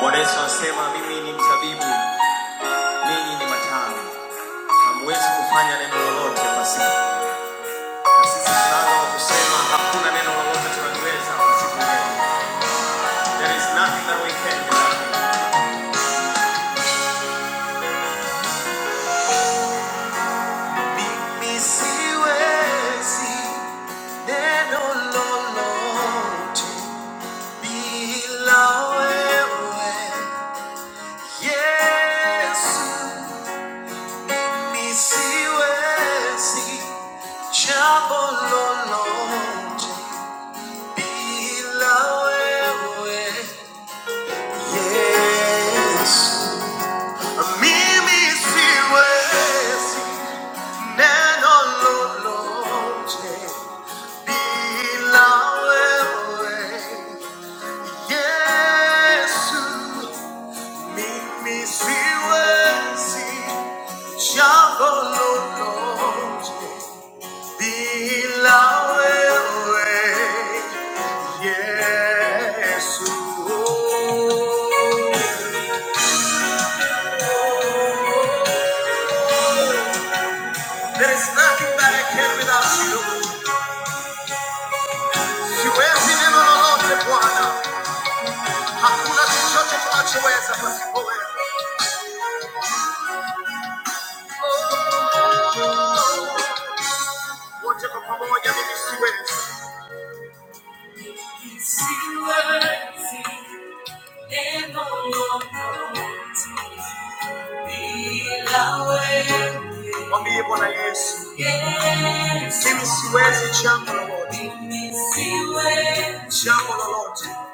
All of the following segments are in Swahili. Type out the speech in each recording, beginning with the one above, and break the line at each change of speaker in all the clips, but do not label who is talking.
Bwana Yesu anasema mimi ni mzabibu, ninyi ni matawi. Hamwezi kufanya neno lolote pasipo. Na sisi tunalo la kusema hakuna neno lolote tunaliweza pasipo wewe. There is nothing that we can do. Mimi siwezi neno lolote bila wewe. Yesu, mimi siwezi jambo lolote Yes. Mimi siwezi neno lolote bila wewe Yesu. Mimi siwezi jambo lolote There is nothing that I can without you. Siwezi neno lolote Bwana, hakuna chochote tunachoweza pasipo wewe. Wote kwa pamoja mimi siwezi. Si worthy, then Mwambie Bwana Yesu, mimi siwezi jambo lolote,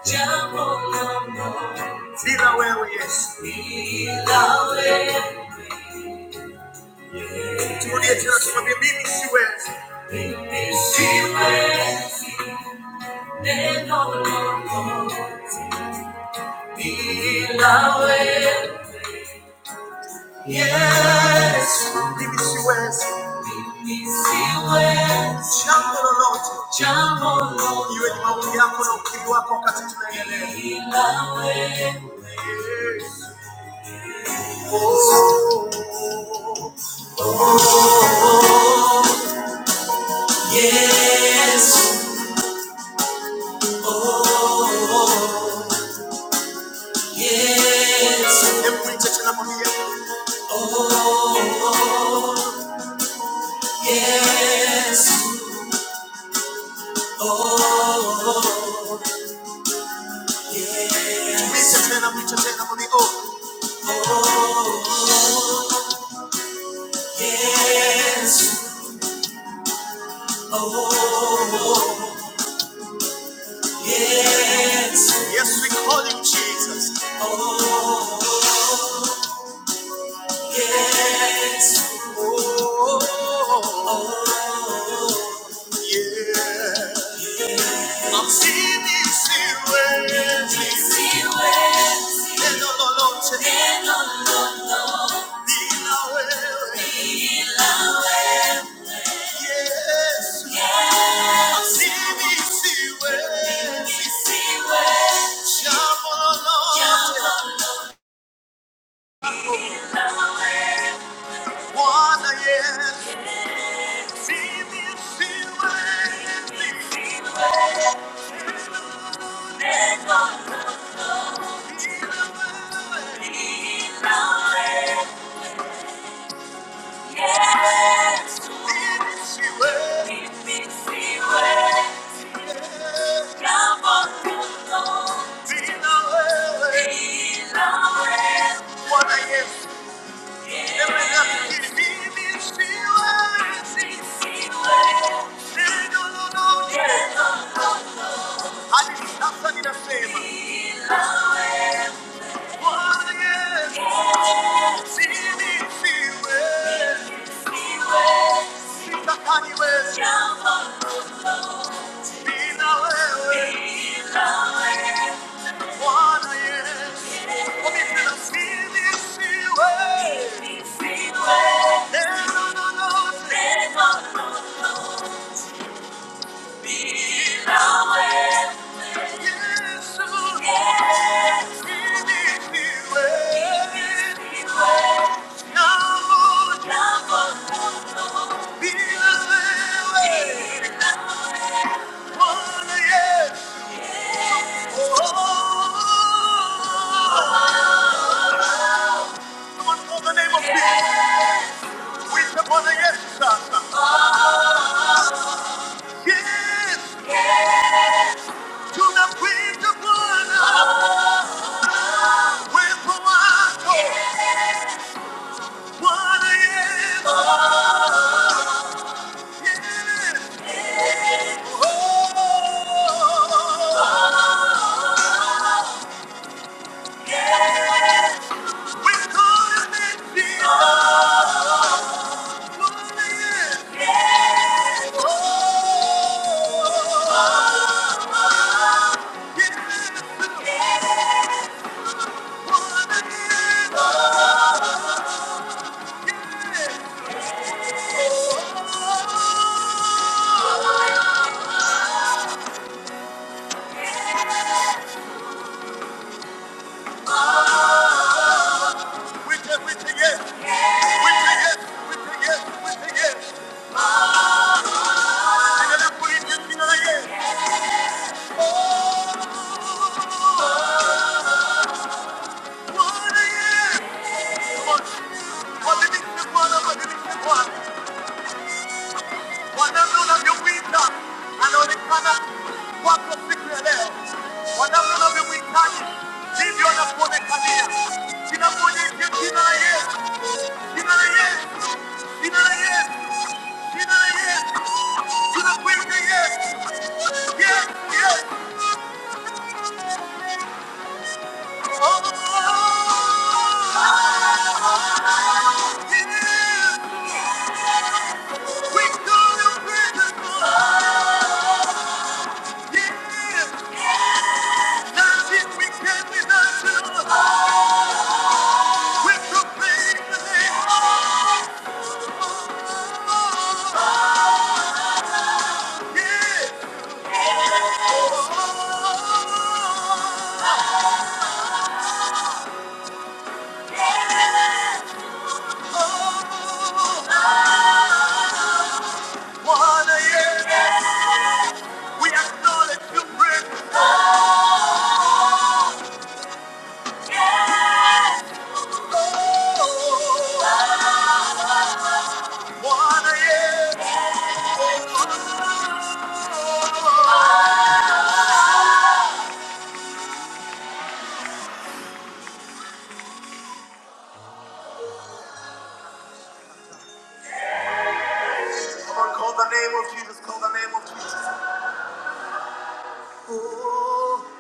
jambo lolote bila wewe Yesu. Turudie tena, tumwambie mimi siwezi, mimi siwezi then all Lord be loud. Yes, DBCS, jambo lolote, jambo lolote, iwe ni maombi yako na ukivu wako wakati tunaendelea. Be loud. Yes. Oh, oh, oh, Yes, Hebu icheche na oh, yes, oh, tumiche tena, mwiche tena, mwambie, oh, yes, oh, yes, Yes, we call you Jesus. Oh, yes. Oh, oh, yes I'm seeing these silhouettes. These silhouettes. En la noche. En la noche. Dila well. Yes. Yes. I'm seeing these silhouettes. These silhouettes. Llamo la noche. Wanna yes. See these silhouettes. I didn't stop singing the same. Yeah. Someone call the name of Jesus. With upon the Yes, Yes, to the wind of one, with the one. What I am, I can Oh, yes. With God and sin, I'm what Yes. Oh, yes. Yes. What I am, I can. Oh, with a- with a yes. Yes. With a yes, with a yes, with a yes. And then I put it in the yes. Wabadilishe Bwana, wabadilishe Bwana. Wanamna unavyowinda anaonekana kwako siku ya leo, wanamna unavyomhitaji ndivyo anakuonekania. Kinakuonyesha jina la Yesu, jina la Yesu, jina la Yesu, jina la Yesu, tunakuita Yesu, Yesu, Yesu. Oh, it is. We call you precious Lord. Call the name of Jesus, call the name of Jesus. Oh,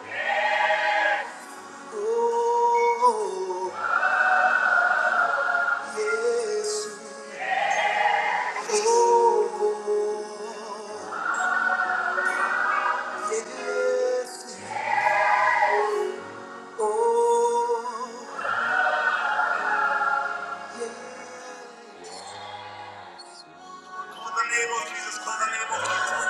oh, oh, yes. Oh, oh, oh, yes. Oh, call the name of Jesus, call the name of Jesus.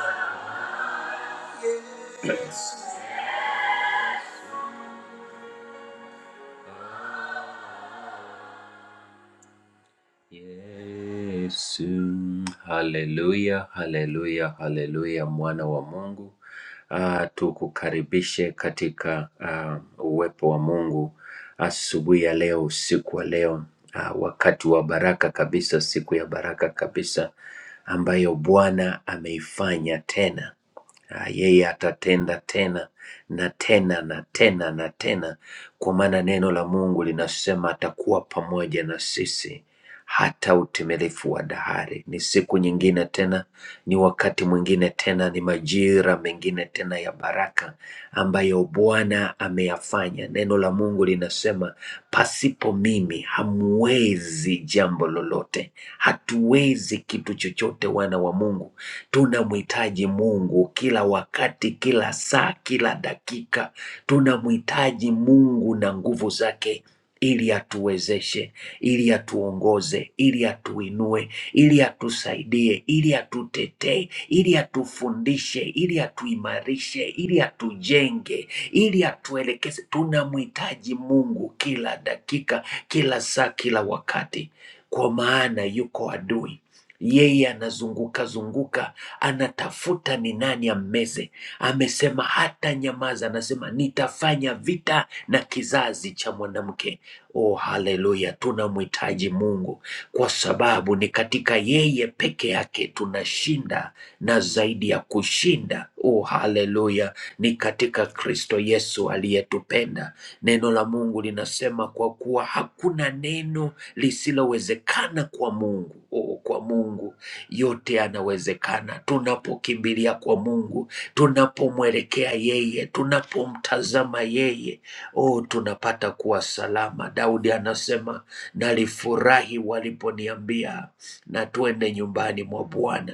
Yesu, haleluya, haleluya, haleluya, mwana wa Mungu. Ah, tukukaribishe katika ah, uwepo wa Mungu asubuhi ya leo, usiku wa leo, ah, wakati wa baraka kabisa, siku ya baraka kabisa ambayo Bwana ameifanya tena. Ah, yeye atatenda tena na tena na tena na tena, kwa maana neno la Mungu linasema atakuwa pamoja na sisi hata utimilifu wa dahari. Ni siku nyingine tena, ni wakati mwingine tena, ni majira mengine tena ya baraka ambayo Bwana ameyafanya. Neno la Mungu linasema pasipo mimi hamwezi jambo lolote, hatuwezi kitu chochote. Wana wa Mungu tunamhitaji Mungu kila wakati, kila saa, kila dakika tunamhitaji Mungu na nguvu zake ili atuwezeshe ili atuongoze, ili atuinue, ili atusaidie, ili atutetee, ili atufundishe, ili atuimarishe, ili atujenge, ili atuelekeze. Tunamhitaji Mungu kila dakika, kila saa, kila wakati, kwa maana yuko adui yeye anazunguka zunguka, anatafuta ni nani ammeze. Amesema hata nyamaza, anasema nitafanya vita na kizazi cha mwanamke. Oh, haleluya! Tunamhitaji Mungu kwa sababu ni katika yeye peke yake tunashinda na zaidi ya kushinda Oh, haleluya! Ni katika Kristo Yesu aliyetupenda. Neno la Mungu linasema kwa kuwa hakuna neno lisilowezekana kwa Mungu. Oh, kwa Mungu yote yanawezekana. Tunapokimbilia kwa Mungu, tunapomwelekea yeye, tunapomtazama yeye, oh, tunapata kuwa salama. Daudi anasema, nalifurahi waliponiambia na twende nyumbani mwa Bwana.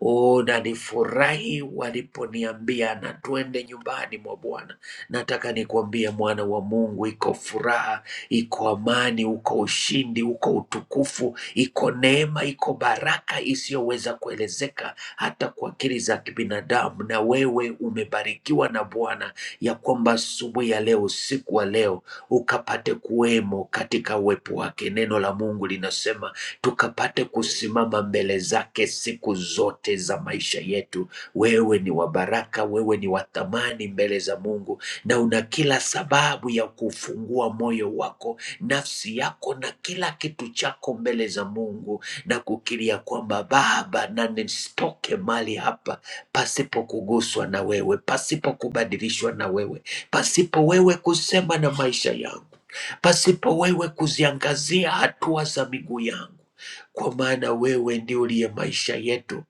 O, na nifurahi waliponiambia na twende nyumbani mwa Bwana. Nataka nikuambie mwana wa Mungu, iko furaha, iko amani, uko ushindi, uko utukufu, iko neema, iko baraka isiyoweza kuelezeka hata kwa akili za kibinadamu. Na wewe umebarikiwa na Bwana ya kwamba asubuhi ya leo, usiku wa leo, ukapate kuwemo katika uwepo wake. Neno la Mungu linasema tukapate kusimama mbele zake siku zote za maisha yetu. Wewe ni wa baraka, wewe ni wa thamani mbele za Mungu, na una kila sababu ya kufungua moyo wako, nafsi yako na kila kitu chako mbele za Mungu na kukiria kwamba Baba, na nisitoke mali hapa pasipo kuguswa na wewe, pasipo kubadilishwa na wewe, pasipo wewe kusema na maisha yangu, pasipo wewe kuziangazia hatua za miguu yangu kwa maana wewe ndio uliye maisha yetu,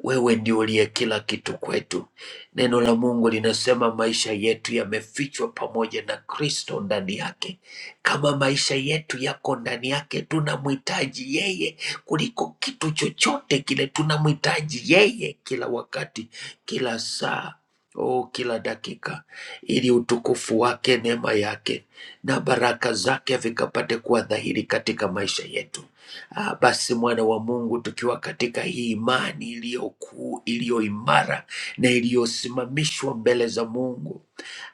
wewe ndio uliye kila kitu kwetu. Neno la Mungu linasema maisha yetu yamefichwa pamoja na Kristo ndani yake. Kama maisha yetu yako ndani yake, tunamhitaji yeye kuliko kitu chochote kile. Tunamhitaji yeye kila wakati, kila saa, oh, kila dakika, ili utukufu wake, neema yake na baraka zake vikapate kuwa dhahiri katika maisha yetu. Ah, basi mwana wa Mungu, tukiwa katika hii imani iliyo kuu, iliyo imara na iliyosimamishwa mbele za Mungu,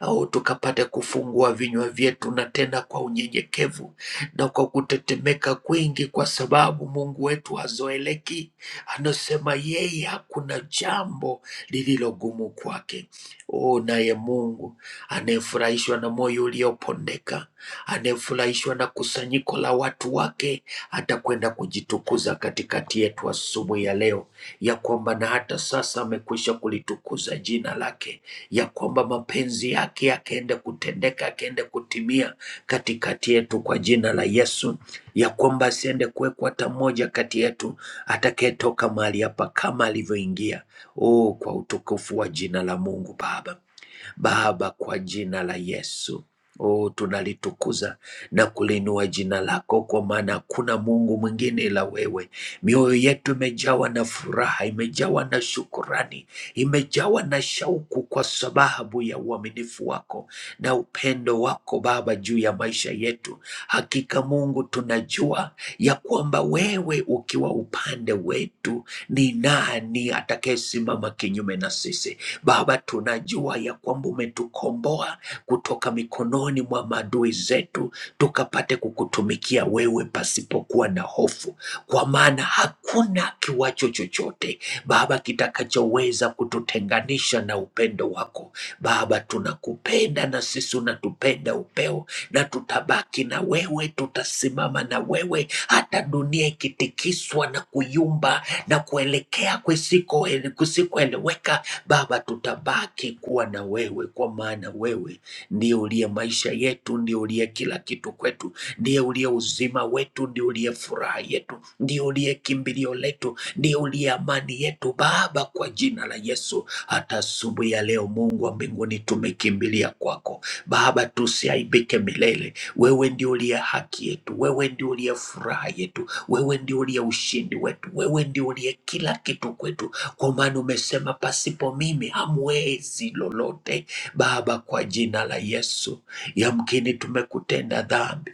au tukapate kufungua vinywa vyetu na tena kwa unyenyekevu na kwa kutetemeka kwingi, kwa sababu Mungu wetu hazoeleki. Anasema yeye hakuna jambo lililo gumu kwake. O, naye Mungu anayefurahishwa na moyo uliopondeka Anayefurahishwa na kusanyiko la watu wake atakwenda kujitukuza katikati yetu asubuhi ya leo, ya kwamba na hata sasa amekwisha kulitukuza jina lake, ya kwamba mapenzi yake yakaende kutendeka, yakaende kutimia katikati yetu kwa jina la Yesu, ya kwamba asiende kuwekwa hata mmoja kati yetu atakayetoka mahali hapa kama alivyoingia. Oh, kwa utukufu wa jina la Mungu Baba. Baba, kwa jina la Yesu. Oh, tunalitukuza na kulinua jina lako, kwa maana hakuna Mungu mwingine ila wewe. Mioyo yetu imejawa na furaha, imejawa na shukurani, imejawa na shauku kwa sababu ya uaminifu wako na upendo wako Baba juu ya maisha yetu. Hakika Mungu, tunajua ya kwamba wewe ukiwa upande wetu, ni nani atakayesimama kinyume na sisi? Baba, tunajua ya kwamba umetukomboa kutoka mikononi mwa maadui zetu, tukapate kukutumikia wewe pasipokuwa na hofu, kwa maana hakuna kiwacho chochote Baba kitakachoweza kututenganisha na upendo wako. Baba, tunakupenda na sisi unatupenda upeo na tutabaki na wewe, tutasimama na wewe, hata dunia ikitikiswa na kuyumba na kuelekea kusiko kusikoeleweka. Baba, tutabaki kuwa na wewe, kwa maana wewe ndiye uliye maisha yetu, ndiye uliye kila kitu kwetu, ndiye uliye uzima wetu, ndiye uliye furaha yetu, ndiye uliye kimbilio letu, ndiye uliye amani yetu. Baba, kwa jina la Yesu hata asubuhi ya leo, Mungu wa mbinguni, tumekimbilia kwako Baba, tusiaibike milele. Wewe ndio uliye haki yetu, wewe ndio uliye furaha yetu, wewe ndio uliye ushindi wetu, wewe ndio uliye kila kitu kwetu, kwa maana umesema pasipo mimi hamwezi lolote. Baba, kwa jina la Yesu, yamkini tumekutenda dhambi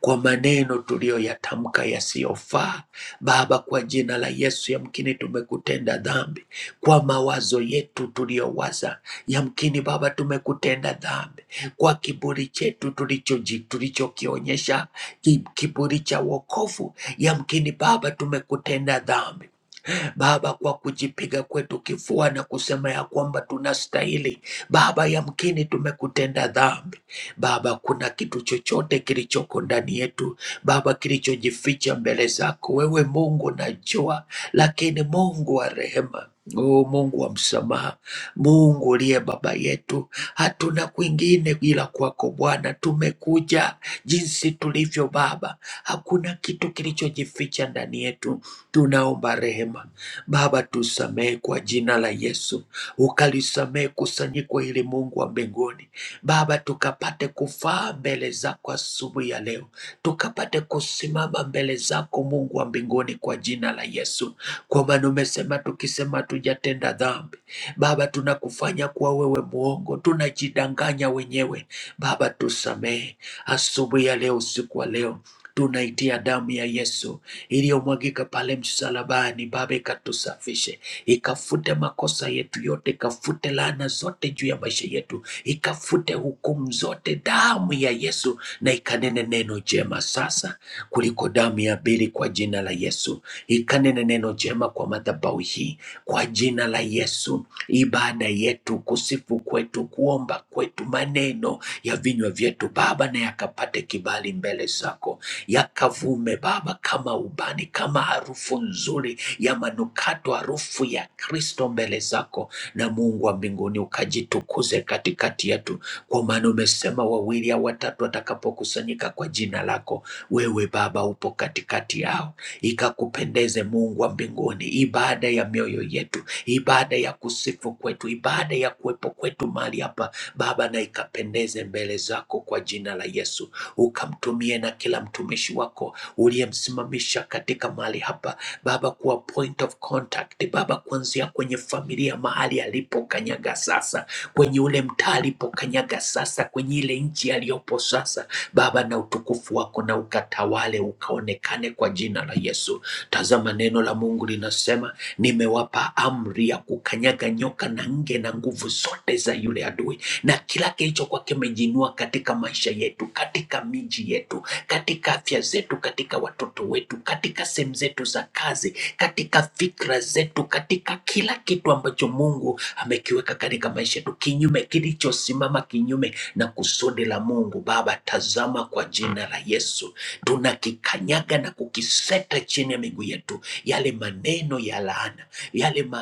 kwa maneno tuliyoyatamka yasiyofaa. Baba, kwa jina la Yesu, yamkini tumekutenda dhambi kwa mawazo yetu tuliyowaza, yamkini Baba tumekutenda dhambi kwa kiburi chetu tulichoji- tulichokionyesha, ki- kiburi cha wokovu, yamkini Baba tumekutenda dhambi. Baba, kwa kujipiga kwetu kifua na kusema ya kwamba tunastahili Baba, yamkini tumekutenda dhambi Baba, kuna kitu chochote kilichoko ndani yetu Baba, kilichojificha mbele zako wewe. Mungu najua, lakini Mungu wa rehema O Mungu wa msamaha, Mungu uliye baba yetu, hatuna kwingine ila kwako Bwana. Tumekuja jinsi tulivyo Baba, hakuna kitu kilichojificha umejificha ndani yetu, tunaomba rehema. Baba, tusamehe kwa jina la Yesu, ukalisamehe kusanyiko hili, Mungu wa mbinguni. Baba, tukapate kufaa mbele zako asubuhi ya leo, tukapate kusimama mbele zako Mungu wa mbinguni, kwa jina la Yesu, kwa maana umesema tukisema tujatenda dhambi Baba, tunakufanya kuwa wewe mwongo, tunajidanganya wenyewe. Baba, tusamehe asubuhi ya leo, usiku wa leo tunaitia damu ya Yesu iliyomwagika pale msalabani. Baba, ikatusafishe, ikafute makosa yetu yote, ikafute laana zote juu ya maisha yetu, ikafute hukumu zote, damu ya Yesu, na ikanene neno jema sasa kuliko damu ya ninaiabiri kwa jina la Yesu, ikanene neno jema kwa madhabahu hii kwa jina la Yesu. Ibada yetu, kusifu kwetu, kuomba kwetu, maneno ya vinywa vyetu Baba, na yakapate kibali mbele zako, yakavume Baba kama ubani, kama harufu nzuri ya manukato, harufu ya Kristo mbele zako, na Mungu wa mbinguni ukajitukuze katikati yetu kwa maana umesema wawili au watatu watakapokusanyika kwa jina lako, wewe Baba upo katikati yao. Ikakupendeze Mungu wa mbinguni, ibada ya mioyo yetu, ibada ya kusifu kwetu, ibada ya kuwepo kwetu mahali hapa Baba, na ikapendeze mbele zako kwa jina la Yesu, ukamtumie na kila mtumishi wako uliyemsimamisha katika mahali hapa Baba, kuwa point of contact Baba, kuanzia kwenye familia mahali alipo kanyaga sasa kwenye ule mtaa alipokanyaga sasa, kwenye ile nchi aliyopo sasa. Baba, na utukufu wako na ukatawale, ukaonekane kwa jina la Yesu. Tazama, neno la Mungu linasema, nimewapa amri ya kukanyaga nyoka na nge na nguvu zote za yule adui, na kila kilichokuwa kimejinua katika maisha yetu, katika miji yetu, katika afya zetu, katika watoto wetu, katika sehemu zetu za kazi katika fikra zetu, katika kila kitu ambacho Mungu amekiweka katika maisha yetu, kinyume kilichosimama kinyume na kusudi la Mungu. Baba, tazama kwa jina la Yesu, tunakikanyaga na kukiseta chini ya miguu yetu, yale maneno ya laana, yale maadui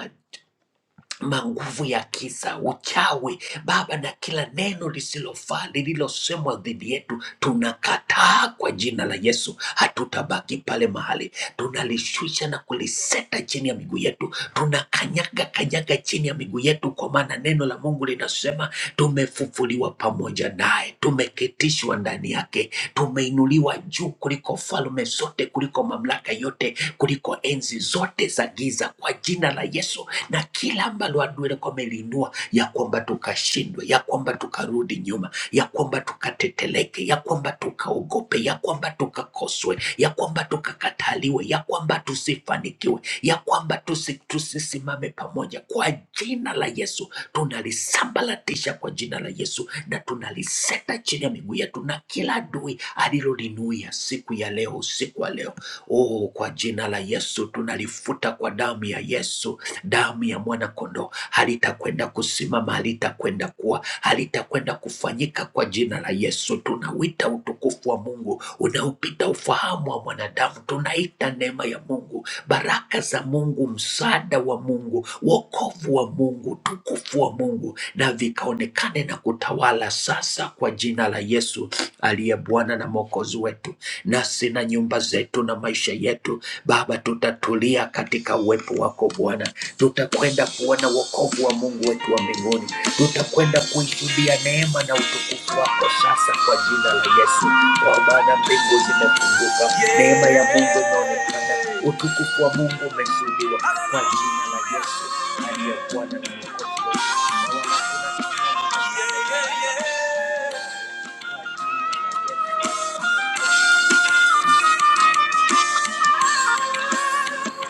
manguvu ya kisa, uchawi Baba, na kila neno lisilofaa lililosemwa dhidi yetu, tunakataa kwa jina la Yesu. Hatutabaki pale mahali, tunalishusha na kuliseta chini ya miguu yetu, tunakanyaga kanyaga chini ya miguu yetu, kwa maana neno la Mungu linasema tumefufuliwa pamoja naye, tumeketishwa ndani ndani yake. Tumeinuliwa juu kuliko falme zote, kuliko mamlaka yote, kuliko enzi zote za giza, kwa jina la Yesu, na kila ambalo adui alikuwa ameliinua, ya kwamba tukashindwe, ya kwamba tukarudi nyuma, ya kwamba tukateteleke, ya kwamba tukaogope, ya kwamba tukakoswe, ya kwamba tukakataliwe, ya kwamba tusifanikiwe, ya kwamba tusi, tusisimame pamoja, kwa jina la Yesu tunalisambaratisha kwa jina la Yesu na tunaliseta chini ya miguu yetu na kila adui alilolinuia siku ya leo, usiku wa leo. Oh, kwa jina la Yesu tunalifuta kwa damu ya Yesu, damu ya mwana kondoo. Halitakwenda kusimama, halitakwenda kuwa, halitakwenda kufanyika kwa jina la Yesu. Tunawita utukufu wa Mungu unaopita ufahamu wa mwanadamu, tunaita neema ya Mungu baraka za Mungu, msaada wa Mungu, wokovu wa Mungu, utukufu wa Mungu, na vikaonekane na kutawala sasa kwa jina la Yesu aliye Bwana na Mwokozi wetu. Nasi na nyumba zetu na maisha yetu, Baba, tutatulia katika uwepo wako Bwana tutakwenda kuona wokovu wa Mungu wetu wa mbinguni, tutakwenda kuishuhudia neema na utukufu wako sasa kwa jina la Yesu, kwa maana mbingu zimefunguka, neema ya Mungu inaonekana, utukufu wa Mungu umeshuhudiwa kwa jina la Yesu aliye Bwana na Mwokozi wetu.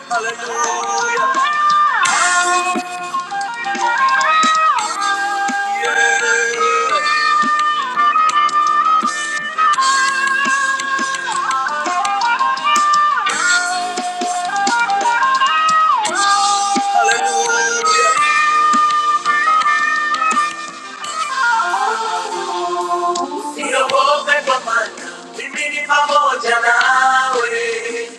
Na wala tuna- Hallelujah. Yeah. Hallelujah. Siogope kwa maana mimi ni pamoja nawe,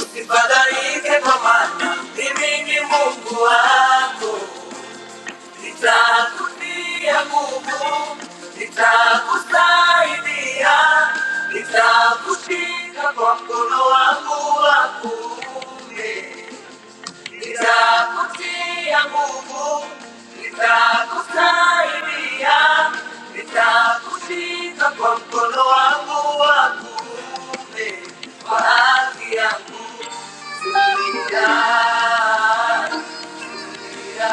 usifadhaike kwa maana mimi ni Mungu wako, nitakutia nguvu, nitakusaidia, nitakushika kwa mkono wangu wa kuume. nitakutia nguvu, nitakusaidia, nitakushika kwa mkono wangu wa kuume kwa haki yangu Lia, lia,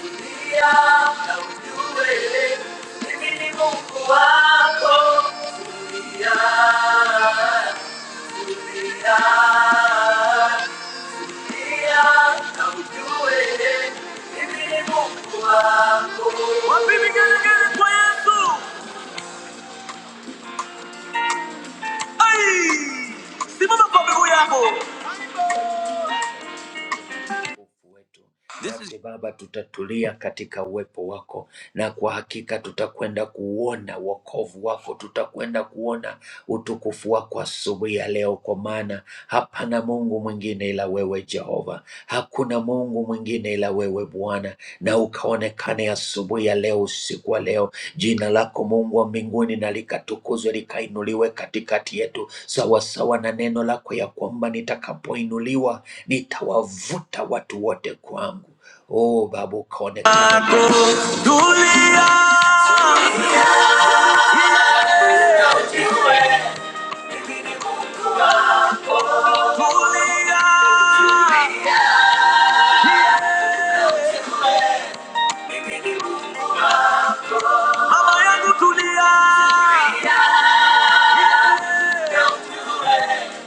lia, na ujue mimi ni Mungu wako. Lia, lia, This is... Baba, tutatulia katika uwepo wako, na kwa hakika tutakwenda kuuona wokovu wako, tutakwenda kuona utukufu wako asubuhi ya leo, kwa maana hapana Mungu mwingine ila wewe Jehova, hakuna Mungu mwingine ila wewe Bwana. na ukaonekane asubuhi ya leo, usiku wa leo. Jina lako Mungu wa mbinguni na likatukuzwe likainuliwe katikati yetu, sawasawa na neno lako ya kwamba nitakapoinuliwa nitawavuta watu wote kwangu. Oh Baba, ukaonekane mama yangu, tulia.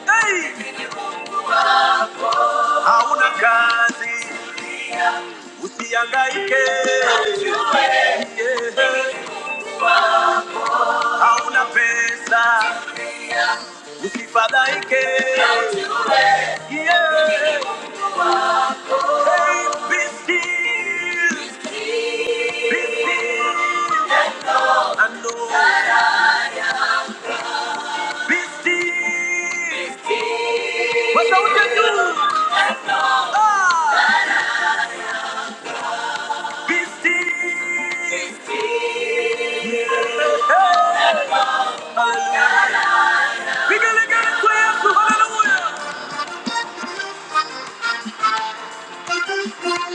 Hey! Hauna kazi, usihangaike. Yeah. Hauna pesa, usifadhaike. yeah. What don't you do? We gonna get a clap for hallelujah.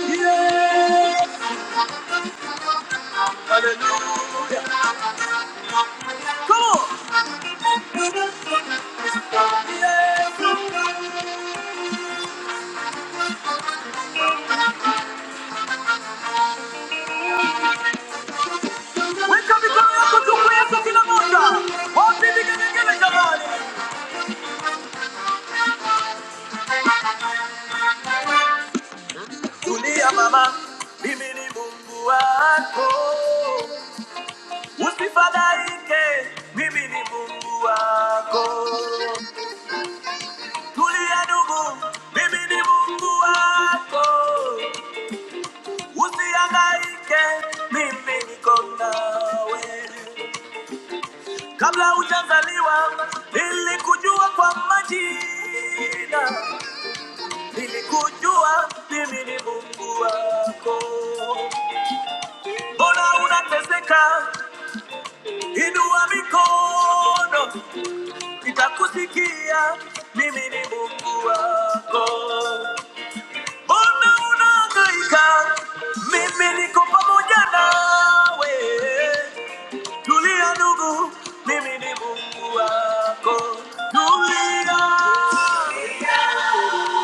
Yeah. Hallelujah. Come on. Yeah. Wake up and come up to clap for kila moja. Wote ni gele gele jamani. Tulia mama, mimi ni Mungu wako. Usifadhaike, mimi ni Mungu wako. Tulia ndugu, mimi ni Mungu wako, usihangaike, mimi niko nawe. Kabla hujazaliwa nilikujua kwa majina, nilikujua mimi ni Mungu wako. Mbona unateseka? Inua mikono, nitakusikia, mimi ni Mungu wako. Mbona unahangaika? Mimi niko pamoja nawe. Tulia ndugu, mimi ni Mungu wako. Tulia.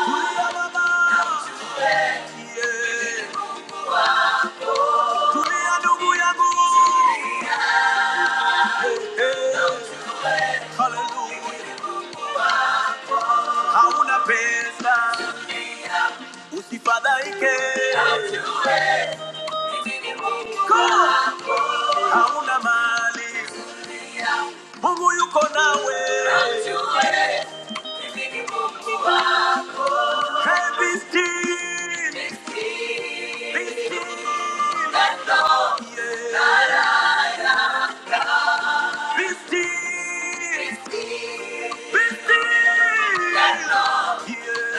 Tulia baba. Yeah. Tulia ndugu yangu. Hey, hallelujah. hauna pesa, usifadhaike, hauna mali, Mungu yuko nawe. Hey, be still, be still, yeah. Be still, be still, yeah.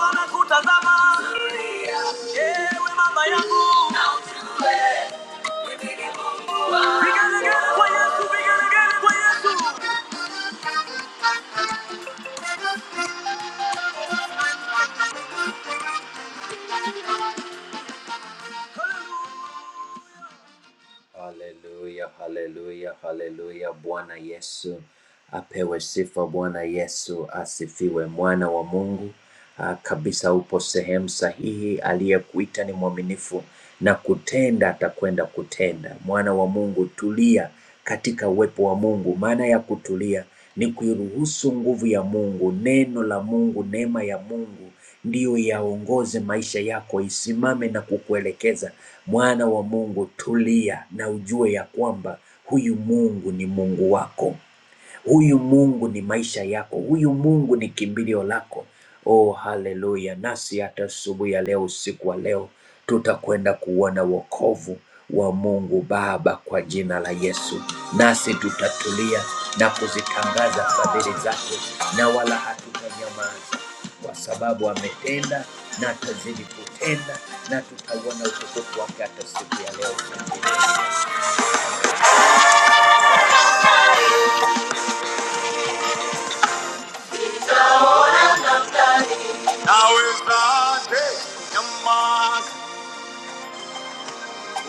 Wanakutazama ewe mama yangu, vigelegele kwa Yesu, vigelegele kwa Yesu. Haleluya, haleluya, haleluya. Bwana Yesu apewe sifa. Bwana Yesu asifiwe. Mwana wa Mungu ah, kabisa, upo sehemu sahihi. Aliyekuita ni mwaminifu na kutenda, atakwenda kutenda. Mwana wa Mungu, tulia katika uwepo wa Mungu. Maana ya kutulia ni kuiruhusu nguvu ya Mungu, neno la Mungu, neema ya Mungu ndiyo yaongoze maisha yako, isimame na kukuelekeza. Mwana wa Mungu, tulia na ujue ya kwamba huyu Mungu ni Mungu wako. Huyu Mungu ni maisha yako, huyu Mungu ni kimbilio lako. Oh, haleluya! Nasi hata asubuhi ya leo, usiku wa leo, tutakwenda kuona wokovu wa Mungu Baba kwa jina la Yesu, nasi tutatulia na kuzitangaza fadhili zake, na wala hatutanyamaza, kwa sababu ametenda na atazidi kutenda, na tutauona utukufu wake hata siku ya leo. Nawezaje kunyamaza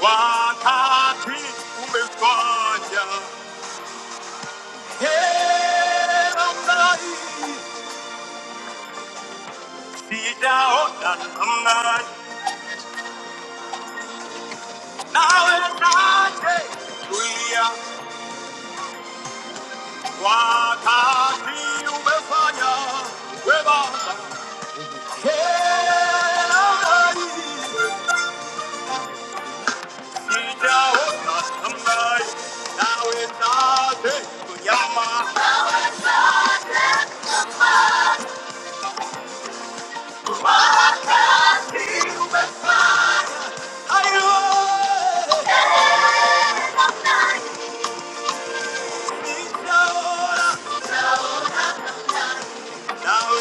Wakati umefanya hera mrai, sijaona namna nawezaje kulia. Wakati umefanya we Baba hera mrai, sijaona namna nawezaje kunyama. Ayo, sijaona Come on.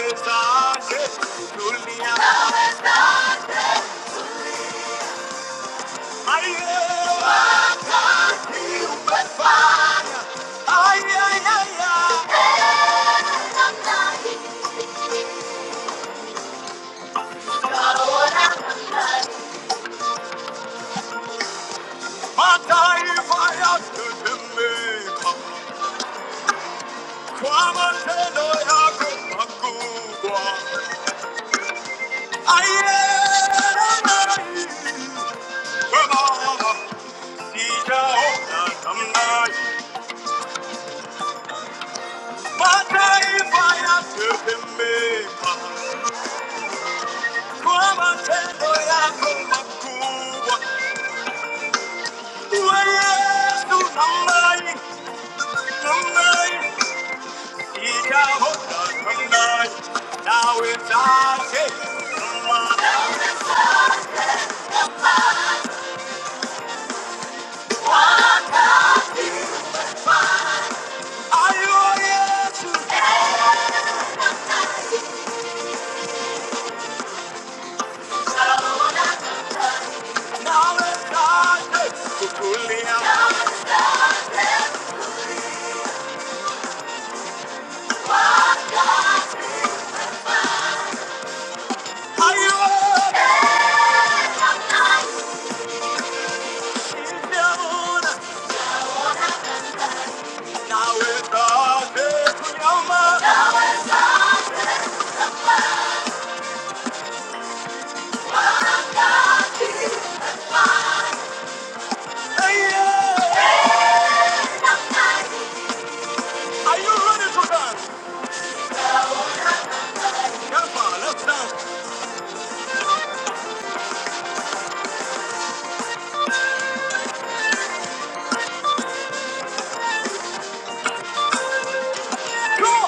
I am Now it's our day. Are you yes? Now it's our day. Are you yes? Now it's our day. Hey, yeah. Are you ready to dance? Come on, let's dance. Go.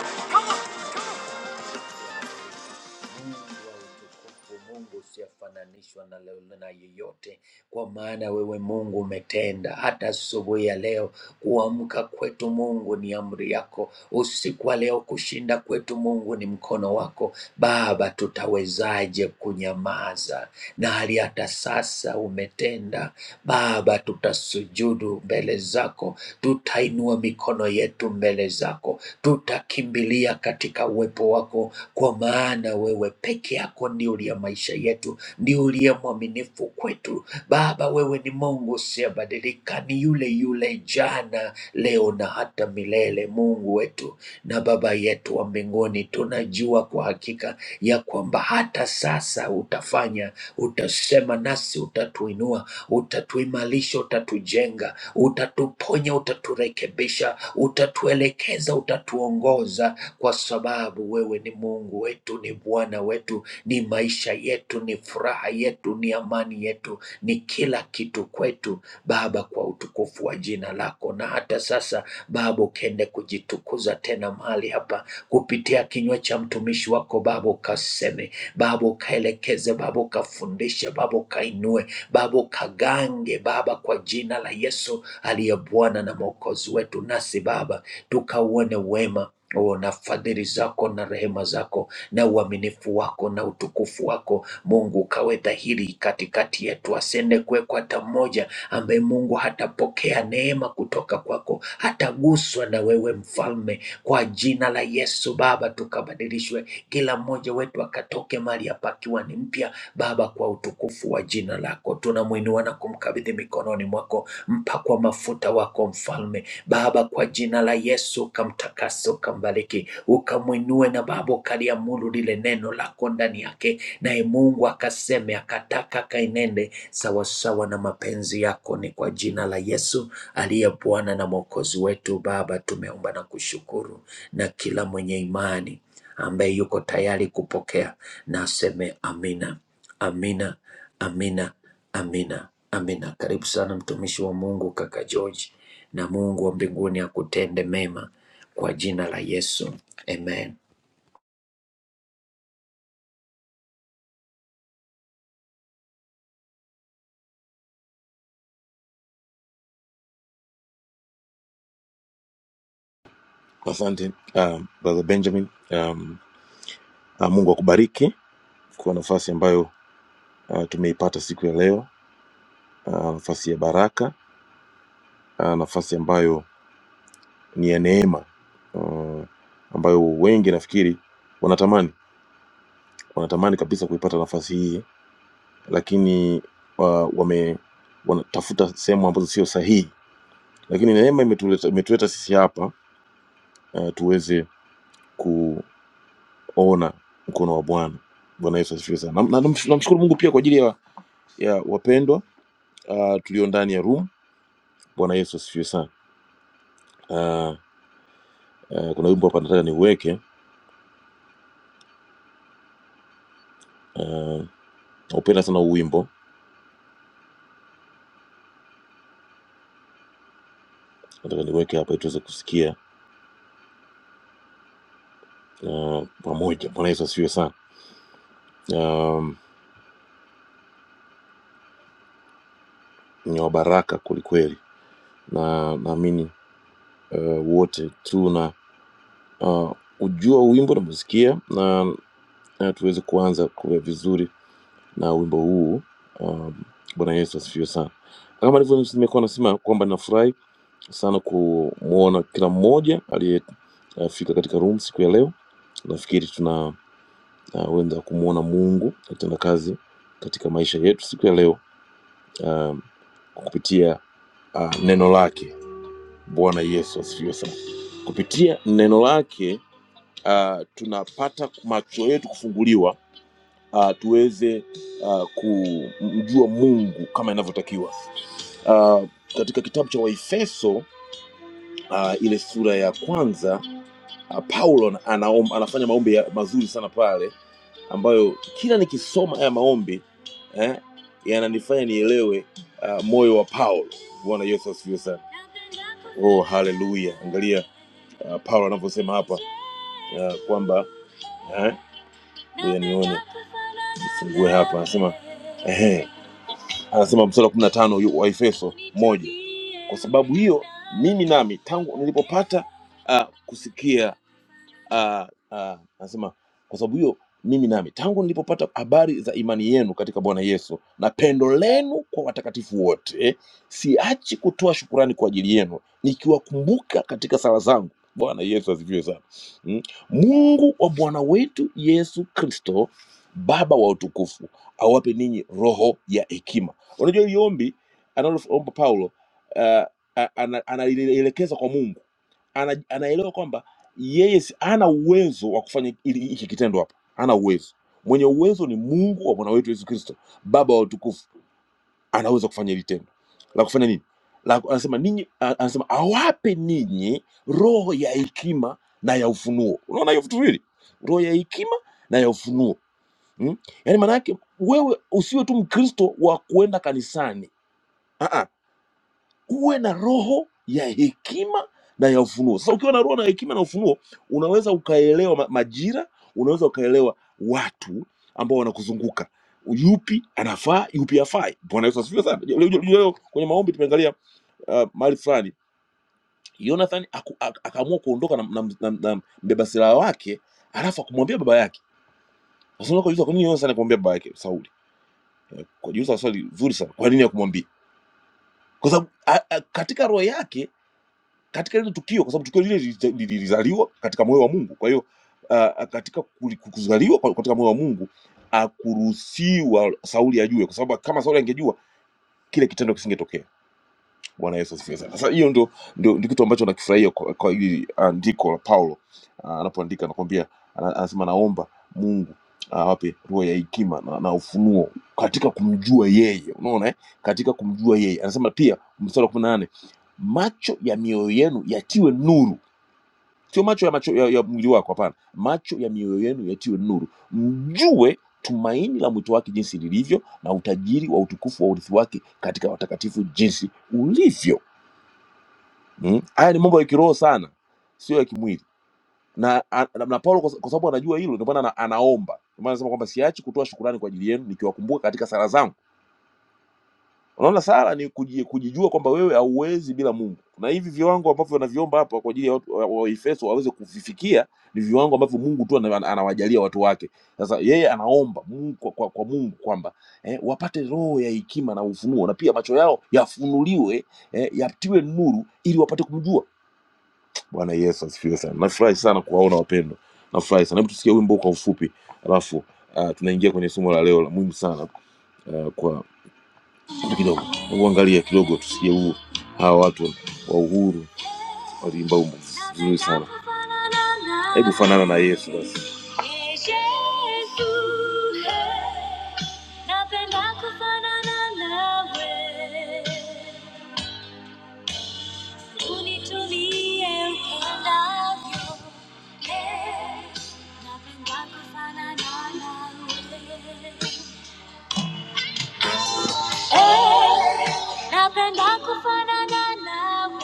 Mungu wa utukufu, Mungu usiofananishwa na, lolo- na yeyote, kwa maana wewe Mungu umetenda hata asubuhi ya leo. Kuamka kwetu Mungu ni amri yako, usiku wa leo kushinda kwetu Mungu ni mkono wako. Baba, tutawezaje kunyamaza na hali hata sasa umetenda? Baba, tutasujudu mbele zako, tutainua mikono yetu mbele zako, tutakimbilia katika uwepo wako, kwa maana wewe peke yako ndio uliye maisha yetu, ndio uliye mwaminifu kwetu. Baba, wewe ni Mungu usiyebadilika, ni yule yule jana, leo na hata milele. Mungu wetu, na Baba yetu wa mbinguni, tunajua kwa hakika ya kwamba hata sasa utafanya, utasema nasi, utatuinua, utatuimarisha, utatujenga, utatuponya, utaturekebisha, utatuelekeza, utatuongoza, kwa sababu wewe ni Mungu wetu, ni Bwana wetu, ni maisha yetu, ni furaha yetu, ni ni amani yetu, ni kila kitu kwetu Baba, kwa utukufu wa jina lako. Na hata sasa Baba, ukaende kujitukuza tena mahali hapa kupitia kinywa cha mtumishi wako Baba, ukaseme Baba, ukaelekeze Baba, ukafundishe Baba, ukainue Baba, ukagange Baba, kwa jina la Yesu aliye Bwana na Mwokozi wetu. Nasi Baba tukauone wema oh, na fadhili zako na rehema zako na uaminifu wako na utukufu wako Mungu, kawe dhahiri katikati yetu, asende kuwekwa hata mmoja ambaye Mungu hatapokea neema kutoka kwako, hataguswa na wewe Mfalme. Kwa jina la Yesu Baba, tukabadilishwe, kila mmoja wetu akatoke mahali hapa akiwa ni mpya Baba, kwa utukufu wa jina lako tunamwinua na kumkabidhi mikononi mwako, mpakwa mafuta wako Mfalme Baba, kwa jina la Yesu ukamtakase, ukambariki, ukamwinue na Baba ukaliamuru lile neno lako ndani yake, naye Mungu akaseme, akataka, akainende sawasawa na mapenzi yako. Ni kwa jina la Yesu aliye Bwana na Mwokozi wetu. Baba, tumeomba na kushukuru, na kila mwenye imani ambaye yuko tayari kupokea na aseme amina, amina, amina, amina, amina. Karibu sana mtumishi wa Mungu kaka George, na Mungu wa mbinguni akutende mema kwa jina la Yesu, amen.
Asante um, brother Benjamin. Um, uh, Mungu akubariki kwa nafasi ambayo uh, tumeipata siku ya leo, uh, nafasi ya baraka, uh, nafasi ambayo ni ya neema uh, ambayo wengi nafikiri wanatamani wanatamani kabisa kuipata nafasi hii, lakini uh, wame wanatafuta sehemu ambazo sio sahihi, lakini neema imetuleta, imetuleta sisi hapa uh, tuweze kuona mkono wa Bwana. Bwana Yesu asifiwe sana, na namshukuru na, na, namshukuru Mungu pia kwa ajili ya ya wapendwa uh, tulio ndani ya room bwana yesu asifiwe sana uh, uh, kuna wimbo hapa nataka niuweke uh, naupenda sana huu wimbo nataka niweke hapa ili tuweze kusikia uh, pamoja bwana yesu asifiwe sana um, ni wa baraka kwelikweli na naamini uh, wote tuna uh, ujua huu wimbo nakusikia na na tuweze kuanza kuwa vizuri na wimbo huu um, bwana yesu asifiwe sana kama ndivyo nimekuwa nasema kwamba nafurahi sana kumwona kila mmoja aliyefika katika room siku ya leo. Nafikiri tuna uh, wenda kumwona Mungu akitenda kazi katika maisha yetu siku ya leo um, kupitia uh, neno lake. Bwana Yesu asifiwe sana. Kupitia neno lake uh, tunapata macho yetu kufunguliwa uh, tuweze uh, kumjua Mungu kama inavyotakiwa. Uh, katika kitabu cha Waefeso uh, ile sura ya kwanza Ah, Paulo ana- anaom, anafanya maombi ya, mazuri sana pale ambayo kila nikisoma haya maombi eh, yananifanya nielewe ah, moyo wa Paulo. Bwana Yesu asifiwe sana. Oh, haleluya! Angalia ah, Paulo anavyosema hapa ah, kwamba eh, ngoja nione nifungue hapa, anasema ehe, anasema mstari wa kumi na tano yu- wa Efeso moja, kwa sababu hiyo mimi nami tangu nilipopata ah, kusikia ah, ah, anasema kwa sababu hiyo mimi nami tangu nilipopata habari za imani yenu katika Bwana Yesu na pendo lenu kwa watakatifu wote, siachi kutoa shukurani kwa ajili yenu nikiwakumbuka katika sala zangu. Bwana Yesu asifiwe sana. Mm. Mungu wa Bwana wetu Yesu Kristo, Baba wa utukufu, awape ninyi roho ya hekima. Unajua hili ombi analomba Paulo, ah, ah, ana- analielekeza kwa Mungu ana, anaelewa kwamba yeye si- hana uwezo wa kufanya hili- hiki kitendo hapa hana uwezo mwenye uwezo ni mungu wa bwana wetu yesu kristo baba wa utukufu anaweza kufanya hili tendo la kufanya nini la, anasema ninyi a- anasema awape ninyi roho ya hekima na ya ufunuo unaona hiyo vitu viwili roho ya hekima na ya ufunuo hmm? yaani maana yake wewe usiwe tu mkristo wa kuenda kanisani Ah, ah uwe na roho ya hekima na ya ufunuo. Sasa ukiwa na roho na hekima na ufunuo, unaweza ukaelewa ma- majira, unaweza ukaelewa watu ambao wanakuzunguka, yupi anafaa, yupi hafai. Bwana Yesu asifiwe sana. Leo leo- leo kwenye maombi tumeangalia uh, mahali fulani Jonathan aku- ak- akaamua kuondoka na, na, na, na mbeba silaha wake, alafu akumwambia baba yake. Sasa unaweza kujiuliza kwa nini Jonathan akamwambia baba yake Sauli? Kujiuliza swali zuri sana, kwa nini akumwambia? Kwa sababu a- a- katika roho yake katika hilo tukio, kwa sababu tukio lile lilita- lilizaliwa katika moyo wa Mungu. Kwa hiyo uh, uh, katika kuli- kuzaliwa kwa- katika moyo wa Mungu akuruhusiwa Sauli ajue, kwa sababu kama Sauli angejua kile kitendo kisingetokea. Bwana Yesu asifiwe sana. Sasa hiyo ndio ndio ndio kitu ambacho nakifurahia kwa, kwa hili andiko la Paulo Ah, anapoandika, anakwambia ana- anasema, naomba Mungu awape roho ya hekima na, na ufunuo katika kumjua yeye. Unaona eh? katika kumjua yeye anasema pia mstari wa kumi na nane macho ya mioyo yenu yatiwe nuru sio macho ya macho ya, ya mwili wako hapana macho ya mioyo yenu yatiwe nuru mjue tumaini la mwito wake jinsi lilivyo na utajiri wa utukufu wa urithi wake katika watakatifu jinsi ulivyo Mm. haya ni mambo ya kiroho sana sio ya kimwili na, a- na, na paulo kwa kwa sababu anajua hilo ndio maana ana- anaomba ndio maana anasema kwamba siachi kutoa shukurani kwa ajili yenu nikiwakumbuka katika sala zangu Unaona, sala ni kuji- kujijua kwamba wewe hauwezi bila Mungu, na hivi viwango ambavyo wanaviomba hapa kwa ajili ya watu wa wa Efeso waweze kuvifikia ni viwango ambavyo Mungu tu ana- ana- anawajalia watu wake. Sasa yeye anaomba Mungu kwa, kwa, kwa Mungu kwamba eh, wapate roho ya hekima na ufunuo, na pia macho yao yafunuliwe, eh, yatiwe nuru ili wapate kumjua Bwana Yesu. Asifiwe sana. Nafurahi sana kuwaona wapendwa, nafurahi sana. Hebu tusikie wimbo kwa ufupi, alafu uh, tunaingia kwenye somo la leo la muhimu sana uh, kwa kitu kidogo, hebu angalia kidogo, tusije huu hawa watu wa uhuru waliimba wimbo vizuri sana. Hebu fanana na Yesu basi. Yesu, he, napenda kufanana nawe unitumie upendavyo. Eh, napenda kufanana nawe. Eh, Napenda kufanana nawe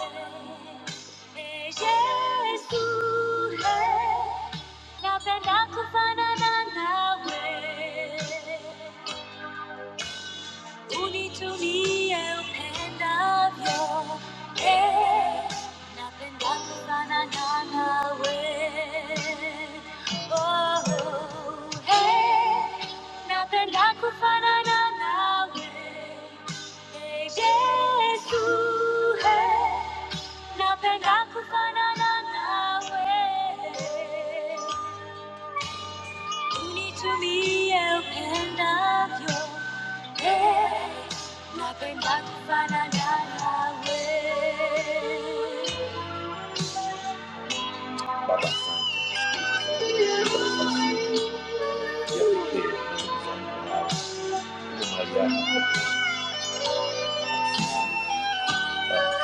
Eh, Yesu eh, Napenda kufanana nawe unitumie upendavyo, eh, napenda kufanana nawe. Oh, eh, napenda kufanana nawe. Eh, Yesu, eh, napenda kufanana nawe. You need to be open up your head. Not going back to find another way. Baba, asante ya pekee kwa mambo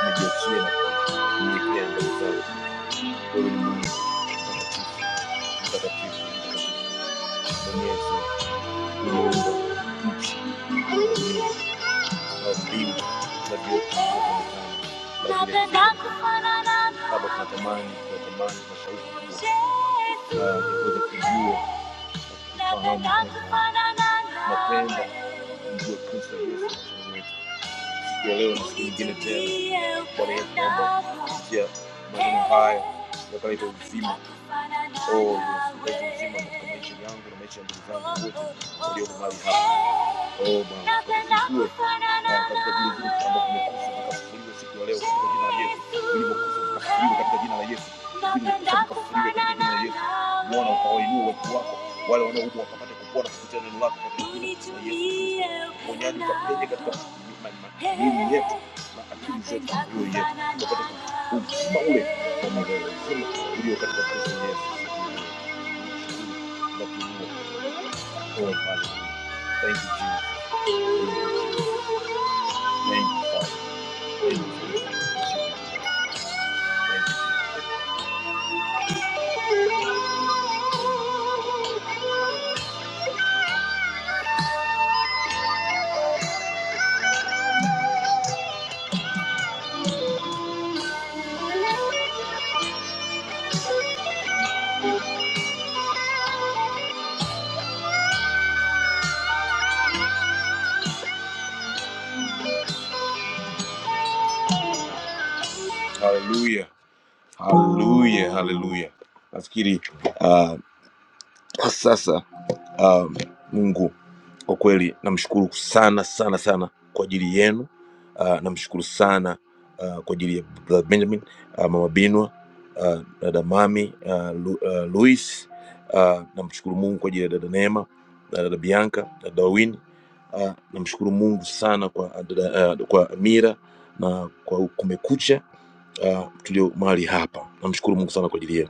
nijiachie na kunyenyekea mbele Mtakatifu, mtakatifu, Bonyezi, uliumba Nawaadhibu na vyote vinavyoonekana na vile visivyoonekana. Baba, tunatamani tunatamani kwa shauku kubwa na tuweze kujua na kufahamu kwamba tunapenda kumjua Kristo Yesu maishani mwetu. ya leo na siku nyingine tena. Bwana Yesu, naomba kusikia maneno haya yakaleta uzima Oh, Yesu, kaleta uzima katika maisha yangu na maisha ya ndugu zangu wote walioko mahali hapa. Oh Bwana, tukujue na katika vile vitu ambavyo vimekufa vikafufuliwa siku ya leo katika jina la Yesu, vilivyokufa vikafufuliwa katika jina la Yesu. Napenda kufanana nawe. Bwana ukawainua watu wako wale wanaoumwa wakapate kupona kupitia neno lako katika jina la Yesu Kristo. Uponyaji ukatende katika ma- ma- miili yetu na akili zetu, mioyo yetu, tukapate uzima ule wa milele, uzima ulio katika Kristo Yesu. Tunashukuru na kuinua. Oh, hallelujah. Thank you, Jesus. Thank you, Father. Thank you. Hallelujah. Haleluya, haleluya. Nafikiri uh, sasa um, Mungu kwa kweli namshukuru sana sana sana kwa ajili yenu. Uh, namshukuru sana uh, kwa ajili ya Brother Benjamin, uh, Mama Binwa, uh, dada Mami, uh, Lu, uh, Luis. Uh, namshukuru Mungu kwa ajili ya dada Neema, na dada Bianca, dada Wini. Uh, namshukuru Mungu sana kwa, ah, dada, uh, kwa Amira na kwa Kumekucha uh, tulio mahali hapa. Namshukuru Mungu sana kwa ajili yenu,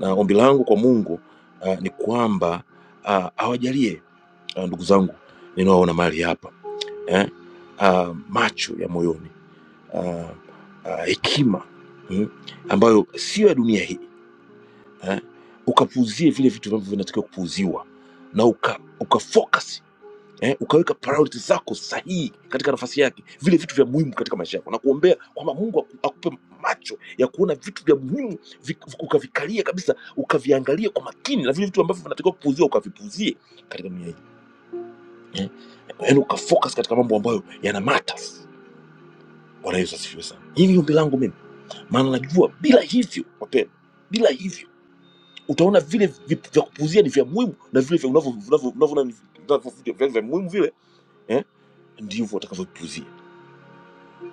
na ombi langu kwa Mungu uh, ni kwamba uh, awajalie uh, ndugu zangu ninaoona mahali hapa eh? uh, macho ya moyoni uh, uh, hekima mm, ambayo sio ya dunia hii eh? ukapuuzie vile vitu ambavyo vinatakiwa kupuuziwa na uka, uka focus eh, ukaweka priority zako sahihi katika nafasi yake, vile vitu vya muhimu katika maisha yako, na kuombea kwamba Mungu aku- akupe macho ya kuona vitu vya muhimu vi- ukavikalia kabisa, ukaviangalia kwa makini, na vile vitu ambavyo vinatakiwa kupuuzia ukavipuuzie katika dunia hii eh, yaani ukafocus katika mambo ambayo yana matters. Bwana Yesu asifiwe sana. Hili ni ombi langu mimi, maana najua bila hivyo, wapendwa, bila hivyo utaona vile vi- vya kupuuzia ni vya muhimu na vile vya unavyo- unavyo- unavyo- unavyo- vya vya vya muhimu vile eh, ndivyo utakavyopuuzia.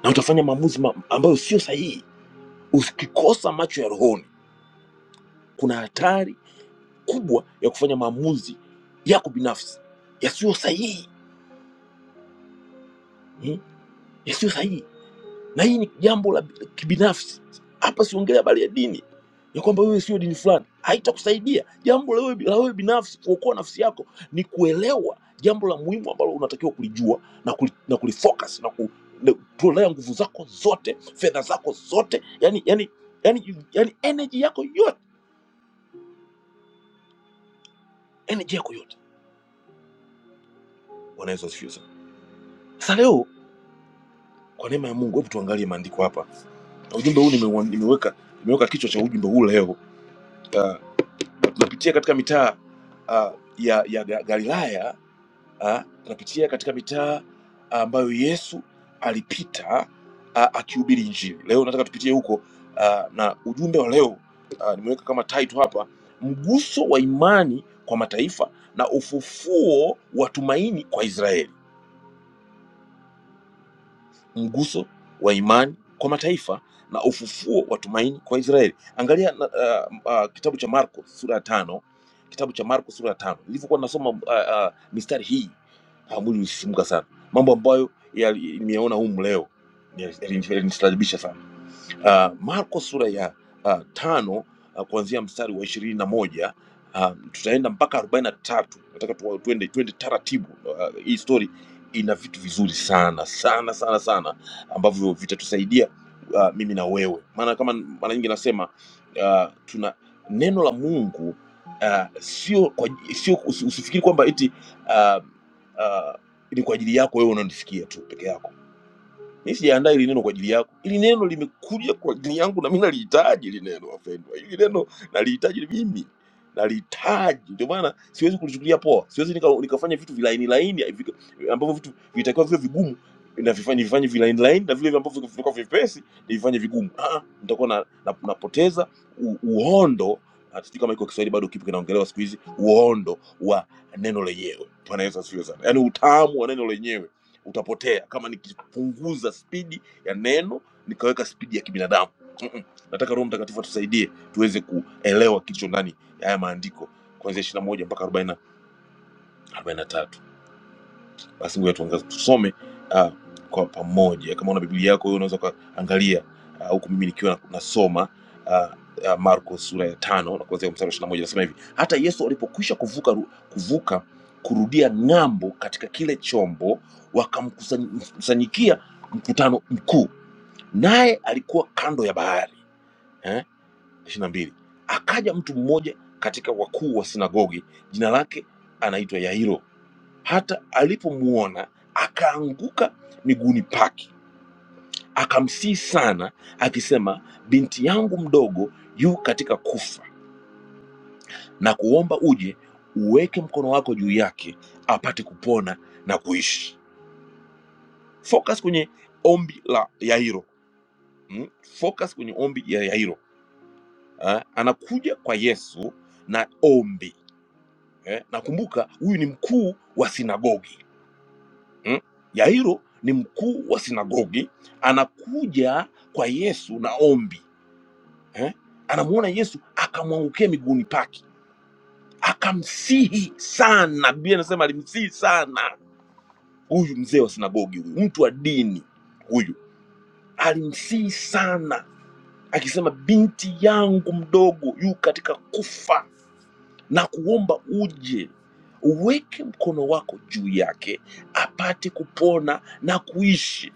na utafanya maamuzi ma ambayo sio sahihi. Ukikosa macho ya rohoni, kuna hatari kubwa ya kufanya maamuzi yako binafsi yasiyo sahihi, hmm? yasiyo sahihi. na hii ni jambo la kibinafsi hapa siongelea habari ya dini ya kwamba wewe sio dini fulani haitakusaidia jambo la wewe la wewe binafsi kuokoa nafsi yako ni kuelewa jambo la muhimu ambalo unatakiwa kulijua na, kuli, na kulifocus na ku- na kutolea nguvu zako zote fedha zako zote yani yani yani, yani energy yako yote energy yako yote Bwana Yesu asifiwe sana sasa leo kwa neema ya Mungu hebu tuangalie maandiko hapa na ujumbe huu nimeua- nimeweka nimeweka kichwa cha ujumbe huu leo Uh, tunapitia katika mitaa uh, ya, ya Ga- Galilaya uh, tunapitia katika mitaa ambayo uh, Yesu alipita uh, akihubiri Injili. Leo nataka tupitie huko uh, na ujumbe wa leo uh, nimeweka kama title hapa, mguso wa imani kwa mataifa na ufufuo wa tumaini kwa Israeli. mguso wa imani kwa mataifa na ufufuo wa tumaini kwa Israeli. Angalia na, uh, uh, kitabu cha Marko sura ya tano, kitabu cha Marko sura ya tano. Nilivyokuwa nasoma uh, uh, mistari hii ah, mwili ulisisimka sana, mambo ambayo yali- nimeona humu leo yali- yali- yalinistaajabisha sana. Uh, Marko sura ya uh, tano uh, kuanzia mstari wa ishirini na moja uh, tutaenda mpaka arobaini na tatu. Nataka tu, tuende, tuende taratibu. Uh, hii story ina vitu vizuri sana sana sana sana ambavyo vitatusaidia uh, mimi na wewe, maana kama mara nyingi nasema uh, tuna neno la Mungu uh, sio kwa, sio usi- usifikiri kwamba eti uh, uh, ni kwa ajili yako wewe unanisikia tu peke yako mi sijaandaa ili neno kwa ajili yako ili neno limekuja kwa ajili yangu na mi nalihitaji ili neno wapendwa ili neno nalihitaji mimi nalihitaji ndio maana siwezi kulichukulia poa siwezi nika, nikafanya vitu vilaini laini vika- ambavyo vitu vitakiwa viwe vigumu na vifanye vifanye vilaini laini na vile ambavyo vitakuwa vyepesi nivifanye vigumu ah, ah, nitakuwa na, na, napoteza u, uondo Ah, sijui kama iko kiswahili bado kipo kinaongelewa siku hizi uondo wa neno lenyewe bwana yesu asifiwe sana yaani utamu wa neno lenyewe utapotea kama nikipunguza spidi ya neno nikaweka spidi ya kibinadamu Mm-mm. nataka roho mtakatifu atusaidie tuweze kuelewa kilicho ndani ya haya maandiko kuanzia 21 mpaka 40 43 basi ngoja tuangaze tusome uh, kwa pamoja kama una biblia yako wewe unaweza ukaangalia ah, huku mimi nikiwa na- nasoma uh, uh, marko sura ya tano na kuanzia mstari wa ishiri na moja nasema hivi hata yesu alipokwisha kuvuka, ru- kuvuka kurudia ng'ambo katika kile chombo wakamkusanyikia mkutano mkuu naye alikuwa kando ya bahari eh? ishiri na mbili akaja mtu mmoja katika wakuu wa sinagogi jina lake anaitwa yairo hata alipomuona akaanguka miguuni pake akamsihi sana akisema binti yangu mdogo yu katika kufa na kuomba uje uweke mkono wako juu yake apate kupona na kuishi focus kwenye ombi la yairo mm? focus kwenye ombi ya yairo eh? anakuja kwa yesu na ombi eh? nakumbuka huyu ni mkuu wa sinagogi mm? Yairo ni mkuu wa sinagogi, anakuja kwa Yesu na ombi eh? Anamuona Yesu akamwangukia miguuni pake, akamsihi sana. Biblia inasema alimsihi sana huyu mzee wa sinagogi, huyu mtu wa dini huyu, alimsihi sana akisema, binti yangu mdogo yu katika kufa, na kuomba uje uweke mkono wako juu yake apate kupona na kuishi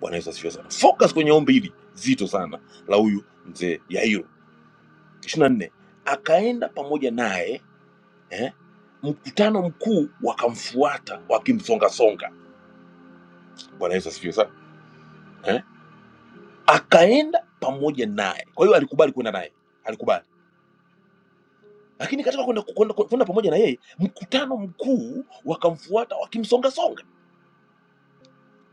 Bwana Yesu asifiwe sana. Focus kwenye ombi hili zito sana la huyu mzee Yairo. ishirini na nne akaenda pamoja naye eh, mkutano mkuu wakamfuata wakimsongasonga. Bwana Yesu asifiwe sana eh. Akaenda pamoja naye, kwa hiyo alikubali kwenda naye, alikubali lakini katika kwenda kwenda kwenda pamoja na yeye, mkutano mkuu wakamfuata wakimsongasonga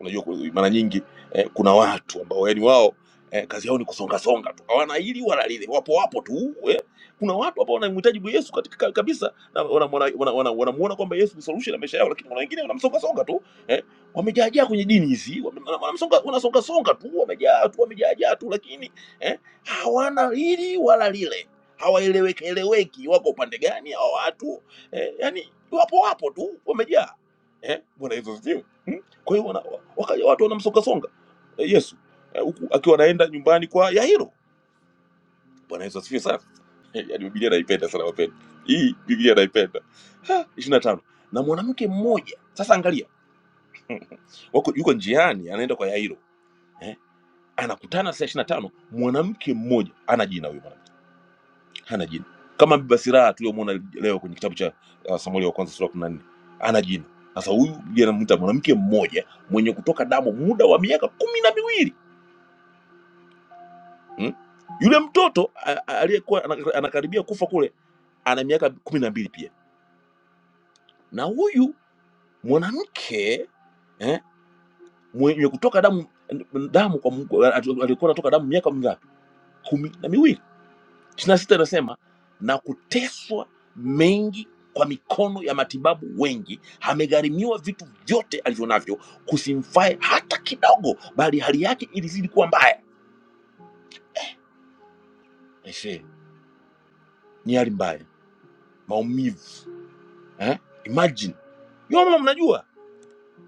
unajua ku- mara nyingi eh, kuna watu ambao yani wao eh, kazi yao ni kusonga songa tu hawana hili wala lile wapo wapo tu eh. kuna watu ambao wanamhitaji Yesu katika ka- kabisa na wanamuona wana, wana, wana, wana kwamba Yesu ni solution ya maisha yao lakini kuna wengine wanamsonga songa tu eh. wamejaajaa kwenye dini hizi wame- wana- wanamsonga wanasonga songa tu wamejaa tu wamejaajaa tu lakini eh, hawana hili wala lile hawaeleweki eleweki wako upande gani hawa watu eh, yani wapo wapo tu wamejaa eh, bwana Yesu asifiwe Hmm. Kwa hiyo wana- wakaja watu wanamsongasonga eh, Yesu eh, huku akiwa anaenda nyumbani kwa Yairo. Bwana Yesu asifiwe sana. Yaani Biblia naipenda sana wapenda. Hii Biblia naipenda. Ha, ishirini na tano na mwanamke mmoja sasa, angalia wako yuko njiani anaenda kwa Yairo eh? anakutana saa ishirini na tano mwanamke mmoja ana jina huyo mwanamke hana jina kama Biba Siraha tuliyomwona leo kwenye kitabu cha uh, Samueli wa kwanza sura ya kumi na nne ana jina sasa. Huyu Biblia inamwita mwanamke mmoja mwenye kutoka damu muda wa miaka kumi na miwili mm? yule mtoto a- a- aliyekuwa ana- anakaribia kufa kule ana miaka kumi na mbili pia na huyu mwanamke eh, mwenye kutoka damu damu kwa Mungu ali- alikuwa anatoka damu miaka mingapi kumi na miwili ishirini na sita inasema na kuteswa mengi kwa mikono ya matibabu wengi amegharimiwa vitu vyote alivyonavyo kusimfae hata kidogo bali hali yake ilizidi kuwa mbaya Aisee, ni hali mbaya maumivu eh? imagine Nyoma mnajua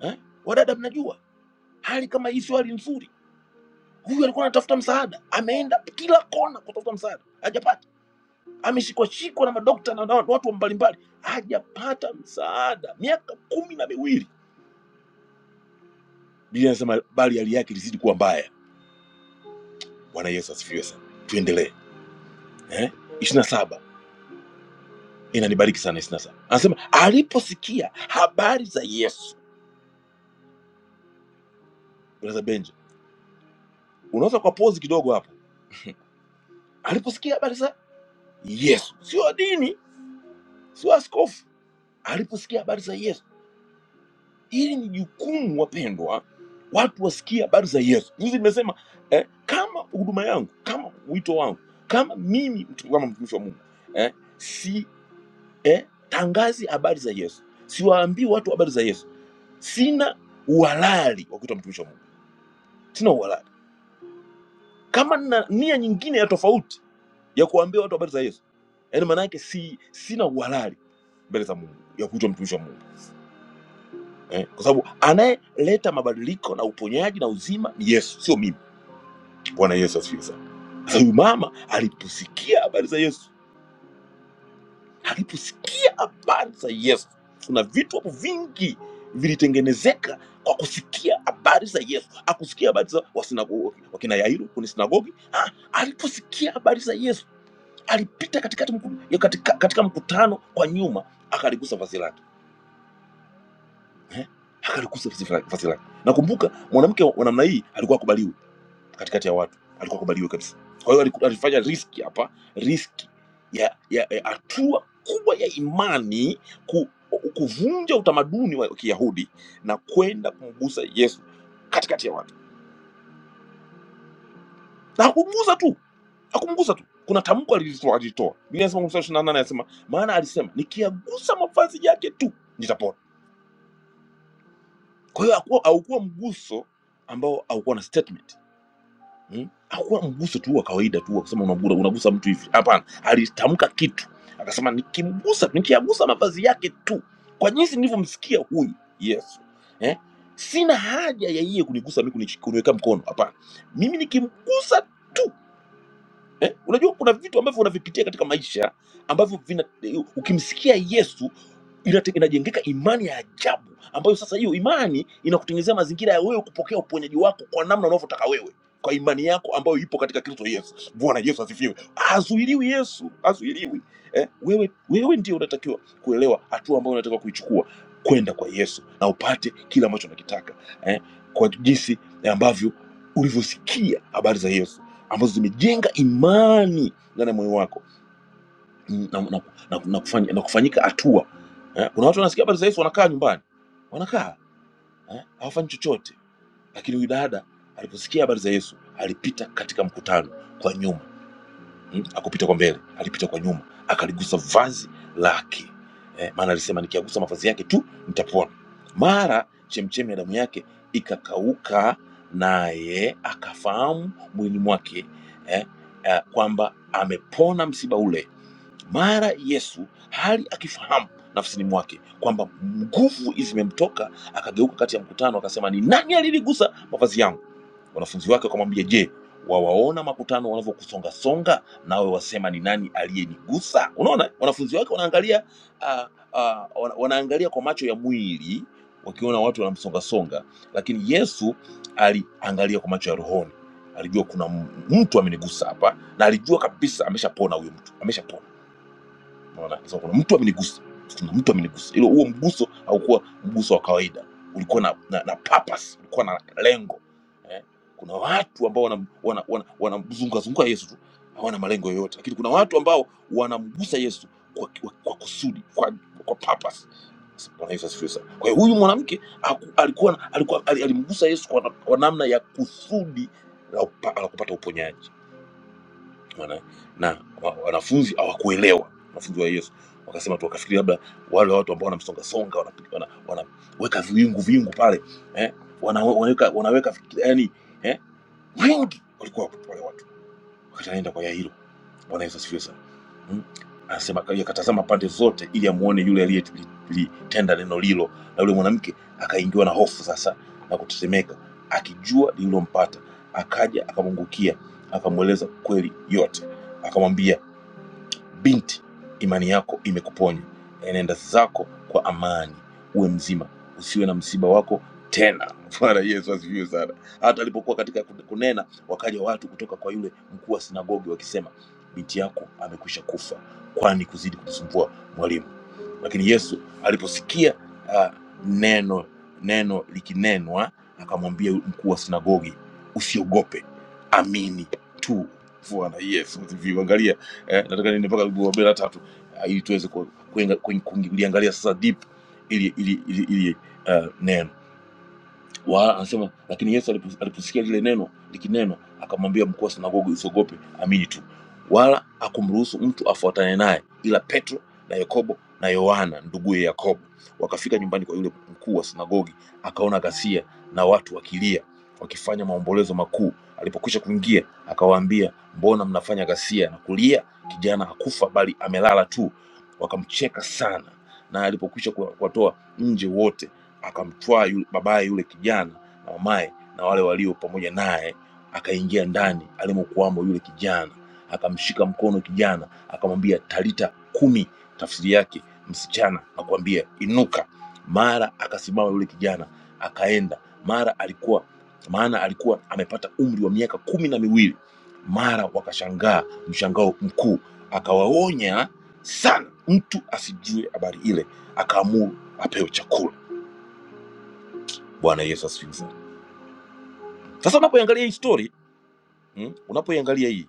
eh? Wadada mnajua hali kama hii sio hali nzuri. Huyu alikuwa anatafuta msaada, ameenda kila kona kutafuta msaada, hajapata. Ameshikwa shikwa na madokta na na watu mbalimbali, hajapata msaada miaka kumi na miwili. Biblia inasema bali hali yake ilizidi kuwa mbaya. Bwana Yesu asifiwe sana. Tuendelee eh? ishirini na saba inanibariki sana ishirini na saba anasema aliposikia habari za Yesu. Brother Benja, unaweza kwa pozi kidogo hapo. Aliposikia habari za Yesu, sio dini, sio askofu aliposikia habari za Yesu. Hili ni jukumu wapendwa, watu wasikie habari za Yesu. Juzi nimesema eh, kama huduma yangu, kama wito wangu, kama mimi mtu- kama mtumishi wa Mungu eh, si eh, tangazi habari za Yesu, siwaambii watu habari za Yesu, sina uhalali wa kuitwa mtumishi wa Mungu, sina uhalali. Kama nina nia nyingine ya tofauti ya kuwaambia watu habari za Yesu, yaani maana yake si, sina uhalali mbele za Mungu ya kuitwa mtumishi wa Mungu. eh, kwa sababu anayeleta mabadiliko na uponyaji na uzima ni Yesu, sio mimi. Bwana Yesu asifiwe sana. Sasa huyu mama aliposikia habari za Yesu, aliposikia habari za Yesu, kuna vitu hapo vingi vilitengenezeka kwa kusikia habari za Yesu. Akusikia habari za wasinagogi, wakina Yairo kwenye sinagogi. Ah, aliposikia habari za Yesu alipita katikati mku- ya katika, katika mkutano kwa nyuma, akaligusa vazi lake eh? akaligusa vazi lake. vazi lake. Nakumbuka mwanamke wa namna hii alikuwa akubaliwi katikati ya watu, alikuwa kubaliwe kabisa. Kwa hiyo aliku- alifanya riski hapa, riski ya ya ya hatua kubwa ya imani ku, kuvunja utamaduni wa Kiyahudi na kwenda kumgusa Yesu katikati ya watu, na hakumgusa tu, hakumgusa tu. Kuna tamko alilitoa, alilitoa Biblia inasema mstari ishirini na nane anasema, maana alisema nikiyagusa mavazi yake tu nitapona. Kwa hiyo hakuwa- haukuwa mguso ambao haukuwa na statement hmm? hakuwa mguso tu wa kawaida tu wa kusema unagura- unagusa mtu hivi hapana alitamka kitu akasema nikimgusa nikiagusa mavazi yake tu kwa jinsi nilivyomsikia huyu yesu eh? sina haja ya yeye kunigusa mi kuniweka mkono hapana mimi nikimgusa tu eh? Unajua kuna vitu ambavyo unavipitia katika maisha ambavyo vina, ukimsikia Yesu inate- inajengeka imani ya ajabu ambayo sasa hiyo imani inakutengenezea mazingira ya wewe kupokea uponyaji wako kwa namna unavyotaka wewe kwa imani yako ambayo ipo katika Kristo Yesu. Bwana Yesu asifiwe. Hazuiliwi Yesu, hazuiliwi eh, wewe, wewe ndio unatakiwa kuelewa hatua ambayo unatakiwa kuichukua kwenda kwa Yesu na upate kile ambacho unakitaka eh, kwa jinsi ambavyo ulivyosikia habari za Yesu ambazo zimejenga imani ndani ya moyo wako mm, na, na, na, na, kufanya, na kufanyika hatua eh? Kuna watu wanasikia habari za Yesu wanakaa nyumbani, wanakaa eh, hawafanyi chochote, lakini huyu dada aliposikia habari za Yesu alipita katika mkutano kwa nyuma mm, akupita kwa mbele, alipita kwa nyuma, akaligusa vazi lake eh, maana alisema nikiagusa mavazi yake tu nitapona. Mara chemchemi ya damu yake ikakauka, naye akafahamu mwilini mwake eh, eh, kwamba amepona msiba ule. Mara Yesu hali akifahamu nafsini mwake kwamba nguvu zimemtoka, akageuka kati ya mkutano, akasema, ni nani alinigusa mavazi yangu? Wanafunzi wake wakamwambia, je, wawaona makutano wanavyokusonga songa, nawe wasema ni nani aliyenigusa? Unaona, wanafunzi wake wanaangalia ah, ah, wana- wanaangalia kwa macho ya mwili, wakiona watu wanamsonga songa, lakini Yesu aliangalia kwa macho ya rohoni. Alijua kuna m- mtu amenigusa hapa, na alijua kabisa ameshapona huyu mtu, ameshapona Unaona? So, kuna mtu amenigusa, kuna mtu amenigusa. Ilo huo mguso haukuwa mguso wa kawaida, ulikuwa na, na, na purpose, ulikuwa na lengo eh? Kuna watu ambao wanamzunguka wana, wana, wana wanamzunguka Yesu tu hawana malengo yoyote, lakini kuna watu ambao wanamgusa Yesu kwa, kwa, kwa kusudi kwa, kwa purpose. Bwana Yesu asifiwe sana. Kwa hiyo huyu mwanamke haku- alikuwa alikuwa ali- alimgusa Yesu kwa, na- kwa namna ya kusudi la, upa, la kupata uponyaji Wana, na wa- wanafunzi hawakuelewa wanafunzi wa Yesu wakasema tu wakafikiri labda wale watu ambao wanamsongasonga wanaweka wana, wana wanaweka viwingu vingu pale eh? wana, wanaweka, wanaweka yani eh? wengi walikuwa wale Kanaenda kwa Yairo. Bwana Yesu asifiwe sana. Mm? Anasema aka- akatazama pande zote ili amuone yule aliyetenda neno lilo, na yule mwanamke akaingiwa na hofu sasa na kutetemeka, akijua lililompata. Akaja akamwangukia, akamweleza kweli yote, akamwambia Binti, imani yako imekuponya, enenda zako kwa amani, uwe mzima, usiwe na msiba wako tena. Bwana Yesu asifiwe sana. Hata alipokuwa katika kunena, wakaja watu kutoka kwa yule mkuu wa sinagogi wakisema, binti yako amekwisha kufa, kwani kuzidi kutusumbua mwalimu? Lakini Yesu aliposikia uh, neno neno likinenwa, akamwambia mkuu wa sinagogi, usiogope, amini tu. Bwana Yesu asifiwe. Angalia eh, nataka niende mpaka Lugobe la tatu ah, ili tuweze ku- kuinga- kuing- kuliangalia sasa deep ili ili, ili, ili uh, neno Wala anasema lakini Yesu alipos- aliposikia lile neno likinenwa, akamwambia mkuu wa sinagogi, usiogope, amini tu. Wala akumruhusu mtu afuatane naye, ila Petro na Yakobo na Yohana nduguye Yakobo. Wakafika nyumbani kwa yule mkuu wa sinagogi, akaona ghasia na watu wakilia wakifanya maombolezo makuu. Alipokwisha kuingia, akawaambia, mbona mnafanya ghasia na kulia? Kijana hakufa bali amelala tu. Wakamcheka sana, na alipokwisha kuwa- kuwatoa nje wote akamtwaa yule babaye yule kijana na mamaye na wale walio pamoja naye, akaingia ndani alimokuwamo yule kijana, akamshika mkono kijana, akamwambia talita kumi, tafsiri yake msichana, na kuambia inuka. Mara akasimama yule kijana akaenda, mara alikuwa maana alikuwa amepata umri wa miaka kumi na miwili. Mara wakashangaa mshangao mkuu, akawaonya sana mtu asijue habari ile, akaamuru apewe chakula. Bwana Yesu asifiwe sana. Sasa unapoiangalia hii story mm, unapoiangalia hii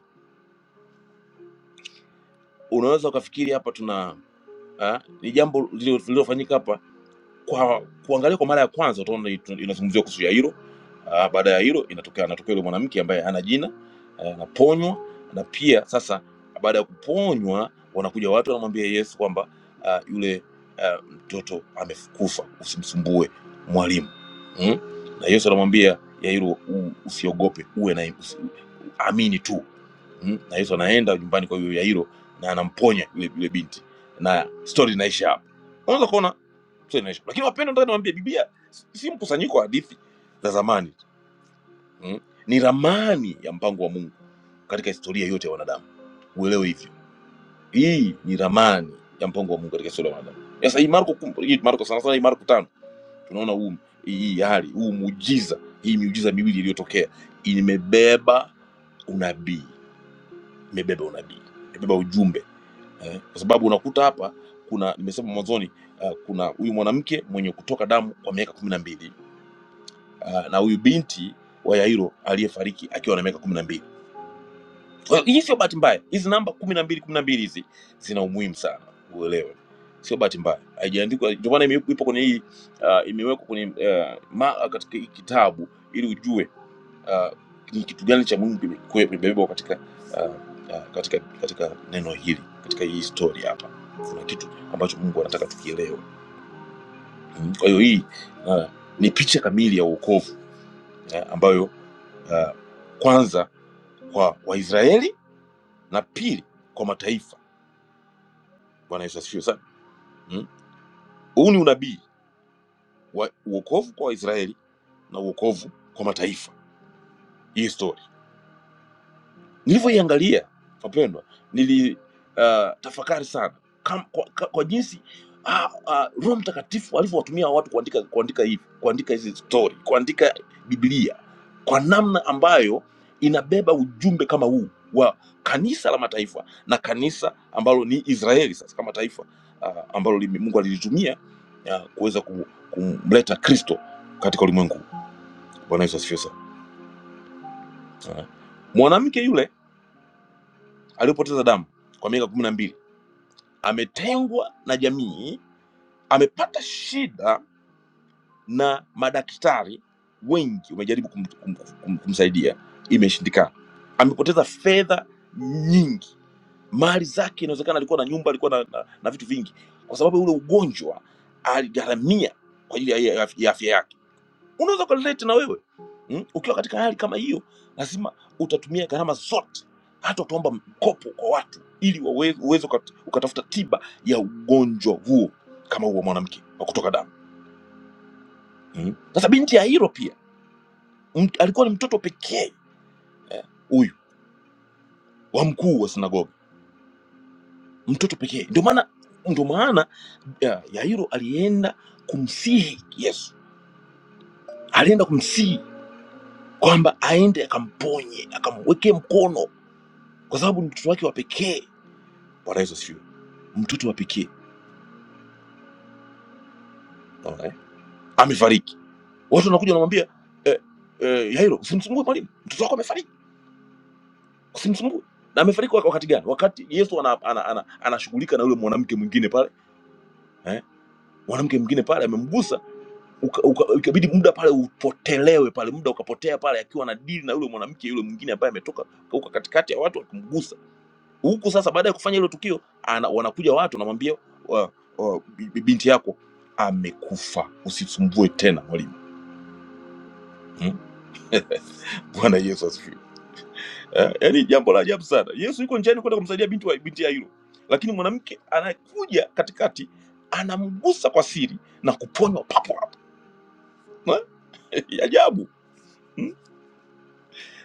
unaweza ukafikiri hapa tuna ah, ni jambo lililo- lililofanyika hapa kwa kuangalia kwa mara ya kwanza utaona itu- inazungumziwa kuhusu ya hilo Ah, baada ya hilo inatokea anatokea yule mwanamke ambaye hana jina eh, anaponywa Uh, na pia sasa baada ya kuponywa wanakuja watu wanamwambia yesu kwamba ah, yule ah, mtoto amekufa usimsumbue mwalimu mm? na yesu anamwambia yairo u- usiogope uwe na usi, amini tu mm? na yesu anaenda nyumbani kwa huyo yairo na anamponya yule, yule binti na stori inaisha hapo unaweza kuona Sio inaisha. Lakini wapendwa, nataka niwaambie, Biblia si si mkusanyiko wa hadithi za zamani mm? Ni ramani ya mpango wa Mungu katika historia yote ya wanadamu. Uelewe hivyo, hii ni ramani ya mpango wa Mungu katika historia ya wanadamu. Sasa hii Marko, kum- hii Marko sana sana, hii Marko tano tunaona huu hii hii hali huu muujiza, hii miujiza miwili iliyotokea imebeba unabii, imebeba unabii, imebeba ujumbe eh? Kwa sababu unakuta hapa kuna nimesema mwanzoni, uh, kuna huyu mwanamke mwenye kutoka damu kwa miaka kumi na mbili uh, na huyu binti wa Yairo aliyefariki akiwa na miaka kumi na mbili. Kwa hiyo hii sio bahati mbaya, hizi namba kumi na mbili kumi na mbili hizi zina umuhimu sana, uelewe, sio bahati mbaya, haijaandikwa. Ndio maana ime- ipo kwenye hii uh, imewekwa kwenye uh, ma, katika hii kitabu ili ujue uh, ni kitu gani cha muhimu kime- kwe- kimebebwa katika, uh, uh, katika katika neno hili, katika hii historia hapa kuna kitu ambacho Mungu anataka tukielewe. Mm, Kwa hiyo hii uh, ni picha kamili ya wokovu eh, ambayo uh, kwanza kwa Waisraeli na pili kwa mataifa. Bwana Yesu asifiwe sana. Mm. Huu hmm? ni unabii wa uokovu kwa Waisraeli na uokovu kwa mataifa, hii story nilivyoiangalia wapendwa nili uh, tafakari sana Kam, kwa, kwa, kwa jinsi ah, ah, roho mtakatifu alivyowatumia watu kuandika kuandika hivi kuandika hizi story kuandika biblia kwa namna ambayo inabeba ujumbe kama huu wa kanisa la mataifa na kanisa ambalo ni israeli sasa kama taifa ah, ambalo lime- mungu alilitumia ah, kuweza kum- kumleta kristo katika ulimwengu bwana yesu asifiwe sana Ah. mwanamke yule aliyopoteza damu kwa miaka kumi na mbili ametengwa na jamii, amepata shida na madaktari wengi wamejaribu kum, kum, kum, kumsaidia, imeshindikana. Amepoteza fedha nyingi, mali zake, inawezekana alikuwa na nyumba, alikuwa na, na, na vitu vingi, kwa sababu ya ule ugonjwa aligharamia kwa ajili ya ya- ya afya yake unaweza ukarelate na wewe mm? ukiwa katika hali kama hiyo lazima utatumia gharama zote hata utaomba mkopo kwa watu ili wawe- uweze ukat- ukatafuta tiba ya ugonjwa huo kama huo mwanamke wa kutoka damu mm? sasa hmm? binti ya hiro pia m- alikuwa ni mtoto pekee eh, huyu eh, wa mkuu wa sinagogi mtoto pekee ndio maana ndio maana ya- yairo alienda kumsihi yesu alienda kumsihi kwamba aende akamponye akamwekee mkono kwa sababu ni mtoto wake wa pekee Bwana Yesu asifiwe. Mtoto wa pekee naona eh, amefariki, watu wanakuja wanamwambia eh, eh, Yairo, usimsumbue mwalimu, mtoto wako amefariki, usimsumbue. Na amefariki wak- wakati gani? Wakati Yesu anashughulika ana, ana, ana, anashughulika na yule mwanamke mwingine pale eh, mwanamke mwingine pale amemgusa, uka- uka- ikabidi muda pale upotelewe pale, muda ukapotea pale, akiwa anadili na yule mwanamke yule mwingine ambaye ametoka huko katikati ya watu akimgusa huku. Sasa baada ya kufanya hilo tukio ana, wanakuja watu wanamwambia wa- wa- bi- binti yako amekufa, usisumbue tena mwalimu Mm. Bwana Yesu asifiwe. Eh, Yaani jambo la ajabu sana. Yesu yuko njiani kwenda kumsaidia binti wa binti ya Yairo, lakini mwanamke anakuja katikati, anamgusa kwa siri na kuponywa papo hapo. Eh, Ajabu. Mm.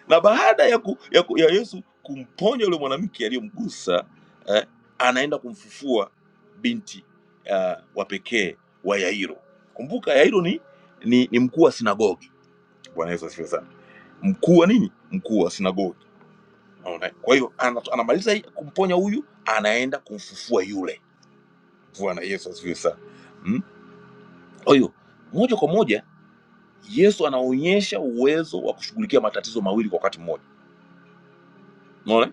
Na baada ya, ku, ya, ku, ya Yesu kumponya yule mwanamke aliyomgusa eh, anaenda kumfufua binti uh, wa pekee wa Yairo. Kumbuka Yairo ni, ni, ni mkuu wa sinagogi. Bwana Yesu asifiwe sana. Mkuu wa nini? Mkuu wa sinagogi Unaona? Kwa hiyo ana- anamaliza hii- kumponya huyu, anaenda kumfufua yule. Bwana Yesu asifiwe sana. Mm? Kwa hiyo moja kwa moja Yesu anaonyesha uwezo wa kushughulikia matatizo mawili kwa wakati mmoja. Unaona?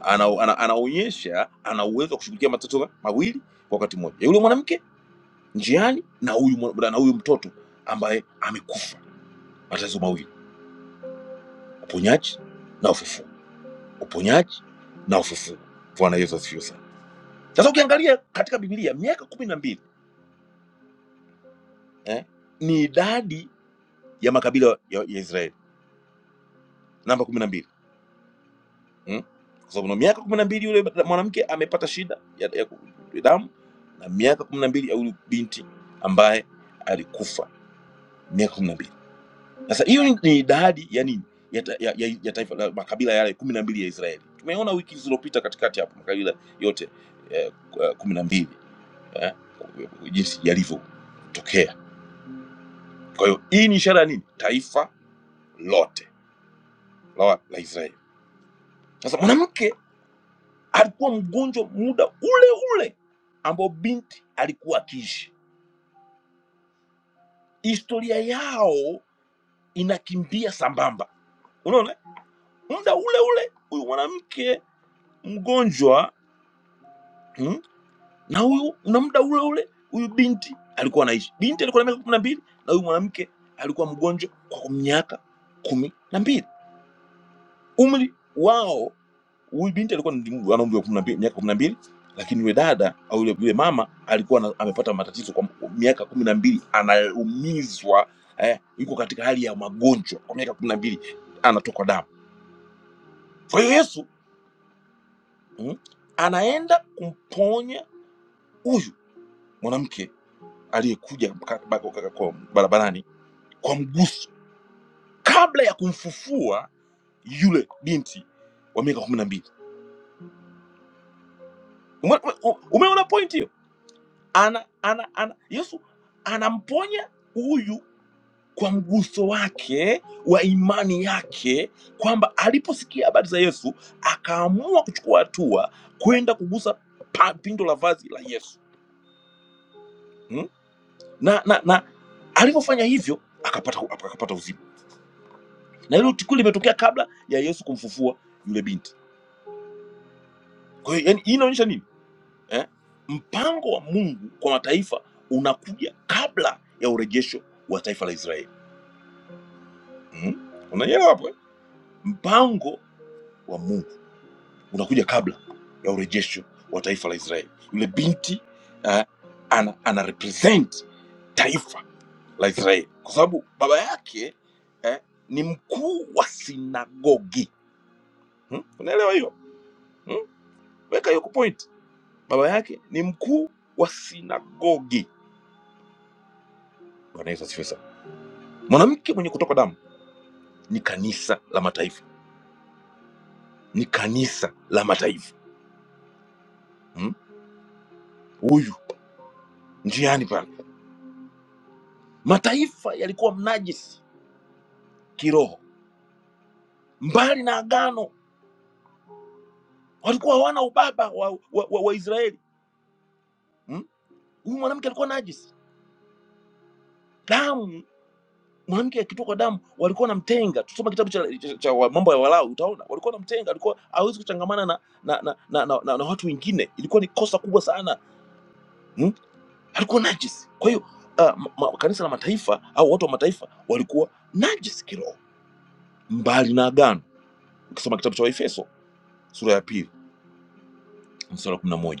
Ana, ana, anaonyesha ana uwezo wa kushughulikia matatizo mawili kwa wakati mmoja, yule mwanamke njiani na huyu mwa- na huyu mtoto ambaye amekufa. Matatizo mawili, uponyaji na ufufuo, uponyaji na ufufuo. Bwana Yesu asifiwe sana. Sasa ukiangalia katika Biblia miaka kumi na mbili eh, ni idadi ya makabila ya, ya Israeli. Namba kumi na mbili mm? kwa sababu na miaka kumi na mbili yule mwanamke amepata shida ya, ya ku- ya damu na miaka kumi na mbili ya huyu binti ambaye alikufa miaka kumi na mbili. Sasa hiyo ni ni idadi ya nini ya, ta, ya, ya, ya taifa la makabila yale kumi na mbili ya Israeli. Tumeona wiki zilizopita katikati hapo makabila yote eh, ku- eh, kumi na mbili eh, jinsi yalivyotokea. Kwa hiyo hii ni ishara ya nini? Taifa lote la, la Israeli Sasa mwanamke alikuwa mgonjwa muda ule ule ambao binti alikuwa akiishi. Historia yao inakimbia sambamba, unaona, muda ule ule huyu mwanamke mgonjwa mm, na huyu na muda ule ule huyu binti alikuwa anaishi. Binti alikuwa na miaka kumi na mbili na huyu mwanamke alikuwa mgonjwa kwa miaka kumi na mbili. Umri wao huyu binti alikuwa ni- ana umri wa kumi na mbili- miaka kumi na mbili lakini yule dada au yule yule mama alikuwa ana- amepata matatizo kwa miaka kumi na mbili anaumizwa eh, yuko katika hali ya magonjwa kwa miaka kumi na mbili anatokwa damu kwa hiyo yesu mm, anaenda kumponya huyu mwanamke aliyekuja ka- ba- ka- kwa barabarani kwa mguso kabla ya kumfufua yule binti wa miaka kumi na mbili umeona point hiyo ana, ana, ana, Yesu anamponya huyu kwa mguso wake wa imani yake, kwamba aliposikia habari za Yesu akaamua kuchukua hatua kwenda kugusa pa- pindo la vazi la Yesu hmm? na, na, na alivyofanya hivyo akapata, akapata uzima, na hilo tukio limetokea kabla ya Yesu kumfufua yule binti. Kwa hiyo yani, hii inaonyesha nini eh? Mpango wa Mungu kwa mataifa unakuja kabla ya urejesho wa taifa la Israeli Mm? Unanyelewa hapo eh? Mpango wa Mungu unakuja kabla ya urejesho wa taifa la Israeli. Yule binti uh, ana, ana represent taifa la Israeli kwa sababu baba yake eh, ni mkuu wa sinagogi hmm? Unaelewa hiyo hmm? Weka hiyo point. Baba yake ni mkuu wa sinagogi. Bwana Yesu asifiwe sana. Mwanamke mwenye kutoka damu ni kanisa la mataifa, ni kanisa la mataifa hmm? Huyu hmm? njiani pale Mataifa yalikuwa mnajisi kiroho, mbali na agano, walikuwa hawana ubaba wa, wa, wa, wa Israeli hmm? Huyu mwanamke alikuwa najisi, damu mwanamke akitokwa damu walikuwa namtenga. Tusoma kitabu cha, cha, cha wa- mambo ya Walawi, utaona walikuwa namtenga, alikuwa hawezi kuchangamana na na, na, na, na, na, na watu wengine. Ilikuwa ni kosa kubwa sana hmm? Alikuwa najisi. Kwa hiyo uh, ma, ma- kanisa la mataifa au watu wa mataifa walikuwa najisi kiroho, mbali na agano. Ukisoma kitabu cha Waefeso sura ya pili mstari wa 11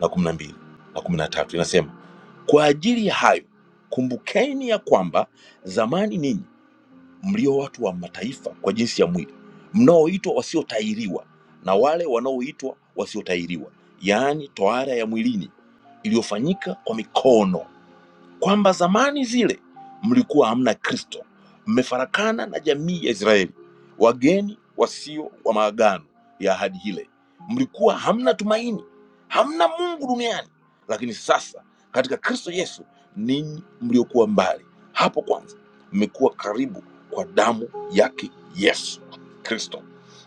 la kumi na mbili na kumi na tatu inasema kwa ajili ya hayo kumbukeni ya kwamba zamani ninyi mlio watu wa mataifa kwa jinsi ya mwili, mnaoitwa wasiotahiriwa na wale wanaoitwa wasiotahiriwa, yaani tohara ya mwilini iliyofanyika kwa mikono, kwamba zamani zile mlikuwa hamna Kristo, mmefarakana na jamii ya Israeli, wageni wasio wa maagano ya ahadi ile, mlikuwa hamna tumaini, hamna Mungu duniani. Lakini sasa katika Kristo Yesu, ninyi mliokuwa mbali hapo kwanza, mmekuwa karibu kwa damu yake Yesu Kristo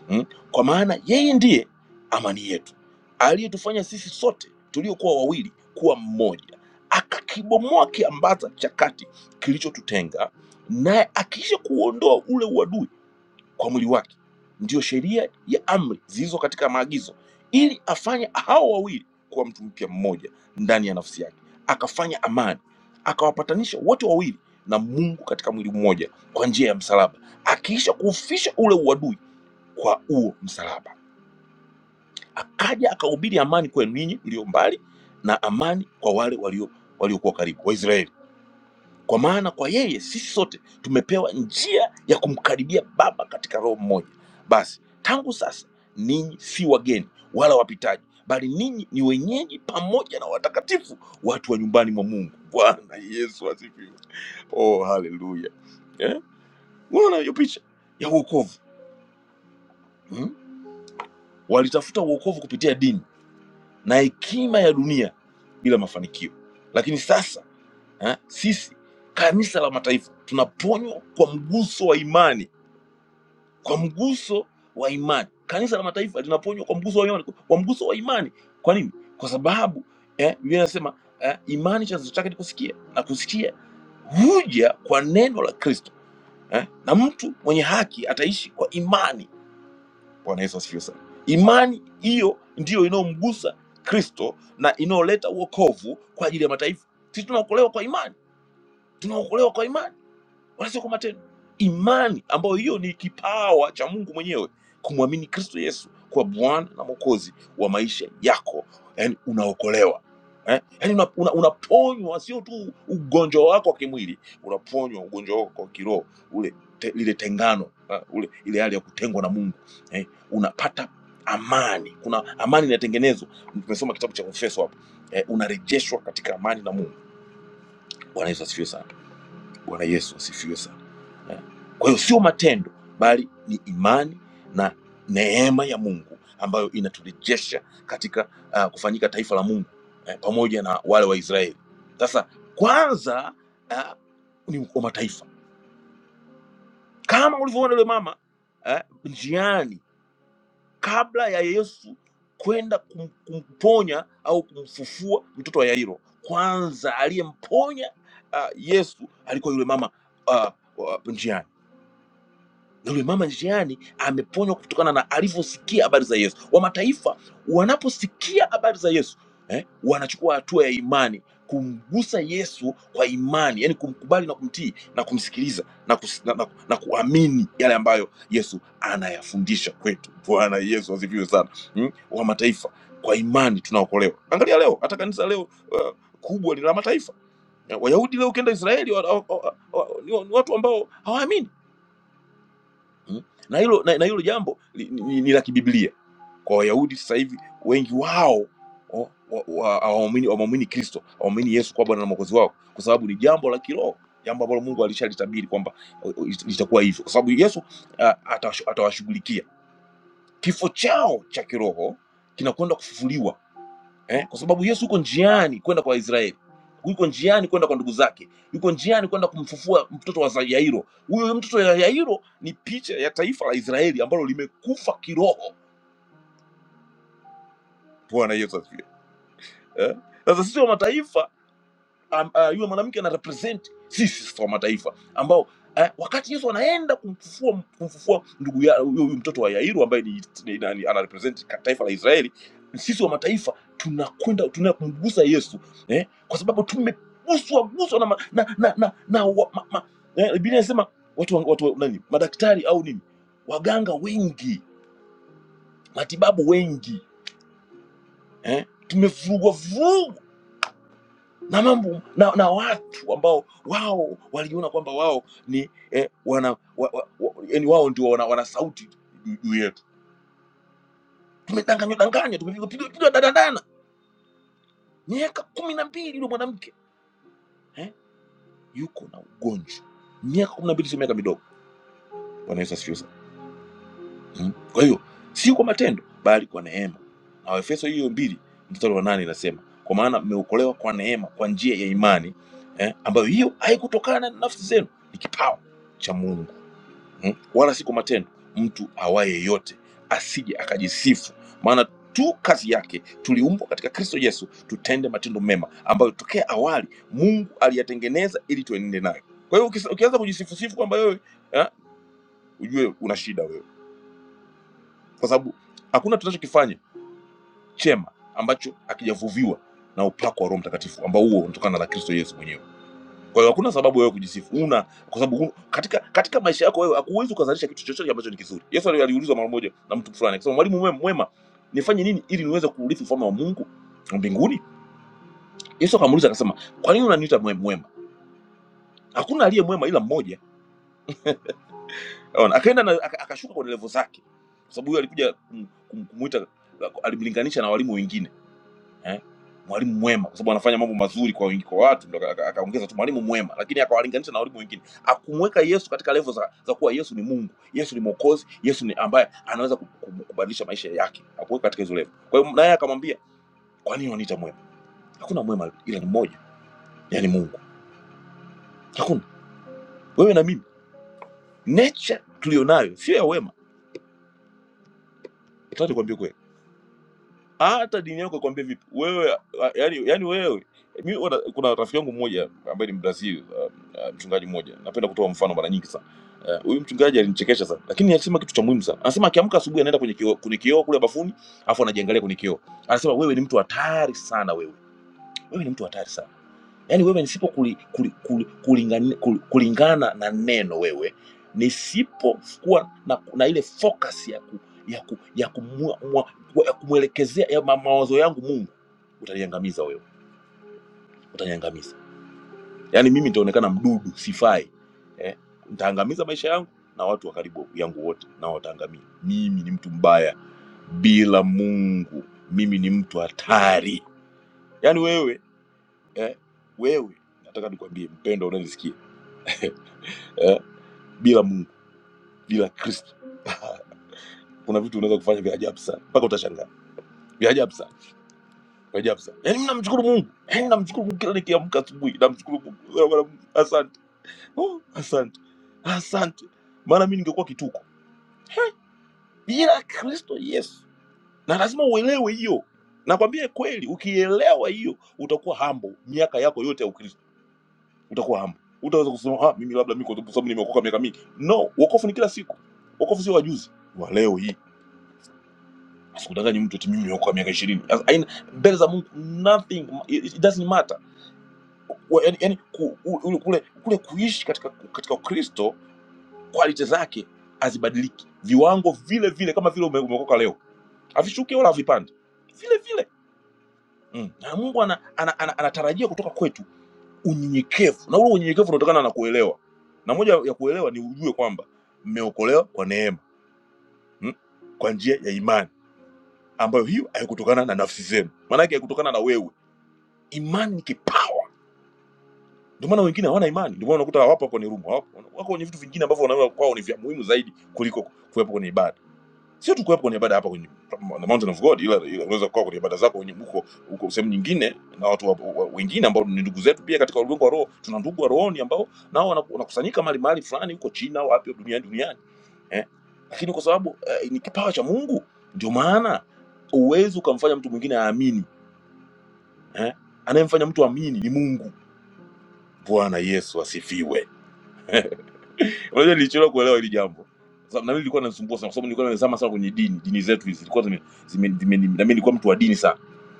mm? Kwa maana yeye ndiye amani yetu, aliyetufanya sisi sote tuliokuwa wawili kuwa mmoja akakibomoa kiambaza cha kati kilichotutenga naye, akiisha kuondoa ule uadui kwa mwili wake, ndiyo sheria ya amri zilizo katika maagizo, ili afanye hao wawili kuwa mtu mpya mmoja ndani ya nafsi yake, akafanya amani, akawapatanisha wote wawili na Mungu katika mwili mmoja kwa njia ya msalaba, akiisha kuufisha ule uadui kwa huo msalaba, akaja akahubiri amani kwenu ninyi mlio mbali na amani kwa wale walio waliokuwa karibu, Waisraeli kwa maana kwa yeye sisi sote tumepewa njia ya kumkaribia Baba katika Roho mmoja. Basi tangu sasa ninyi si wageni wala wapitaji, bali ninyi ni wenyeji pamoja na watakatifu, watu wa nyumbani mwa Mungu. Bwana Yesu asifiwe! Oh, haleluya! Eh, unaona hiyo picha ya uokovu hmm? Walitafuta uokovu kupitia dini na hekima ya dunia bila mafanikio, lakini sasa eh, sisi kanisa la mataifa tunaponywa kwa mguso wa imani kwa mguso wa imani. Kanisa la mataifa linaponywa kwa mguso wa imani, kwa mguso wa imani. Kwa nini? Kwa sababu eh, Biblia inasema eh, imani chanzo chake ni kusikia, na kusikia huja kwa neno la Kristo eh, na mtu mwenye haki ataishi kwa imani. Bwana Yesu asifiwe sana. Imani hiyo ndiyo inayomgusa Kristo na inayoleta uokovu kwa ajili ya mataifa. Sisi tunaokolewa kwa imani, tunaokolewa kwa imani wanasema tena imani ambayo hiyo ni kipawa cha mungu mwenyewe kumwamini kristo yesu kwa bwana na mwokozi wa maisha yako yani unaokolewa eh? yani unaponywa una, una, unaponywa sio tu ugonjwa wako wa kimwili unaponywa ugonjwa wako wa kiroho ule te, lile tengano eh? ule ile hali ya kutengwa na mungu eh? unapata amani kuna amani inatengenezwa tumesoma kitabu cha efeso hapo eh, unarejeshwa katika amani na mungu bwana yesu asifiwe sana bwana yesu asifiwe sana Eh, Kwa hiyo sio matendo bali ni imani na neema ya Mungu ambayo inaturejesha katika uh, kufanyika taifa la Mungu eh, pamoja na wale wa Israeli. Sasa kwanza uh, ni wa mataifa, kama ulivyoona yule mama eh, njiani, kabla ya Yesu kwenda kum, kumponya au kumfufua mtoto wa Yairo, kwanza aliyemponya uh, Yesu alikuwa yule mama uh, uh, njiani na yule mama njiani ameponywa kutokana na alivyosikia habari za Yesu. Wa mataifa wanaposikia habari za Yesu eh, wanachukua hatua ya imani kumgusa Yesu kwa imani, yani kumkubali na kumtii na kumsikiliza na, kus, na, na, na kuamini yale ambayo Yesu anayafundisha kwetu. Bwana Yesu asifiwe sana hmm? Wa mataifa kwa imani tunaokolewa. Angalia leo hata kanisa leo uh, kubwa ni la mataifa. Wayahudi leo ukienda Israeli wa, wa, wa, wa, ni ni watu ambao hawaamini Mm. na hilo na, na hilo jambo li- ni, ni, ni la kibiblia kwa wayahudi sasa hivi wengi wao o- wa- wa- hawaamini hawamwamini kristo hawamwamini yesu kuwa bwana na mwokozi wao kwa sababu ni jambo la kiroho jambo ambalo mungu alishalitabiri kwamba o- o, lit- litakuwa hivyo kwa sababu yesu ah, atashu- atawashughulikia kifo chao cha kiroho kinakwenda kufufuliwa eh? kwa sababu yesu yuko njiani kwenda kwa israeli yuko njiani kwenda kwa ndugu zake yuko njiani kwenda kumfufua mtoto wa za- yairo huyo mtoto ya yairo ni picha ya taifa la israeli ambalo limekufa kiroho bwana yesu asifiwe eh? sasa sisi wa mataifa am- ah, yule mwanamke ana represent sisi sasa wa mataifa ambao eh, wakati Yesu anaenda kumfufua kumfufua ndugu ya huyo huyo mtoto wa Yairu ambaye ni, ni, ni, ana represent ka- taifa la Israeli, sisi wa mataifa tunakwenda tunaenda kumgusa Yesu eh, kwa sababu tumeguswa guswa na, ma- na, na, na, na wa, ma, ma, eh, Biblia inasema watu, wa- watu wa- nani madaktari au nini waganga wengi matibabu wengi eh, tumevurugwa na mambo na, na watu ambao wao waliona kwamba wao ni eh, wana wa, wa, wa, yani wao ndio wana, wana sauti ju- juu yetu. Tumedanganywa danganywa, tumepigwa danadana. Miaka kumi na mbili yule mwanamke eh, yuko na ugonjwa. Miaka kumi na mbili sio miaka midogo. Bwana Yesu asifiwe sana. Mm. Kwa hiyo si kwa matendo, bali kwa neema. Na Waefeso hiyo mbili mstari wa nane inasema kwa maana mmeokolewa kwa neema kwa njia ya imani eh, ambayo hiyo haikutokana na nafsi zenu, ni kipawa cha Mungu mm? wala si kwa matendo. Mtu awaye yote asije akajisifu, maana tu kazi yake tuliumbwa katika Kristo Yesu tutende matendo mema ambayo tokea awali Mungu aliyatengeneza ili tuenende nayo. Kwa hiyo ukisa- ukianza kujisifusifu kwamba wewe eh, ujue una shida wewe, kwa sababu hakuna tunachokifanya chema ambacho hakijavuviwa na upako wa Roho Mtakatifu ambao huo unatokana na Kristo Yesu mwenyewe. Kwa hiyo hakuna sababu wewe kujisifu, una kwa sababu hu- katika katika maisha yako wewe hakuwezi ukazalisha kitu chochote ambacho ni kizuri. Yesu ali- aliulizwa mara moja na mtu fulani akasema, mwalimu mwema, mwema nifanye nini ili niweze kuurithi ufalme wa Mungu wa mbinguni? Yesu akamuuliza akasema, kwa nini unaniita mwema? mwema? Hakuna aliye mwema ila mmoja. Unaona, akaenda na aka- akashuka kwenye levo zake, kwa sababu huyo alikuja kum- kum- kumuita, alimlinganisha na walimu wengine eh, mwalimu mwema, kwa sababu anafanya mambo mazuri kwa wingi kwa watu, ndo aka- aka- akaongeza tu mwalimu mwema, lakini akawalinganisha na walimu wengine, akumweka Yesu katika levo za, za kuwa Yesu ni Mungu, Yesu ni Mwokozi, Yesu ni ambaye anaweza ku- ku- kubadilisha maisha yake, akuweka katika hizo levo. Kwa hiyo naye akamwambia, kwa nini waniita mwema? Hakuna mwema ila ni mmoja, yani Mungu. Hakuna wewe na mimi, nature tuliyonayo sio ya wema, nataka nikwambie kweli hata dini yako ikwambia vipi wewe a- yani, yani wewe mi, wana, kuna rafiki yangu mmoja ambaye ni Brazil uh, uh, mchungaji mmoja napenda kutoa mfano mara nyingi sana Eh, huyu uh, mchungaji alinichekesha sana lakini alisema kitu cha muhimu sana anasema akiamka asubuhi anaenda kwenye kioo kwenye kioo kule bafuni afu anajiangalia kwenye kioo anasema wewe ni mtu hatari sana wewe wewe ni mtu hatari sana yani wewe nisipo kuli, kuli, kuli, kulingani, kul- kulingana na neno wewe nisipokuwa na, na ile focus ya ku, ya ku, ya kumwa, mwa- ya kumwelekezea ya ma, mawazo yangu Mungu utaniangamiza wewe utaniangamiza yani mimi nitaonekana mdudu sifai eh, nitaangamiza maisha yangu na watu wa karibu yangu wote nao wataangamia mimi ni mtu mbaya bila Mungu mimi ni mtu hatari yani wewe eh, wewe nataka nikwambie mpendo unanisikia eh, bila Mungu, bila Kristo kuna vitu unaweza kufanya vya ajabu sana, mpaka utashangaa vya ajabu sana, vya ajabu sana. Yaani mimi namshukuru Mungu, yaani namshukuru Mungu kila nikiamka asubuhi, namshukuru Mungu. Bwana Mungu, asante, oh, asante, asante, maana mimi ningekuwa kituko He, bila Kristo Yesu. Na lazima uelewe hiyo, nakwambia kweli, ukielewa hiyo utakuwa humble miaka yako yote ya Ukristo, utakuwa humble. Utaweza kusema ah, mimi labda mimi kwa sababu nimeokoka miaka mingi. No, wokovu ni kila siku, wokovu sio wa juzi, wa leo hii Sikudanganye mtu eti mimi niokoa miaka ishirini. Sasa, haina- Mbele za Mungu nothing it, it doesn't matter. Wa- Yaani, yaani ku, u- ule- kule kule kuishi katika katika Ukristo quality zake hazibadiliki, viwango vile vile, kama vile ume- umeokoka leo, havishuki wala havipandi, vile vile mm. Na Mungu ana, ana, ana, anatarajia kutoka kwetu unyenyekevu, na ule unyenyekevu unatokana na kuelewa, na moja ya kuelewa ni ujue kwamba mmeokolewa kwa neema mm? kwa njia ya imani ambayo hiyo haikutokana na nafsi zenu, maanake haikutokana na wewe imani ni kipawa ndio maana wengine hawana imani ndio maana unakuta hawapo kwenye rumu hawapo wako kwenye vitu vingine ambavyo wanaona kwao ni vya muhimu zaidi kuliko kuwepo kwenye ibada sio tu kuwepo kwenye ibada hapa kwenye the mountain of god ila, ila unaweza kuwa kwenye ibada zako wenye- huko huko sehemu nyingine na watu wa, wa, wengine ambao ni ndugu zetu pia katika ulimwengu wa roho tuna ndugu wa rohoni ambao nao wana- wanakusanyika mahali mahali fulani huko china au wapi duniani duniani eh? lakini kwa sababu eh, ni kipawa cha mungu ndio maana uwezi ukamfanya mtu mwingine aamini eh? anayemfanya mtu amini ni mungu Bwana Yesu asifiwe. Unajua nilichelewa kuelewa hili jambo. Sababu na mimi nilikuwa nasumbua sana kwa sababu nilikuwa nimezama sana kwenye dini, dini zetu hizi zilikuwa zime, zime, zime, na mimi nilikuwa mtu wa dini sana.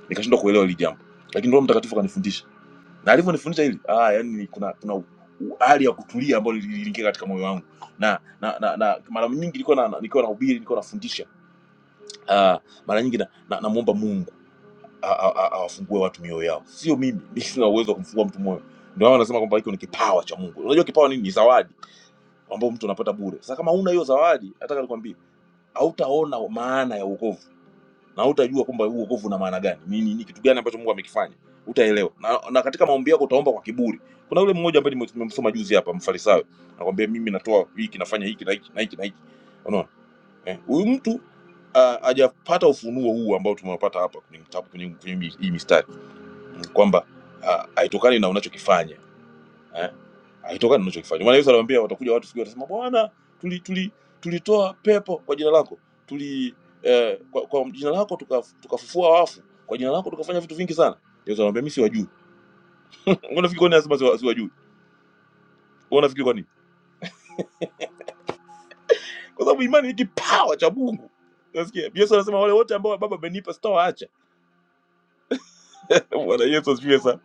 Nikashindwa kuelewa hili jambo. Lakini Roho Mtakatifu kanifundisha. Na alivyonifundisha hili, ah yani ni- kuna kuna u- u- hali ya kutulia ambayo ili- iliingia katika moyo wangu. Na na, na, na mara nyingi nilikuwa na, na- nilikuwa nahubiri, nilikuwa nafundisha. Ah mara nyingi na, na, namuomba Mungu a- a- a- awafungue watu mioyo yao. Sio mimi, mimi sina uwezo wa kumfungua mtu moyo. Ndio maana wanasema kwamba hiko ni kipawa cha Mungu. Unajua kipawa nini? Ni zawadi ambao mtu anapata bure. Sasa kama huna hiyo zawadi, nataka nikwambie, hautaona maana ya wokovu na hautajua kwamba huu wokovu una maana gani, ni, ni, ni kitu gani ambacho Mungu amekifanya, utaelewa na, na katika maombi yako utaomba kwa kiburi. Kuna yule mmoja ambaye nime- nimemsoma juzi hapa, Mfarisayo, anakwambia mimi natoa hiki, nafanya hiki na hiki na hiki na hiki, unaona eh, huyu mtu ah, hajapata ufunuo huu ambao tumewapata hapa kwenye kitabu kwenye, kwenye hii mistari kwamba ah, haitokani na unachokifanya eh, akitokana unachokifanya. Maana Yesu anamwambia watakuja watu siku hiyo watasema, Bwana, tuli tuli tulitoa pepo kwa jina lako, tuli eh, kwa, kwa jina lako tukaf- tukafufua tuka wafu, kwa jina lako tukafanya vitu vingi sana. Yesu anamwambia mimi siwajui. Ungeona fikiri kwa nini anasema siwa- siwajui? Ungeona fikiri kwa nini? Kwa sababu imani ni kipawa cha Mungu. Unasikia? Yesu anasema wale wote ambao baba amenipa sitawaacha. Bwana Yesu asifiwe sana.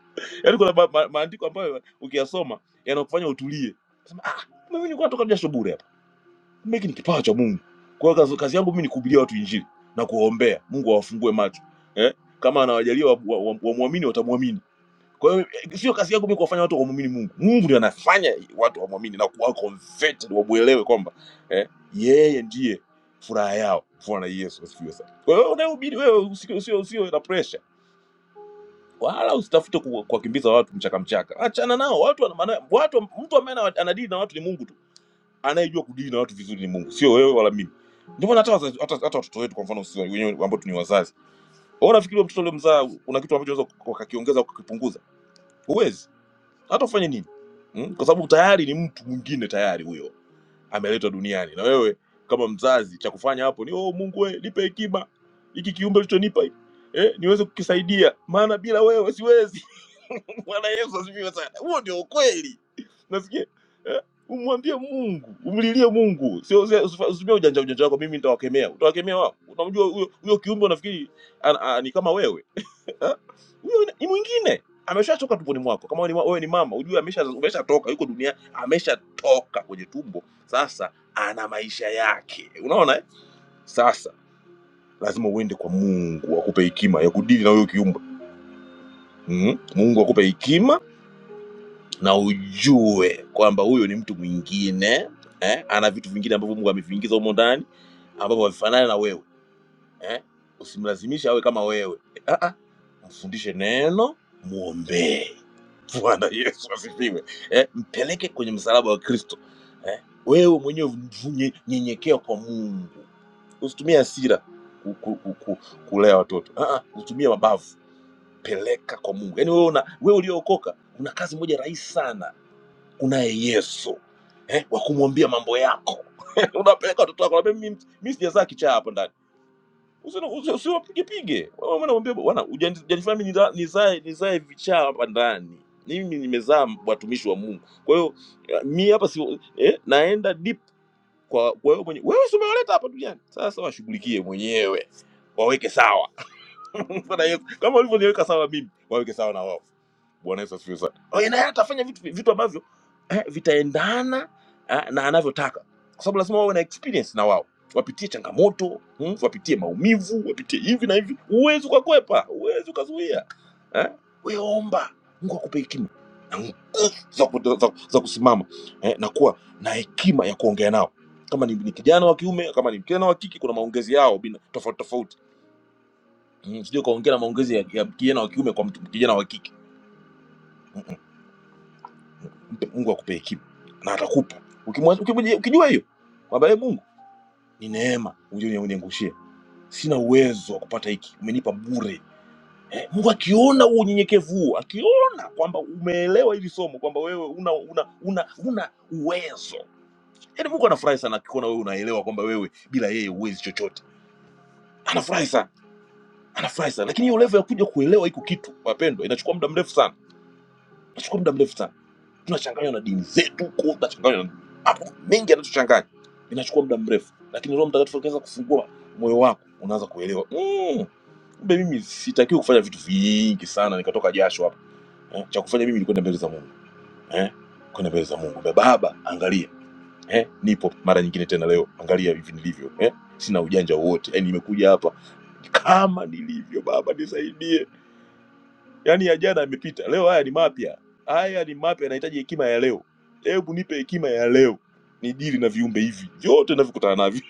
Yaani kuna maandiko ma, ma, maandiko ambayo ukiyasoma yanakufanya utulie. Sema, ah, mimi nilikuwa natoka jasho bure Mimi ni kipawa cha Mungu. Kwa hiyo kazi, kazi yangu mimi ni kuhubiria watu injili na kuwaombea Mungu awafungue macho eh? Kama anawajalia wamwamini wa, wa, wamwamini, watamwamini. Kwa hiyo eh, sio kazi yangu mimi kuwafanya watu wamwamini Mungu. Mungu ndiye anafanya watu wamwamini na kuwa converted, wamuelewe kwamba eh? yeye ndiye furaha yao. Bwana Yesu asifiwe sana. Kwa hiyo unayehubiri wewe usio usio usio na pressure wala usitafute ku- kuwakimbiza watu mchaka mchaka, achana nao watu. wana- maana- watu mtu ambaye ana- anadili na watu ni Mungu tu anayejua kudili na watu vizuri ni Mungu, sio wewe wala mimi. Ndio maana hata wazazi- hata hata watoto wetu kwa mfano sisi wenyewe ambao tu ni wazazi, wewe unafikiri mtoto uliomzaa kuna kitu ambacho unaweza wakakiongeza au kukipunguza? Huwezi, hata ufanye nini mm? Kwa sababu tayari ni mtu mwingine, tayari huyo ameletwa duniani, na wewe kama mzazi cha kufanya hapo ni oh, Mungu we, nipe hekima hiki kiumbe ulichonipa eh, niweze kukisaidia, maana bila wewe siwezi. Bwana Yesu asifiwe sana. Huo ndio ukweli. Nasikia eh? Umwambie Mungu, umlilie Mungu, sio sio- usifa- usitumie ujanja ujanja wako. Mimi nitawakemea, utawakemea wao. Unamjua huyo huyo kiumbe, unafikiri ana- a- ni kama wewe Eh? huyo ni ni mwingine, ameshatoka tumboni mwako. Kama wewe ni, ma- wewe ni mama, ujue amesha ameshatoka, yuko dunia, ameshatoka kwenye tumbo, sasa ana maisha yake. Unaona eh? Sasa lazima uende kwa Mungu akupe hekima ya kudili na huyo kiumbe mm? Mungu akupe hekima na ujue kwamba huyo ni mtu mwingine eh? ana vitu vingine ambavyo mungu ameviingiza humo ndani ambavyo havifanani na wewe eh? usimlazimishe awe kama wewe ah -ah. mfundishe neno mwombee bwana yesu asifiwe eh? mpeleke kwenye msalaba wa kristo eh? wewe mwenyewe vunye- nyenyekea kwa mungu usitumie hasira ku, ku, ku, ku, kulea watoto ah -ah. usitumie mabavu peleka kwa mungu yaani wewe una- wewe uliyookoka una kazi moja rahisi sana unaye yesu eh, wa kumwambia mambo yako unapeleka watoto wako naambia mi sijazaa kichaa hapa ndani Usi- usi- usiwapigepige Wewe mwana mwambie, bwana hujani- hujanifanya mi niza- nizae nizae vichaa hapa ndani mimi nimezaa watumishi wa mungu kwa hiyo eh, mi hapa si eh, naenda deep kwa kwa wewe mwenye wewe si umewaleta hapa duniani sasa washughulikie mwenyewe waweke sawa Bwana Yesu, kama ulivyoniweka sawa mimi, waweke sawa na wao. Bwana Yesu asifiwe sana. Kwa hiyo naye atafanya vitu vitu ambavyo eh, vitaendana eh, na anavyotaka, kwa sababu lazima wawe na experience na wao, wapitie changamoto mm, wapitie maumivu, wapitie hivi na hivi. Huwezi ukakwepa, huwezi ukazuia eh? Wewe omba Mungu akupe hekima na nguvu za, ku- za, za kusimama eh, na kuwa na hekima ya kuongea nao kama ni, ni kijana wa kiume kama ni kijana wa kike kuna maongezi yao bina- tofauti tofauti Mm, sijui kaongea na maongezi ya, ya kijana wa kiume kwa mtu- kijana wa kike Mm, mm. Mpe Mungu akupe hekima na atakupa Ukimwa- ukimuji- ukijua hiyo kwamba e Mungu ni neema uje uniangushie, sina uwezo wa kupata hiki, umenipa bure eh, Mungu akiona huo unyenyekevu huo, akiona kwamba umeelewa hili somo kwamba wewe una una una, una uwezo yaani, Mungu anafurahi sana akikuona wewe unaelewa kwamba wewe bila yeye huwezi chochote, anafurahi sana, anafurahi sana. Lakini hiyo level ya kuja kuelewa hiko kitu, wapendwa, inachukua muda mrefu sana, inachukua muda mrefu sana tunachanganywa na dini zetu ku- tunachanganywa na hapo mengi yanatuchanganya inachukua muda mrefu lakini roho mtakatifu akianza kufungua moyo wako unaanza kuelewa mm, kumbe mimi sitakiwi kufanya vitu vingi sana nikatoka jasho hapa eh, cha kufanya mimi ni kwenda mbele za mungu eh, kwenda mbele za mungu Kumbe, baba angalia eh, nipo mara nyingine tena leo angalia hivi nilivyo eh, sina ujanja wowote yani nimekuja hapa kama nilivyo baba nisaidie Yaani ya jana yamepita, leo haya ni mapya. Haya ni mapya, yanahitaji hekima ya leo. Hebu nipe hekima ya leo nidili na viumbe hivi vyote navikutana navyo.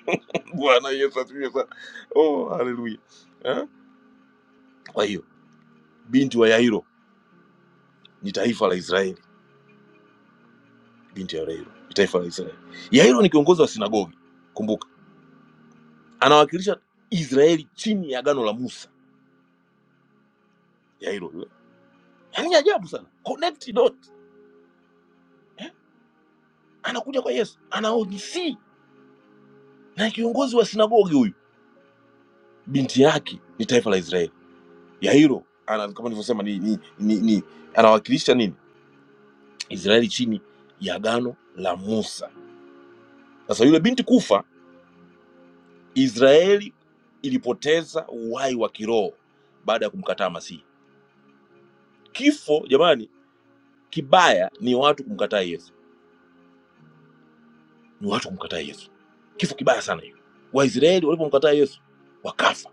Bwana Yesu asifiwe sana. Oh, haleluya. Eh? Kwa hiyo binti wa Yairo ni taifa la Israeli. Binti ya Yairo ni taifa la Israeli. Yairo ni kiongozi wa sinagogi, kumbuka, anawakilisha Israeli chini ya agano la Musa. Yairo yule, yaani ajabu sana, connect dot. Anakuja kwa Yesu, anaodisi na kiongozi wa sinagogi huyu, binti yake ni taifa la Israeli Yairo ana kama nilivyosema ni, ni, ni, ni anawakilisha nini Israeli chini ya agano la Musa. Sasa yule binti kufa, Israeli ilipoteza uhai wa kiroho baada ya kumkataa Masihi. Kifo jamani, kibaya ni watu kumkataa Yesu, ni watu kumkataa Yesu, kifo kibaya sana hiyo. Waisraeli walipomkataa Yesu wakafa,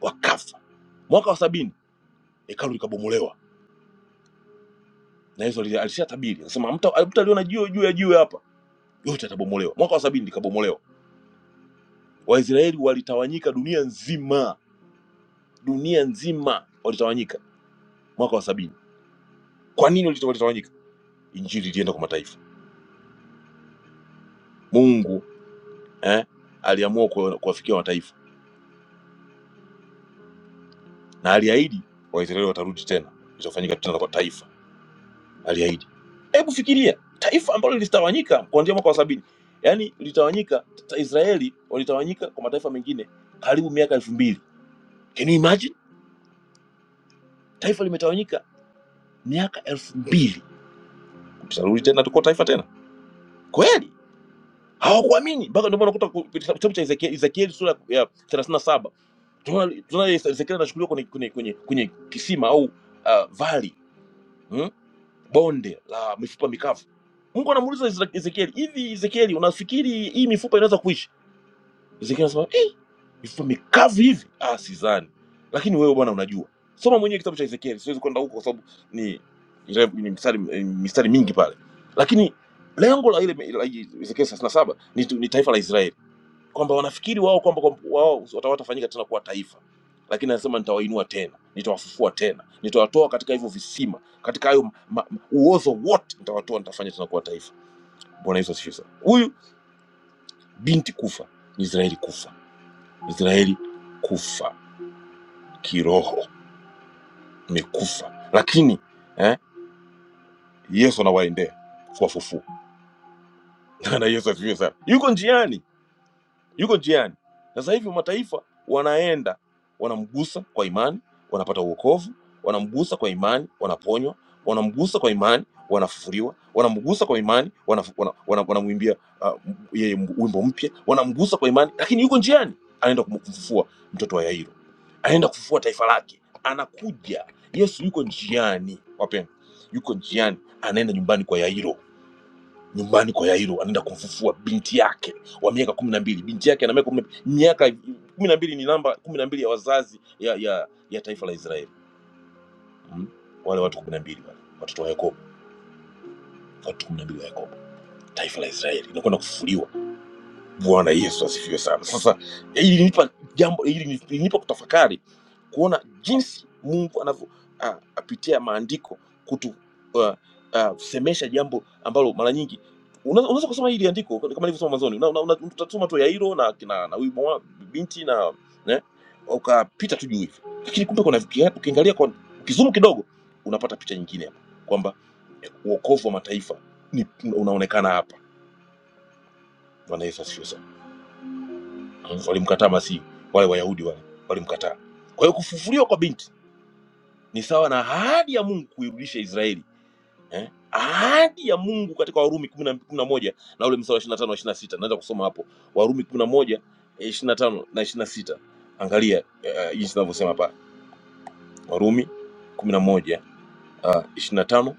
wakafa. Mwaka wa sabini hekalu likabomolewa, na Yesu alisha tabiri, anasema mtu aliona jiwe juu ya jiwe hapa yote yatabomolewa. Mwaka wa sabini likabomolewa Waisraeli walitawanyika dunia nzima, dunia nzima walitawanyika mwaka wa sabini. Kwa nini walita- walitawanyika? Injili ilienda kwa mataifa. Mungu eh, aliamua kuwa- kuwafikia mataifa na aliahidi Waisraeli watarudi tena, itafanyika tena kwa taifa, aliahidi. Hebu fikiria taifa ambalo lilitawanyika kuanzia mwaka wa sabini, yaani lilitawanyika ta- Israeli walitawanyika kwa mataifa mengine karibu miaka elfu mbili. Can you imagine? Taifa limetawanyika miaka elfu mbili, tutarudi tena tuko taifa tena kweli? hawakuamini mpaka ndio maana unakuta ku- kitabu kitabu cha Ezekieli Ezekieli sura ya 37 saba tunaona tunaona Ezekieli anachukuliwa kwenye, kwenye, kwenye, kwenye kisima au uh, vali hmm? bonde la mifupa mikavu. Mungu anamuuliza Ezra- Ezekieli, hivi Ezekieli, unafikiri hii mifupa inaweza kuishi? Ezekieli anasema eh, mifupa mikavu hivi? Ah, sidhani, lakini wewe Bwana unajua. Soma mwenyewe kitabu cha Ezekieli, siwezi kwenda huko kwa sababu ni, ni mistari, mistari mingi pale, lakini lengo la ile la Ezekieli 37 ni, tu- ni taifa la Israeli kwamba wanafikiri wao kwamba kwamba wao watawatafanyika tena kuwa taifa, lakini anasema nitawainua tena, nitawafufua tena, nitawatoa katika hivyo visima, katika hayo ma- ma- uozo wote nitawatoa, nitafanya tena kuwa taifa. Bwana Yesu asifiwe sana. Huyu binti kufa, Israeli kufa, Israeli kufa kiroho, imekufa lakini eh, Yesu anawaendea kuwafufua. Na Yesu asifiwe sana, yuko njiani yuko njiani. Na sasa hivi mataifa wanaenda wanamgusa kwa imani, wanapata uokovu, wanamgusa kwa imani, wanaponywa, wanamgusa kwa imani, wanafufuliwa, wanamgusa kwa imani, wanamwimbia wana, wana, wanamwimbia, ah, yeye m- wimbo mpya, wanamgusa kwa imani, lakini yuko njiani, anaenda kum- kumfufua mtoto wa Yairo, anaenda kufufua taifa lake, anakuja. Yesu yuko njiani, wapendwa, yuko njiani, anaenda nyumbani kwa Yairo nyumbani kwa yairo anaenda kumfufua binti yake wa miaka kumi na mbili binti yake ana miaka kumi miaka kumi na mbili ni namba kumi na mbili ya wazazi ya, ya, ya taifa la israeli mm? wale watu kumi na mbili wale watoto wa yakobo watu kumi na mbili wa yakobo taifa la israeli inakwenda kufufuliwa Bwana Yesu asifiwe sana. Sasa hili ilinipa jambo hili ilinipa kutafakari kuona jinsi Mungu anavyo ah, apitia maandiko kutu uh, uh, semesha jambo ambalo mara nyingi unaweza unaweza kusoma hili andiko kama nilivyosoma mwanzoni, una- una- una- utasoma tu Yairo na na, na huyu mwa- binti na ne, ukapita tu juu hivi, lakini kumbe kuna uki- ukiangalia kwa ukizumu kidogo unapata picha nyingine hapa kwamba eh, uokovu wa mataifa ni unaonekana hapa. Bwana Yesu asifiwe sana. Mm, walimkataa Masihi, wale Wayahudi wale walimkataa. Kwa hiyo kufufuliwa kwa binti ni sawa na ahadi ya Mungu kuirudisha Israeli eh? ahadi ya Mungu katika Warumi kumi na kumi na moja na ule mstari wa 25 na 26. Naweza kusoma hapo Warumi kumi na moja eh, 25 na 26. Angalia eh, jinsi ninavyosema pale Warumi kumi na moja ah, 25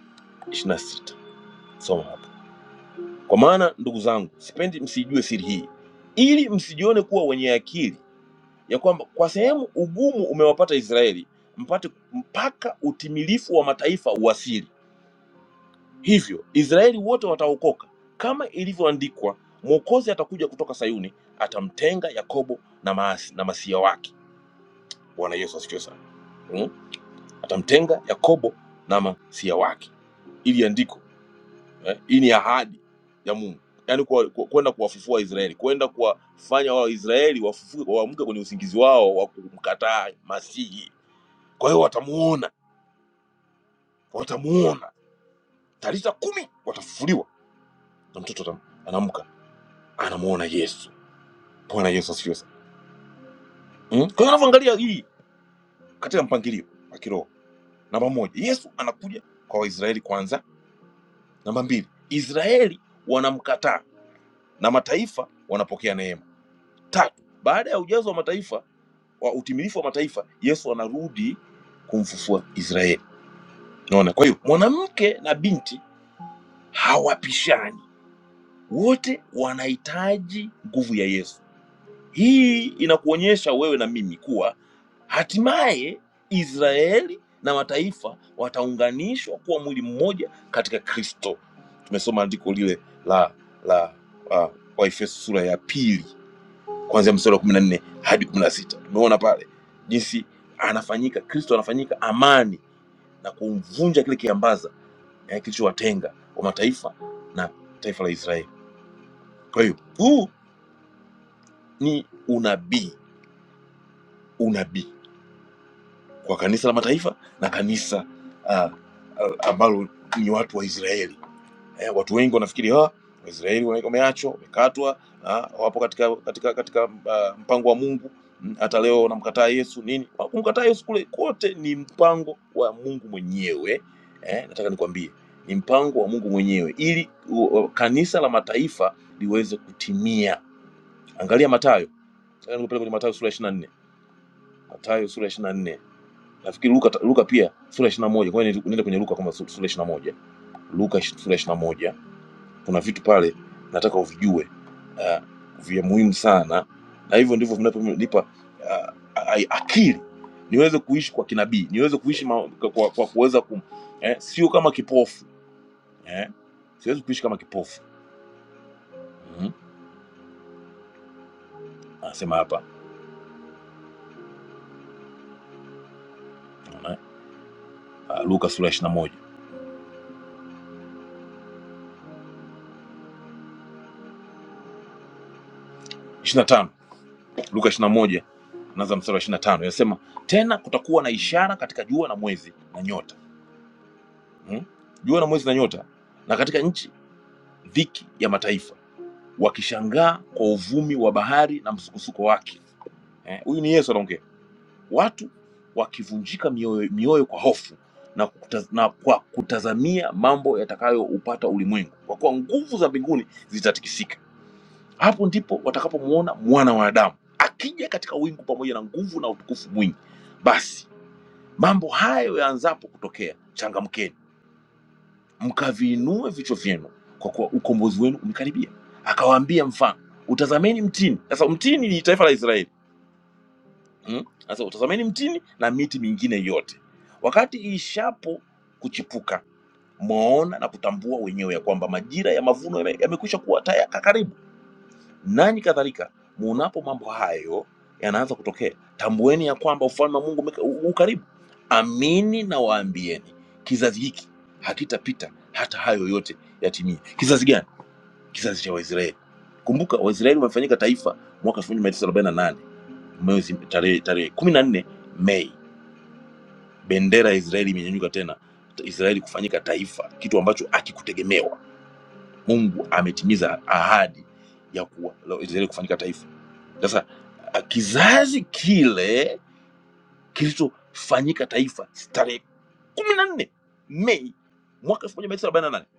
26. Soma hapo. Kwa maana ndugu zangu, sipendi msijue siri hii, ili msijione kuwa wenye akili ya kwamba kwa sehemu ugumu umewapata Israeli mpate mpaka utimilifu wa mataifa uwasili. Hivyo Israeli wote wataokoka kama ilivyoandikwa, Mwokozi atakuja kutoka Sayuni, atamtenga Yakobo na maasi, na masia wake. Bwana Yesu asifiwe sana. Mm? Atamtenga Yakobo na masia wake, ili andiko eh? Hii ni ahadi ya Mungu, yaani kwenda kwa, kwenda kuwafufua Israeli, kwenda kuwafanya Waisraeli wafufuke, waamke kwenye usingizi wao wa kumkataa Masihi kwa hiyo watamuona watamuona talita kumi watafufuliwa na mtoto atam- anaamka anamuona yesu bwana yesu asifiwe sana mm? kwa hiyo anavyoangalia hii katika mpangilio wa kiroho namba moja yesu anakuja kwa waisraeli kwanza namba mbili israeli wanamkataa na mataifa wanapokea neema tatu baada ya ujazo wa mataifa wa utimilifu wa mataifa yesu anarudi kumfufua israeli naona kwa hiyo mwanamke na binti hawapishani wote wanahitaji nguvu ya Yesu. Hii inakuonyesha wewe na mimi kuwa hatimaye Israeli na mataifa wataunganishwa kuwa mwili mmoja katika Kristo. Tumesoma andiko lile la la uh, Waefeso sura ya pili kuanzia mstari wa kumi na nne hadi kumi na sita tumeona pale jinsi anafanyika Kristo anafanyika amani na kumvunja kile kiambaza eh, kilichowatenga wa mataifa na taifa la Israeli. Kwa hiyo huu ni unabii unabii kwa kanisa la mataifa na kanisa uh, uh, ambalo ni watu wa Israeli eh, watu wengi wanafikiri ah, Waisraeli wana- wameachwa wamekatwa ah, wapo katika katika katika ah, mpango wa Mungu Mm, hata leo wanamkataa Yesu nini Ah, kumkataa Yesu kule kote ni mpango wa Mungu mwenyewe eh, nataka nikwambie ni mpango wa Mungu mwenyewe ili u- u- kanisa la mataifa liweze kutimia angalia Mathayo nataka nikupeleke kwenye Mathayo sura ya 24 Mathayo sura ya 24 nafikiri Luka, Luka pia sura ishirini na moja kwa hiyo nenda kwenye Luka kama sura ishirini na moja Luka ish- sura ishirini na moja kuna vitu pale nataka uvijue uh, vya muhimu sana, na hivyo ndivyo vinavyonipa uh, akili niweze kuishi kwa kinabii, niweze kuishi ma, kwa, kwa kwa kuweza kum, eh, sio kama kipofu eh, siwezi kuishi kama kipofu mm -hmm. Anasema hapa unaona? uh, Luka sura ishirini na moja ishirini na tano Luka ishirini na moja naanza mstari wa ishirini na tano inasema tena kutakuwa na ishara katika jua na mwezi na nyota hmm? jua na mwezi na nyota, na katika nchi dhiki ya mataifa, wakishangaa kwa uvumi wa bahari na msukosuko wake. Eh, Huyu eh? ni Yesu anaongea, watu wakivunjika mioyo, mioyo kwa hofu na, kuta, na kwa kutazamia mambo yatakayoupata ulimwengu, kwa kuwa nguvu za mbinguni zitatikisika. Hapo ndipo watakapomuona mwana wa Adamu akija katika wingu pamoja na nguvu na utukufu mwingi. Basi mambo hayo yaanzapo kutokea, changamkeni mkaviinua vichwa vyenu kwa kuwa ukombozi wenu umekaribia. Akawaambia mfano, utazameni mtini. Sasa mtini ni taifa la Israeli. Mm? Sasa hmm? utazameni mtini na miti mingine yote, wakati ishapo kuchipuka, mwaona na kutambua wenyewe ya kwamba majira ya mavuno yame- yamekwisha kuwa tayari karibu nanyi kadhalika muonapo mambo hayo yanaanza kutokea tambueni ya kwamba ufalme wa mungu umeka- u- u- ukaribu amini na waambieni kizazi hiki hakitapita hata hayo yote yatimie kizazi gani kizazi cha waisraeli kumbuka waisraeli wamefanyika taifa mwaka 1948 mwezi tarehe tarehe 14 mei bendera ya israeli imenyanyuka tena israeli kufanyika taifa kitu ambacho akikutegemewa mungu ametimiza ahadi ya kuwa Israeli kufanyika taifa sasa a- kizazi kile kilichofanyika taifa tarehe kumi na nne Mei mwaka elfu moja mia tisa arobaini na nane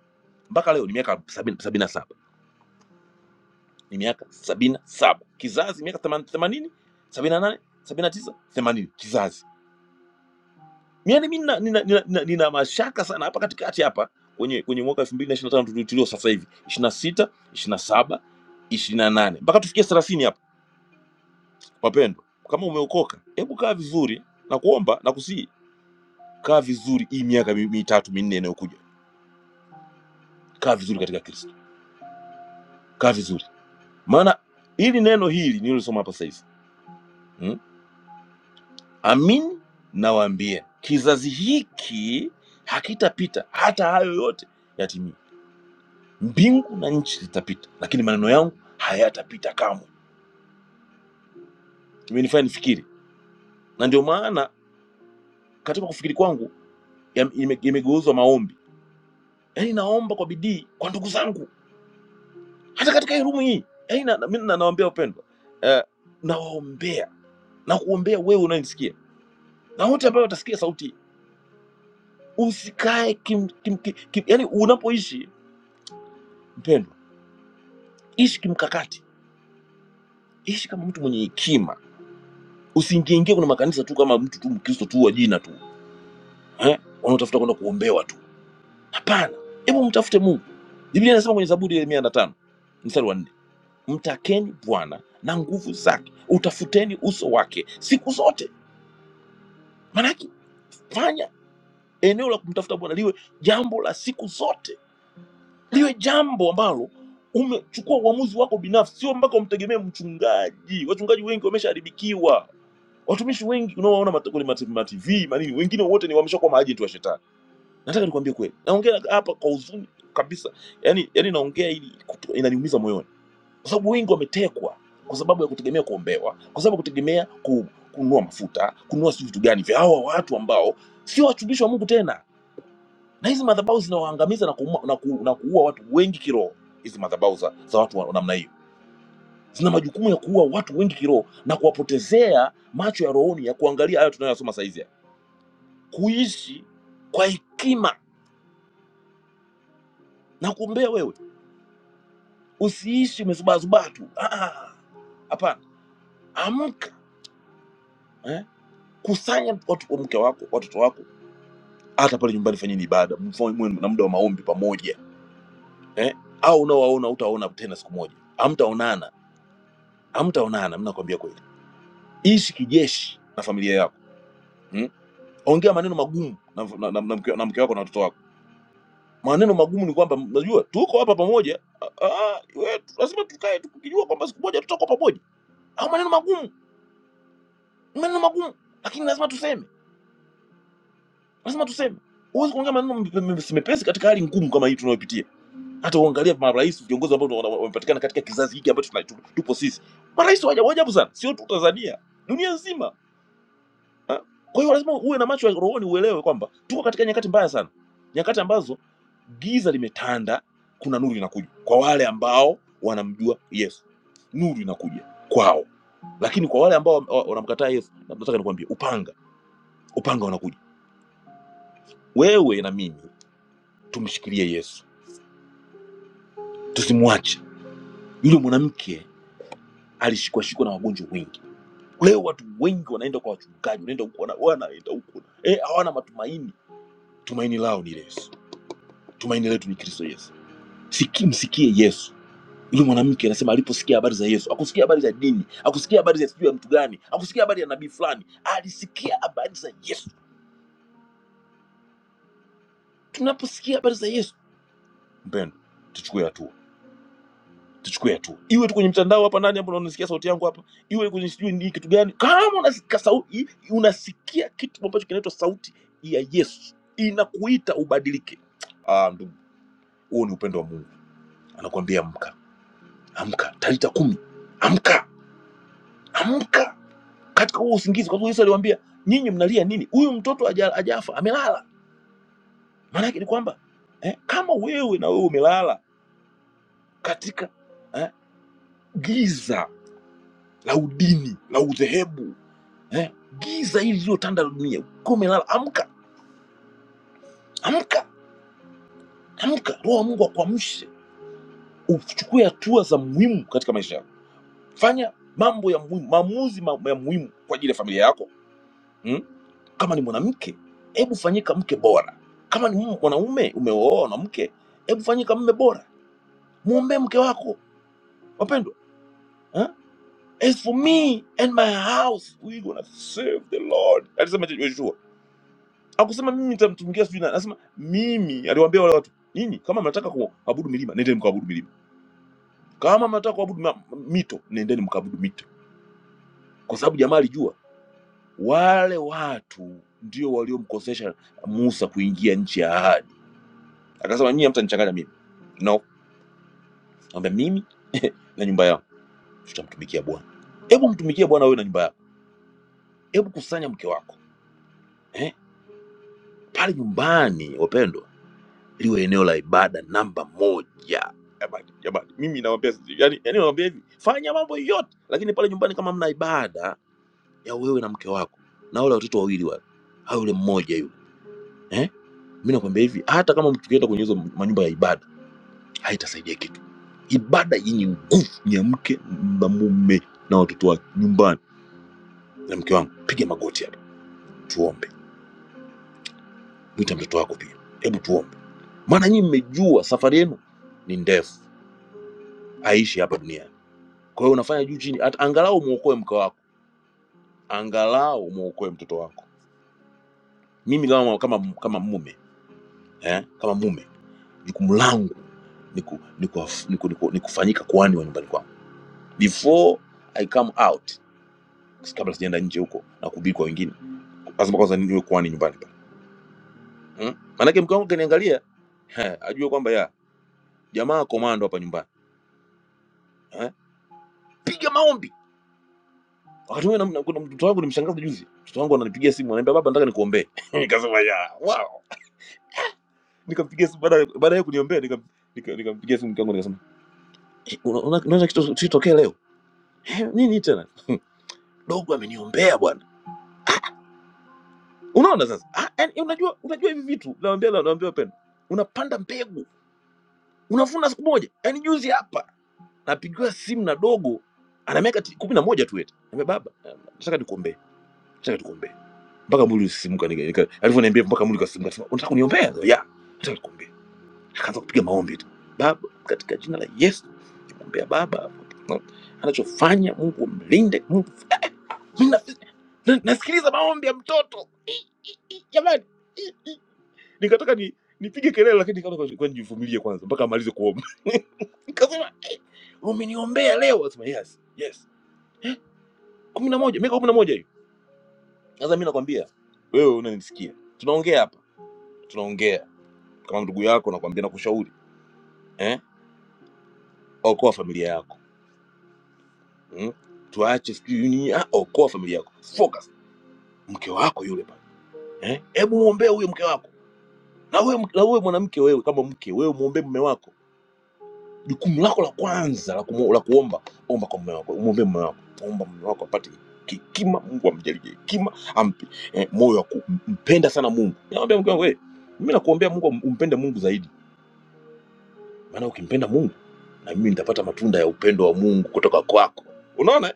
mpaka leo ni miaka sabini sabini na saba ni miaka sabini na saba kizazi miaka theman- themanini sabini na nane sabini na tisa themanini kizazi yani mi nina, nina, nina, nina, nina mashaka sana hapa katikati hapa kwenye kwenye mwaka elfu mbili na ishirini na tano tuli- tulio sasa hivi ishirini na sita ishirini na saba ishirini na nane mpaka tufikie thelathini hapa wapendwa kama umeokoka hebu kaa vizuri na kuomba na kusihi kaa vizuri hii miaka mi- mitatu minne inayokuja kaa vizuri katika kristo kaa vizuri maana hili neno hili nililosoma hapa sasa hivi hmm? amin nawaambia kizazi hiki hakitapita hata hayo yote yatimie mbingu na nchi zitapita lakini maneno yangu hayatapita kamwe imenifanya nifikiri na ndio maana katika kufikiri kwangu yam- yame- yamegeuzwa maombi yaani naomba kwa bidii kwa ndugu zangu hata katika hii rumu hii yaani na- na- mimi na- nawaambia wapendwa eh, nawaombea na kuombea wewe unanisikia na wote ambao watasikia sauti usikae kim, kim, kim, kim, yani unapoishi mpendwa ishi kimkakati ishi kama mtu mwenye hekima usiingieingie kwenye makanisa tu kama mtu tu mkristo tu wa jina tu eh? wanaotafuta kwenda kuombewa tu hapana hebu mtafute mungu biblia inasema kwenye zaburi ya mia na tano mstari wa nne mtakeni bwana na nguvu zake utafuteni uso wake siku zote Maana fanya eneo la kumtafuta bwana liwe jambo la siku zote liwe jambo ambalo umechukua uamuzi wako binafsi sio mpaka umtegemee mchungaji wachungaji wengi wameshaharibikiwa watumishi wengi unaowaona mata- kwenye mati- ma TV manini wengine wote ni wameshakuwa maajenti wa shetani nataka nikwambie kweli naongea hapa kwa huzuni kabisa yani, yani naongea ili kutu- inaniumiza moyoni kwa sababu wengi wametekwa kwa sababu ya kutegemea kuombewa kwa sababu ya kutegemea ku, kununua mafuta kununua si vitu gani vya hawa watu ambao sio watumishi wa mungu tena na hizi madhabahu zinawaangamiza na, kuuma- na, ku, na kuua watu wengi kiroho hizi madhabahu za, za watu wa namna hiyo zina majukumu ya kuua watu wengi kiroho na kuwapotezea macho ya rohoni ya kuangalia hayo tunayosoma saizi haya. kuishi kwa hekima na kuombea wewe usiishi umezubaazubaa tu Ah, ah, hapana amka eh? kusanya watu mke wako watoto wako hata pale nyumbani fanyeni ibada mfanye- muwe na muda wa maombi pamoja eh? au unaowaona utawaona tena siku moja amtaonana amtaonana mnakwambia kweli ishi kijeshi na familia yako hmm? ongea maneno magumu na, na, na, na, mke, na mke wako na watoto wako maneno magumu ni kwamba najua tuko hapa pamoja Ah, ah, we, tu- lazima tukae tukijua kwamba siku moja tutakuwa pamoja au maneno magumu maneno magumu lakini lazima tuseme lazima tuseme huwezi kuongea maneno mepe- mepe- mepesi katika hali ngumu kama hii tunayopitia hata uangalie marais viongozi ambao wana- wamepatikana katika kizazi hiki ambacho tuna- tu- tupo sisi marais wa ajabu ajabu sana sio tu tanzania dunia nzima Ah, Kwa hiyo lazima uwe na macho ya rohoni uelewe kwamba tuko katika nyakati mbaya sana, nyakati ambazo giza limetanda, kuna nuru inakuja kwa wale ambao wanamjua Yesu, nuru inakuja kwao, lakini kwa wale ambao wa- wanamkataa Yesu, na- nataka nikwambie, upanga upanga unakuja. Wewe na mimi tumshikilie Yesu, tusimwache. Yule mwanamke alishikwashikwa na wagonjwa wengi. Leo watu wengi wanaenda kwa wachungaji, wanaenda huko, wana- wanaenda huko, eh, hawana matumaini. Tumaini lao ni Yesu, tumaini letu ni Kristo Yesu. Siki, msikie Yesu. Yule mwanamke anasema aliposikia habari za Yesu, akusikia habari za dini, akusikia habari za sijui ya mtu gani, akusikia habari ya nabii fulani, alisikia habari za Yesu. Tunaposikia habari za Yesu, mpendo, tuchukue hatua, tuchukue hatua, iwe tu kwenye mtandao hapa ndani ambapo unanisikia sauti yangu hapa, iwe kwenye sijui ni kitu gani, kama unasikia sauti, unasikia kitu ambacho kinaitwa sauti ya Yesu, inakuita ubadilike. Ah, ndugu, huo ni upendo wa Mungu, anakuambia amka, amka, talita kumi, amka, amka katika huo usingizi. Kwa sababu Yesu aliwaambia nyinyi mnalia nini? Huyu mtoto haja- hajafa, amelala. Maana yake ni kwamba eh, kama wewe na wewe umelala katika eh, giza la udini la udhehebu eh, giza hili lililotanda la dunia, ukiwa umelala, amka, amka, amka, Roho wa Mungu akuamshe, uchukue hatua za muhimu katika maisha yako, fanya mambo ya muhimu, maamuzi ma- ya muhimu kwa ajili ya familia yako hmm? Kama ni mwanamke, hebu fanyika mke bora. Kama ni mu- mwanaume, umeoa mwanamke, hebu fanyika mme bora. Mwombee mke wako wapendwa. Eh? As for me and my house we gonna serve the Lord, alisema Joshua. Akusema mimi nitamtumikia sijui nani, anasema mimi. Aliwaambia wale watu, nyinyi kama mnataka kuabudu milima, nendeni mkaabudu milima. Kama mnataka kuabudu ma- mito, nendeni mkaabudu mito, kwa sababu jamaa alijua wale watu ndio waliomkosesha Musa kuingia nchi ya ahadi Akasema nyinyi hamtanichanganya mimi. No, naambia mimi na nyumba yangu tutamtumikia Bwana. Hebu mtumikie Bwana wewe na nyumba yako. Hebu kusanya mke wako eh? Pale nyumbani, wapendwa, liwe eneo la ibada namba moja. Jamani, jamani, mimi nawaambia sisi, yani, yani nawaambia hivi, fanya mambo yote, lakini pale nyumbani kama mna ibada ya wewe na mke wako na wale watoto wawili wale, au yule mmoja yule eh? Mimi nakwambia hivi, hata kama mtukienda kwenye hizo manyumba ya ibada haitasaidia kitu. Ibada yenye nguvu ya mke na mume na watoto wake nyumbani. Na mke wangu, piga magoti hapa tuombe, mwita mtoto wako pia, hebu tuombe, maana nyinyi mmejua safari yenu ni ndefu, haishi hapa duniani. Kwa hiyo unafanya juu chini, hata angalau muokoe mke wako, angalau muokoe mtoto wako. Mimi kama kama kama mume eh, kama mume, jukumu langu ni ku- ni kuwaf- ni ku- ni ku- ni kufanyika kuhani wa nyumbani kwangu before I come out, kabla sijaenda nje huko na kuhubiri kwa wengine lazima kwanza niwe kwani nyumbani pale hmm? maanake mke wangu akiniangalia he, ajue kwamba ya jamaa komando hapa nyumbani eh? piga maombi wakati huo nam- kuna mtoto wangu nimshangaza juzi mtoto wangu ananipigia simu ananiambia baba nataka nikuombee nikasema ya wow nikampigia simu baada baada ya kuniombea nikam- nika- nikampigia simu mke wangu nikasema "Eh, una- una- unaona kitu kitokee leo "Eh, nini tena dogo ameniombea bwana unaona sasa ah, yani, unajua unajua hivi vitu naambia naambia penda unapanda mbegu unavuna siku moja yaani juzi hapa napigiwa simu na dogo ana miaka ti- kumi na moja tu eti Niambia, baba eh, nataka nikuombee nataka nikuombee mpaka mwili usisimuka nika- nika- alivyoniambia mpaka mwili ukasimuka akasema, unataka kuniombea Nikamwambia, ya nataka nikuombee akaanza kupiga maombi tu baba katika jina la Yesu kumwambia baba no, anachofanya Mungu mlinde Mungu eh, eh, mimi na- na- nasikiliza maombi ya mtoto jamani nikataka ni nipige kelele lakini nikaona kwa kwa nijivumilie kwanza mpaka amalize kuomba nikasema eh, umeniombea leo akasema yes yes kumi na moja miaka kumi na moja hiyo sasa mi nakwambia wewe unanisikia tunaongea hapa tunaongea kama ndugu yako nakwambia nakushauri eh? okoa familia yako mm? tuache sijui nini ah, okoa familia yako focus mke wako yule pale eh? hebu muombee huyo mke wako na wewe na wewe mwanamke wewe kama mke wewe muombee mume wako jukumu lako la kwanza la, kumu, la kuomba omba kwa mume wako umwombee mume wako omba mume wako apate hekima mungu amjalie hekima ampe eh, moyo wa kumpenda sana mungu nawambia mke wangu "Eh, mimi nakuombea mungu um- umpende mungu zaidi maana ukimpenda mungu na mimi nitapata matunda ya upendo wa mungu kutoka kwako unaona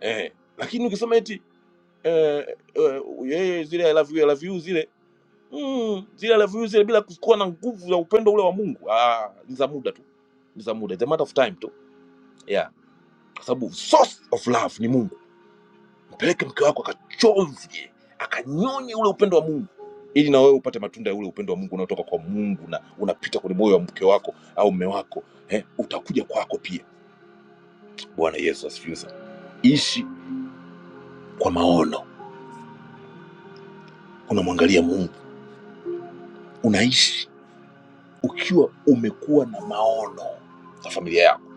eh, lakini ukisema eti eh, eh, yeye zile I love you, I love you zile mm, zile I love you zile bila kuwa na nguvu ya upendo ule wa mungu ah, ni za muda tu ni za muda It's a matter of time tu Yeah. kwa sababu source of love ni mungu mpeleke mke wako akachomvye akanyonye ule upendo wa mungu ili na wewe upate matunda ya ule upendo wa mungu unaotoka kwa mungu na unapita kwenye moyo wa mke wako au mme wako eh, utakuja kwako pia bwana yesu asifiwe sana ishi kwa maono unamwangalia mungu unaishi ukiwa umekuwa na maono na familia yako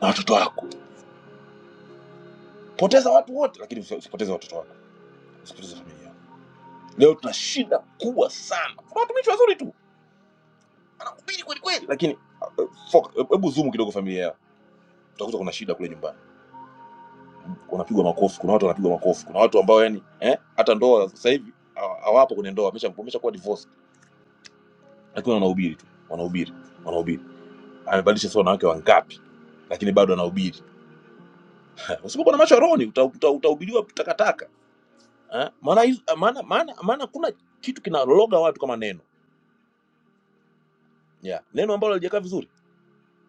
na watoto wako poteza watu wote lakini usi- usipoteze watoto wako usipoteze familia yako leo tuna shida kubwa sana kuna watumishi wazuri tu Mbili kweli kweli. lakini uh, uh, fuck, uh, hebu zumu kidogo familia yao utakuta kuna shida kule nyumbani wanapigwa makofi kuna watu wanapigwa makofi kuna watu ambao yani eh, hata ndoa sasa hivi hawa- hawapo kwenye ndoa wamesha wamesha kuwa divorced lakini wanahubiri tu wanahubiri wanahubiri amebadilisha sasa wanawake wangapi lakini bado anahubiri Eh, usipokuwa na macho ya rohoni uta- uta- utahubiriwa takataka eh, maana hizo- maana maana maana kuna kitu kinaloga watu kama neno yeah. neno ambalo halijakaa vizuri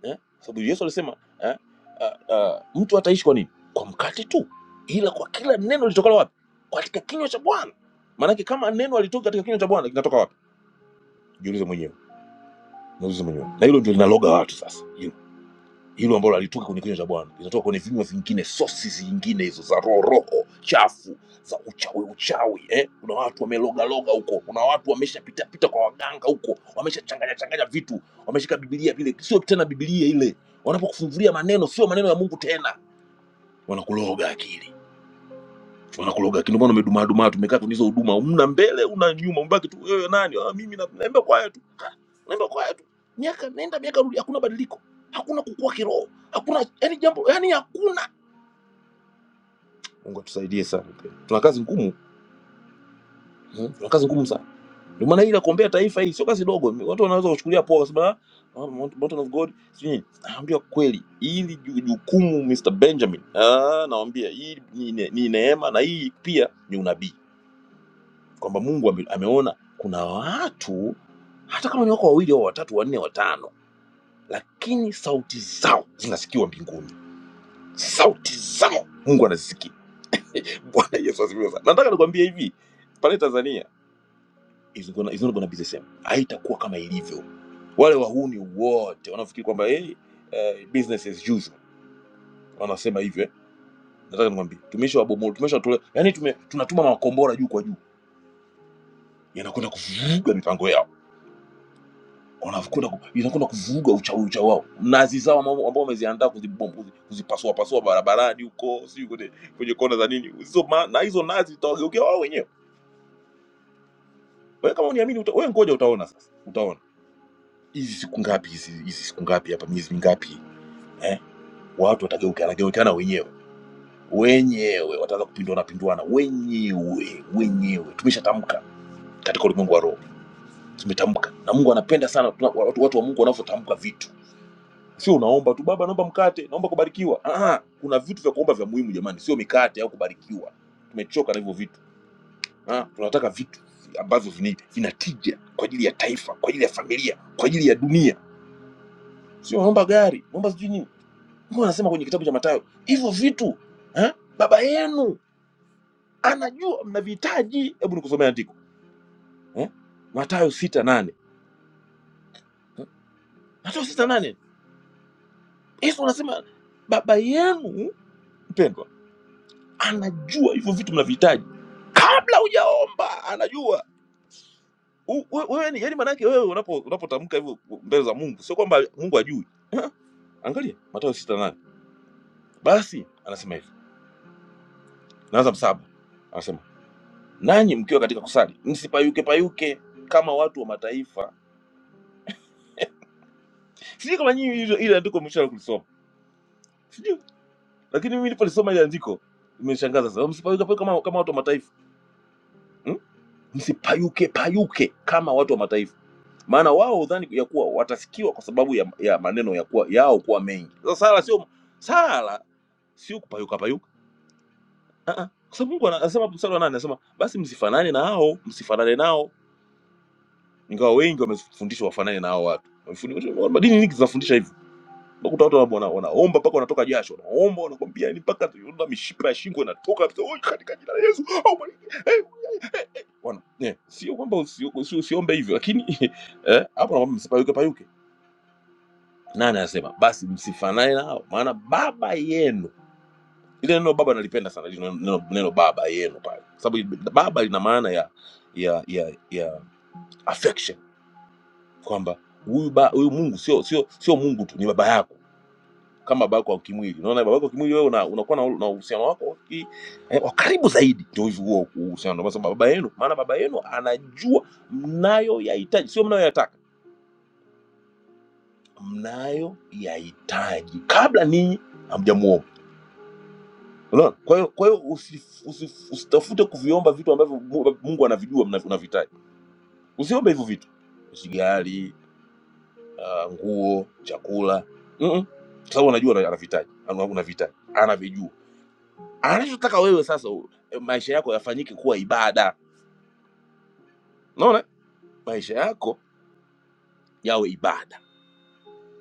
eh? sababu yesu alisema eh? uh, uh, mtu hataishi kwa nini kwa mkate tu ila kwa kila neno litokalo wapi katika kinywa cha bwana maanake kama neno alitoka katika kinywa cha bwana kinatoka wapi jiulize mwenyewe naulize mwenyewe na hilo ndio linaloga watu sasa hilo ambalo halitoka kwenye kinywa cha bwana linatoka kwenye vinywa vingine sources nyingine hizo za roho roho chafu za uchawi uchawi eh? kuna watu wamelogaloga huko kuna watu wameshapitapita kwa waganga huko wameshachanganya changanya vitu wameshika bibilia vile sio tena bibilia ile wanapokufungulia maneno sio maneno ya mungu tena wanakuloga akili wanakuloga lakini mbona umedumaa dumaa tumekaa kwenye hizo huduma una mbele una nyuma umebaki tu wewe nani ah, mimi na- naimba kwaya tu Ah, naimba kwaya tu miaka nenda miaka rudi hakuna badiliko hakuna kukua kiroho hakuna yani jambo yani hakuna Mungu atusaidie sana mpendwa. tuna kazi ngumu Mhm. tuna kazi ngumu sana ndio maana ile kuombea taifa hii sio kazi dogo watu wanaweza kuchukulia poa kwa sababu ah, mountain of god sio nini naambia kweli hili ju- jukumu Mr Benjamin ah naambia hii ni, ni, ni neema na hii pia ni unabii kwamba Mungu ame- ameona kuna watu hata kama ni wako wawili au watatu wanne watano, lakini sauti zao zinasikiwa mbinguni, sauti zao Mungu anazisikia. Bwana Yesu asifiwe sana. Nataka nikwambie hivi, pale Tanzania is gonna, is not gonna be the same, haitakuwa kama ilivyo. Wale wahuni wote wanafikiri kwamba hey, eh, business as usual, wanasema hivyo eh. Nataka nikwambie tumeshawabomol, tumeshawatolea, yani tume, tunatuma makombora juu kwa juu, yanakwenda kuvuruga mipango yao wanakwenda ku- inakwenda kuvuruga uchawi uchawi wao, mnazi zao ambao ambao wameziandaa kuzibom- kuzi- kuzipasua pasua barabarani huko, si kwenye kwenye kona za nini hizo, ma- na hizo nazi zitawageukia wao wenyewe. Wewe kama uniamini, uta, wewe ngoja utaona sasa, utaona hizi siku ngapi hizi hizi siku ngapi hapa, miezi mingapi eh, watu watageukiana geukiana wenyewe wenyewe, wataanza kupinduana pinduana wenyewe wenyewe. Tumeshatamka katika ulimwengu wa roho, tumetamka na Mungu anapenda sana tuna- watu, watu wa Mungu wanavyotamka vitu sio unaomba tu baba naomba mkate naomba kubarikiwa ah, kuna vitu vya kuomba vya muhimu jamani sio mikate au kubarikiwa tumechoka na hivyo vitu ah, tunataka vitu ambavyo vina- vina tija kwa ajili ya taifa kwa ajili ya familia kwa ajili ya dunia sio naomba gari naomba sijui nini Mungu anasema kwenye kitabu cha Mathayo hivyo vitu ah, baba yenu anajua mnavihitaji hebu nikusomea andiko eh? Mathayo sita nane eh? Mathayo sita nane Yesu anasema baba yenu mpendwa anajua hivyo vitu mnavihitaji kabla hujaomba anajua U- we- wewe ni yani maanake wewe unapo- unapotamka hivyo mbele za mungu sio kwamba mungu ajui Eh, angalia matayo sita nane basi anasema hivi naanza msaba anasema nanyi mkiwa katika kusali msipayuke payuke kama watu wa mataifa sijui kama nyinyi hilo- ile andiko mmesha kulisoma sijui lakini mimi nilipolisoma ile andiko imeshangaza sana msipayuke payuke kama, kama watu wa mataifa hmm? msipayuke payuke kama watu wa mataifa maana wao hudhani ya kuwa watafikiwa kwa sababu ya, ya maneno ya kuwa, yao kuwa mengi. Sasa sala sio sala sio kupayuka payuka, Ah, uh ah. -uh. kwa sababu Mungu ana- anasema mstari wa nane anasema basi msifanane nao, msifanane nao, ingawa wengi wamefundishwa wafanane na hao watu Wamefundishwa- madini nyingi zinafundisha hivyo. Unakuta watu wana- wana- wanaomba mpaka wanatoka jasho, wanaomba wanakwambia ni mpaka tunaona mishipa ya shingo inatoka kabisa, "Oi, katika jina la Yesu au mali- eh." Wana- eh, sio kwamba usi- usi- usiombe hivyo, lakini eh, hapo naomba msipayuke payuke nani anasema basi msifanane nao maana baba yenu ile neno baba nalipenda sana lile neno, neno baba yenu pale Kwa sababu baba lina maana ya ya ya ya affection kwamba huyu ba- huyu mungu sio sio sio mungu tu ni baba yako kama baba yako wa kimwili unaona baba yako wa kimwili wewe una- unakuwa na na uhusiano wako wa ki- eh, wa karibu zaidi ndio hivyo huo uhusiano Ndio maana sema baba yenu maana baba yenu anajua mnayo yahitaji sio mnayo yataka mnayo yahitaji kabla ninyi hamjamuomba Unaona? Kwa hiyo kwa hiyo usi, usi, usitafute kuviomba vitu ambavyo Mu- Mungu anavijua mna- unavihitaji. Usiombe hivyo vitu, usigari, uh, nguo, chakula mm -mm. Sababu anajua una- anavihitaji, ana- unavihitaji, anavijua. Anachotaka wewe sasa, u- eh, maisha yako yafanyike kuwa ibada. Unaona, maisha yako yawe ibada,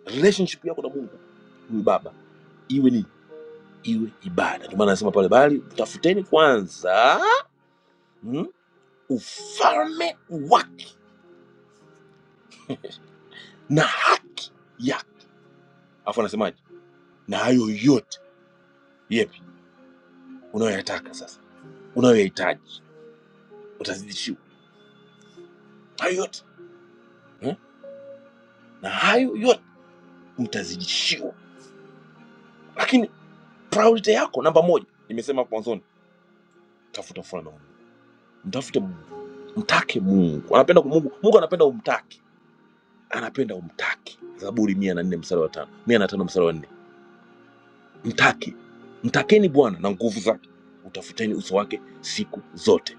relationship yako na Mungu huyu Baba iwe nini? Iwe ibada. Ndio maana anasema pale, bali tafuteni kwanza mm, ufalme wake na haki Alafu anasemaje? Na hayo yote yepi unayoyataka sasa, unayoyahitaji utazidishiwa hayo yote eh? na hayo yote mtazidishiwa, lakini priority yako namba moja, nimesema hapo mwanzoni, tafuta ufalme wa Mungu, mtafute Mungu, mtake Mungu. Anapenda ku- Mungu, Mungu anapenda umtake, anapenda umtake. Zaburi mia na nne mstari wa tano mia na tano mstari wa nne mtake, mtakeni Bwana na nguvu zake, utafuteni uso wake siku zote.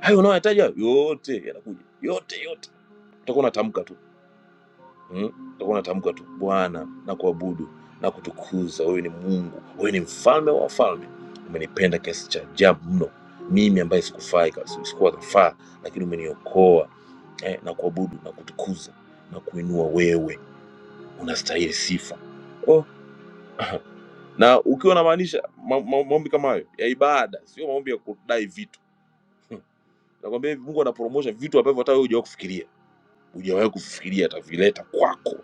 Hayo unayoyahitaji hayo yote yanakuja, yote yote utakuwa unatamka tu Eh, utakuwa unatamka tu Bwana na kuabudu na kutukuza, wewe ni Mungu, wewe ni mfalme wa wafalme, umenipenda kiasi cha ajabu mno, mimi ambaye sikufai kabisa, sikuwa nafaa, lakini umeniokoa eh, na kuabudu na kutukuza na kuinua, wewe unastahili sifa oh. Na ukiwa unamaanisha ma, ma, maombi kama hayo ya ibada, sio maombi ya kudai vitu nakwambia hivi, Mungu anapromosha vitu ambavyo hata wewe hujawahi kufikiria, hujawahi kufikiria atavileta kwako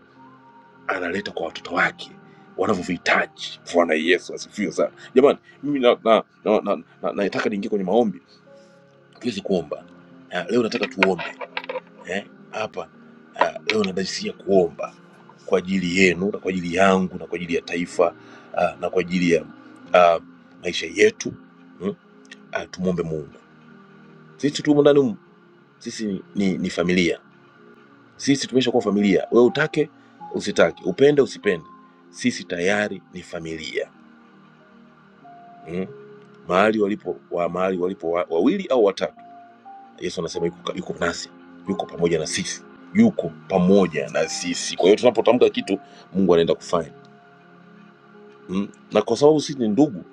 analeta kwa watoto wake wanavyovihitaji. Bwana Yesu asifiwe sana. Jamani, mimi na na, nataka na, na, na, nataka niingie kwenye maombi, tuwezi kuomba na leo nataka tuombe eh, hapa ah, leo nadajisia kuomba kwa ajili yenu na kwa ajili yangu na kwa ajili ya taifa ah, na kwa ajili ya ah, maisha yetu hmm? ah, tumwombe Mungu. Sisi tumo ndani humu, sisi ni, ni, ni familia, sisi tumeshakuwa familia. Wewe utake usitake, upende usipende, sisi tayari ni familia mm, mahali walipo wa mahali walipo wa, wawili au watatu yesu anasema yuko, yuko nasi yuko pamoja na sisi yuko pamoja na sisi kwa hiyo tunapotamka kitu mungu anaenda kufanya mm. na kwa sababu sisi ni ndugu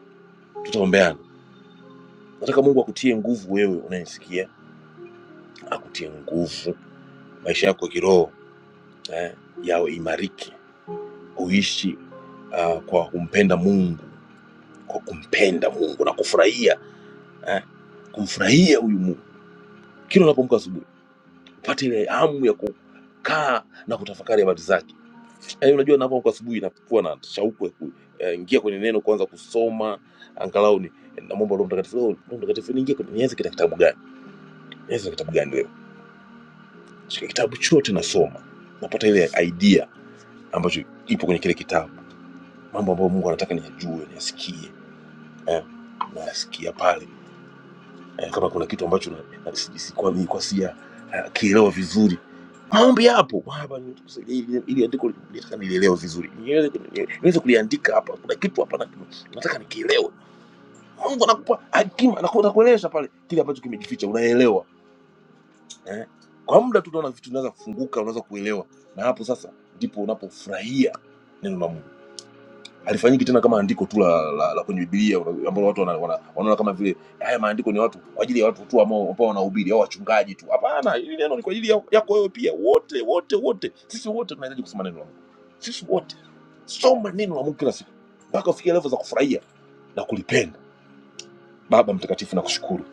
tutaombeana nataka mungu akutie nguvu wewe unayesikia akutie nguvu maisha yako ya kiroho eh, yawe imariki uishi uh, kwa kumpenda mungu kwa kumpenda mungu na kufurahia eh, kumfurahia huyu mungu kila unapoamka asubuhi upate ile hamu ya ku kaa na kutafakari habari zake yaani unajua ninapoamka asubuhi nakuwa na shauku ya kuingia kwenye neno kwanza kusoma angalau ni namwomba roho mtakatifu "Roho- Roho mtakatifu niingie kwenye nianze kita kitabu gani nianze kitabu gani leo shika kitabu chote nasoma napata ile idea ambacho ipo kwenye kile kitabu mambo ambayo mungu anataka niyajue niyasikie eh, nasikia pale eh, kama kuna kitu ambacho na- na- si- si- si, kwa- nilikuwa sija eh, kielewa vizuri maombi yapo Baba, nisaidie ili ili andiko nataka nilielewe vizuri, niweze kuni- niweze kuliandika hapa. Kuna kitu hapa na- nataka nikielewe. Mungu anakupa hakima, anaku- anakueleza pale kile ambacho kimejificha, unaelewa eh? Kwa muda tu unaona vitu vinaweza kufunguka, unaweza kuelewa, na hapo sasa ndipo unapofurahia neno la Mungu alifanyiki tena kama andiko tu la, la, la kwenye Biblia una- ambalo watu wana- wana- wanaona kama vile haya maandiko ni watu kwa ajili ya watu tu ambao ambao wanahubiri au wachungaji tu. Hapana, hili neno ni kwa ajili ya- yako wewe pia, wote wote wote, sisi wote tunahitaji kusoma neno la Mungu, sisi wote soma neno la Mungu kila siku mpaka ufikie level za kufurahia na kulipenda. Baba Mtakatifu, nakushukuru,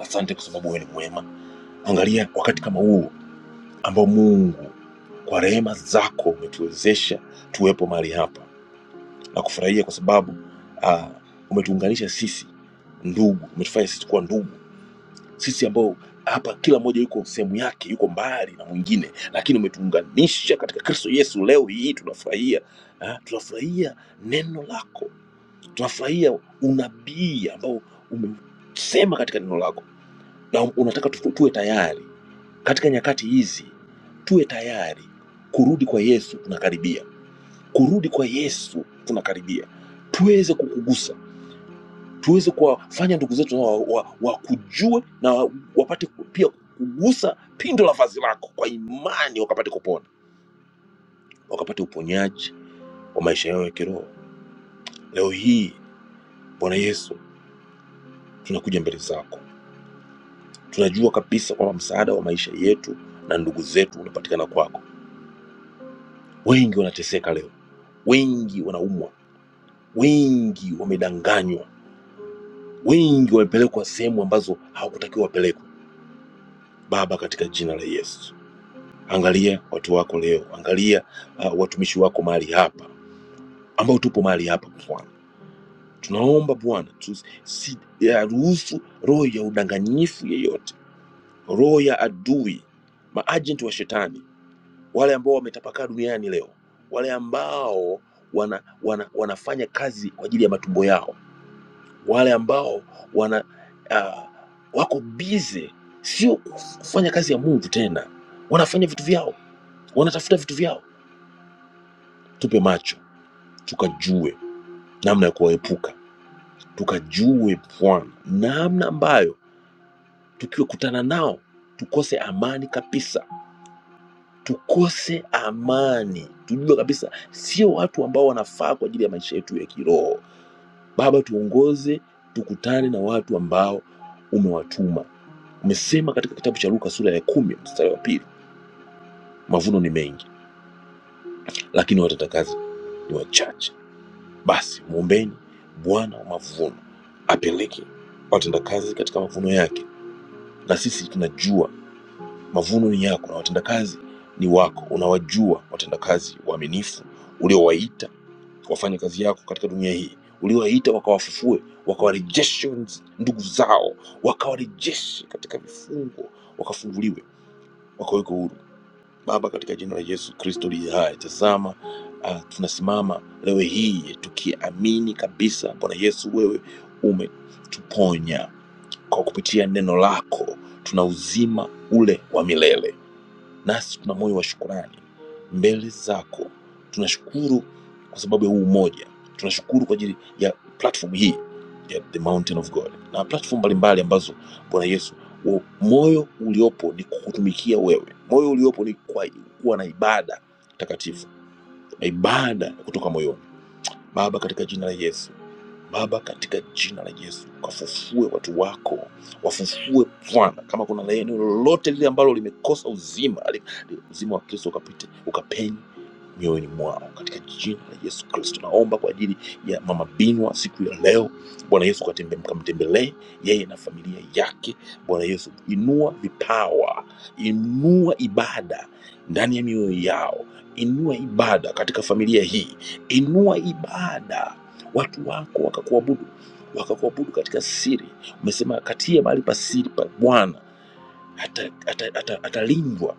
asante kwa sababu wewe ni mwema. Angalia wakati kama huu ambao Mungu kwa rehema zako umetuwezesha tuwepo mahali hapa na kufurahia kwa sababu uh, umetuunganisha sisi ndugu, umetufanya sisi kuwa ndugu, sisi ambao hapa kila mmoja yuko sehemu yake, yuko mbali na mwingine, lakini umetuunganisha katika Kristo Yesu. Leo hii tunafurahia ah, tunafurahia neno lako, tunafurahia unabii ambao umesema katika neno lako, na unataka tufu- tuwe tayari katika nyakati hizi, tuwe tayari. Kurudi kwa Yesu tunakaribia, kurudi kwa Yesu tunakaribia, tuweze kukugusa tuweze kuwafanya ndugu zetu wakujue wa, wa, wakujue na wa- wapate ku- pia kugusa pindo la vazi lako kwa imani, wakapate kupona, wakapate uponyaji wa maisha yao ya kiroho. Leo hii Bwana Yesu, tunakuja mbele zako, tunajua kabisa kwamba msaada wa maisha yetu na ndugu zetu unapatikana kwako. Wengi wanateseka leo, wengi wanaumwa, wengi wamedanganywa, wengi wamepelekwa sehemu ambazo hawakutakiwa wapelekwe. Baba, katika jina la Yesu Angalia watu wako leo, angalia uh, watumishi wako mahali hapa, ambao tupo mahali hapa Bwana. Tunaomba Bwana tu- si- ya ruhusu roho ya udanganyifu yeyote, roho ya adui, maajenti wa shetani, wale ambao wametapakaa duniani leo, wale ambao wana, wana, wanafanya kazi kwa ajili ya matumbo yao, wale ambao wana uh, wako bize, sio kuf- kufanya kazi ya Mungu tena, wanafanya vitu vyao, wanatafuta vitu vyao. Tupe macho tukajue namna ya kuwaepuka, tukajue Bwana namna ambayo tukiwakutana nao tukose amani kabisa, tukose amani, tujue kabisa sio watu ambao wanafaa kwa ajili ya maisha yetu ya kiroho. Baba, tuongoze tukutane na watu ambao umewatuma. Umesema katika kitabu cha Luka sura ya kumi mstari wa pili, mavuno ni mengi, lakini watenda kazi ni wachache. Basi mwombeni Bwana wa mavuno apeleke watendakazi katika mavuno yake, na sisi tunajua mavuno ni yako na watendakazi ni wako. Unawajua watendakazi waaminifu uliowaita wafanye kazi yako katika dunia hii, uliowaita wakawafufue, wakawarejeshe ndugu zao, wakawarejeshe katika vifungo, wakafunguliwe, wakawekwe huru. Baba, katika jina la Yesu Kristo liye hai, tazama ah, tunasimama leo hii tukiamini kabisa, Bwana Yesu, wewe umetuponya kwa kupitia neno lako, tuna uzima ule wa milele nasi tuna moyo wa shukurani mbele zako. Tunashukuru kwa sababu ya huu umoja, tunashukuru kwa ajili ya platform hii ya the mountain of God na platform mbalimbali ambazo Bwana Yesu wa- moyo uliopo ni kukutumikia wewe, moyo uliopo ni kwa kuwa na ibada takatifu na ibada ya kutoka moyoni. Baba, katika jina la Yesu Baba, katika jina la Yesu, kafufue watu wako, wafufue Bwana. Kama kuna la eneo lolote lile ambalo limekosa uzima, li- li- uzima wa Kristo ukapite, ukapenye mioyoni mwao katika jina la Yesu Kristo. Naomba kwa ajili ya mama Binwa siku ya leo, Bwana Yesu katembe- mkamtembelee yeye na familia yake. Bwana Yesu, inua vipawa, inua ibada ndani ya mioyo yao, inua ibada katika familia hii, inua ibada watu wako wakakuabudu wakakuabudu katika siri. Umesema akatie mahali pa siri pa Bwana atalindwa, ata, ata, ata atalindwa.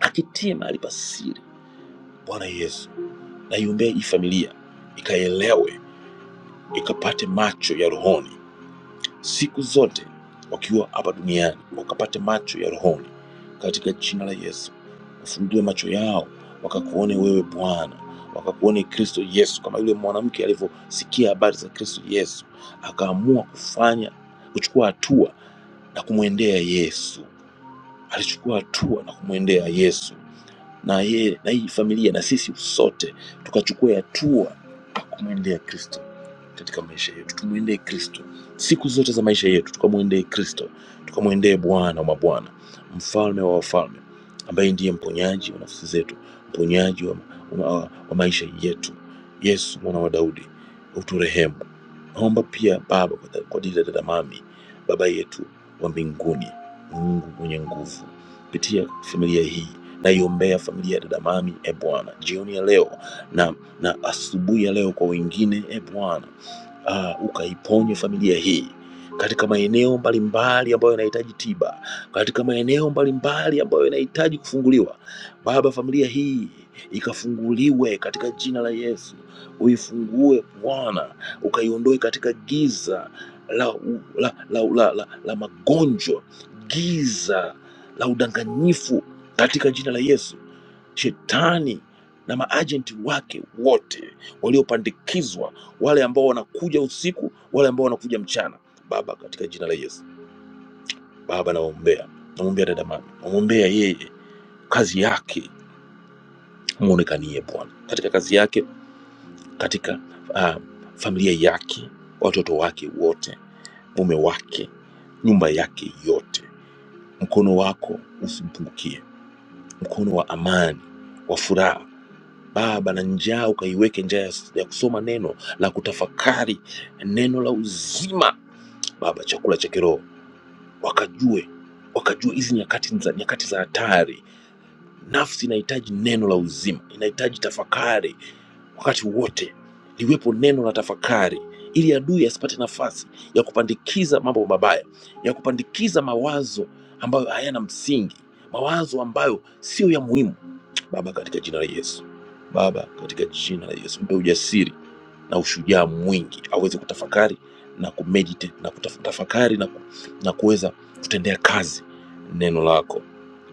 akitie mahali pa siri Bwana Yesu na iombee hii familia ikaelewe, ikapate macho ya rohoni siku zote wakiwa hapa duniani, wakapate macho ya rohoni katika jina la Yesu. Ufungue macho yao wakakuone wewe Bwana, wakakuone Kristo Yesu, kama yule mwanamke alivyosikia habari za Kristo Yesu akaamua kufanya kuchukua hatua na kumwendea Yesu. Alichukua hatua na kumwendea Yesu na yeye na hii familia na sisi sote tukachukua hatua kumwendea Kristo katika maisha yetu. Tumwendee Kristo siku zote za maisha yetu, tukamwendee Kristo, tukamwendee Bwana wa mabwana, mfalme wa wafalme, ambaye ndiye mponyaji wa nafsi zetu, mponyaji wa, wa, wa maisha yetu. Yesu mwana wa Daudi, uturehemu. Naomba pia Baba kwa kwa ajili ya dada Mami, baba yetu wa mbinguni, Mungu mwenye nguvu, pitia familia hii naiombea familia ya dada Mami, e Bwana, jioni ya leo, na na asubuhi ya leo kwa wengine, e Bwana ah, ukaiponye familia hii katika maeneo mbalimbali ambayo yanahitaji tiba, katika maeneo mbalimbali ambayo yanahitaji kufunguliwa. Baba, familia hii ikafunguliwe katika jina la Yesu. Uifungue Bwana, ukaiondoe katika giza la, la, la, la, la, la magonjwa, giza la udanganyifu katika jina la Yesu shetani na maajenti wake wote waliopandikizwa, wale ambao wanakuja usiku, wale ambao wanakuja mchana. Baba, katika jina la Yesu, Baba namwombea, namwombea dada mama, namwombea yeye, kazi yake mwonekanie Bwana katika kazi yake, katika ah, familia yake, watoto wake wote, mume wake, nyumba yake yote. Mkono wako usimpungukie, mkono wa amani, wa furaha Baba, na njaa ukaiweke njaa ya ya kusoma neno la kutafakari neno la uzima Baba, chakula cha kiroho wakajue, wakajue hizi nyakati za nyakati za hatari. Nafsi inahitaji neno la uzima, inahitaji tafakari wakati wote, liwepo neno la tafakari ili adui asipate nafasi ya kupandikiza mambo mabaya, ya kupandikiza mawazo ambayo hayana msingi, mawazo ambayo siyo ya muhimu. Baba, katika jina la Yesu, Baba, katika jina la Yesu, mpe ujasiri na ushujaa mwingi aweze kutafakari na kumeditate na kutafakari na, ku, na kuweza kutendea kazi neno lako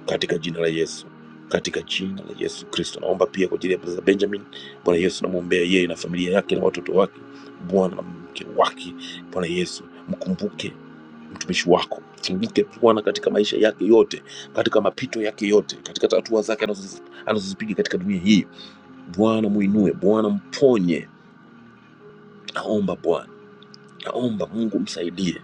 katika jina la Yesu, katika jina la Yesu Kristo. Naomba pia kwa ajili ya brother Benjamin, Bwana Yesu, namwombea yeye na familia yake na watoto wake, Bwana na mke wake. Bwana Yesu, mkumbuke mtumishi wako, mkumbuke Bwana katika maisha yake yote, katika mapito yake yote, katika hatua zake anazozi- anazozipiga katika dunia hii. Bwana muinue, Bwana mponye, naomba Bwana Naomba Mungu msaidie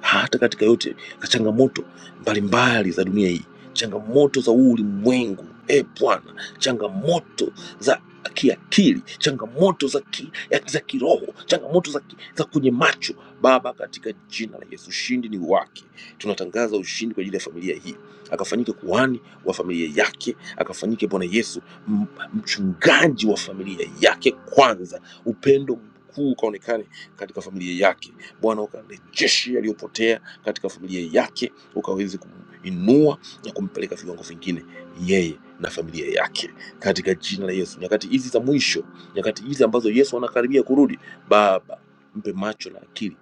hata katika yote na changamoto mbalimbali za dunia hii, changamoto za huu ulimwengu. E Bwana, changamoto za kiakili, changamoto za, ki, ya- za kiroho, changamoto za, ki, za kwenye macho. Baba, katika jina la Yesu, ushindi ni wake. Tunatangaza ushindi kwa ajili ya familia hii, akafanyike kuhani wa familia yake, akafanyike Bwana Yesu m- mchungaji wa familia yake. Kwanza upendo mkuu ukaonekane katika familia yake Bwana ukarejeshe yaliyopotea katika familia yake, ukaweze kuminua na kumpeleka viwango vingine yeye na familia yake katika jina la Yesu. Nyakati hizi za mwisho, nyakati hizi ambazo Yesu anakaribia kurudi, Baba mpe macho na akili,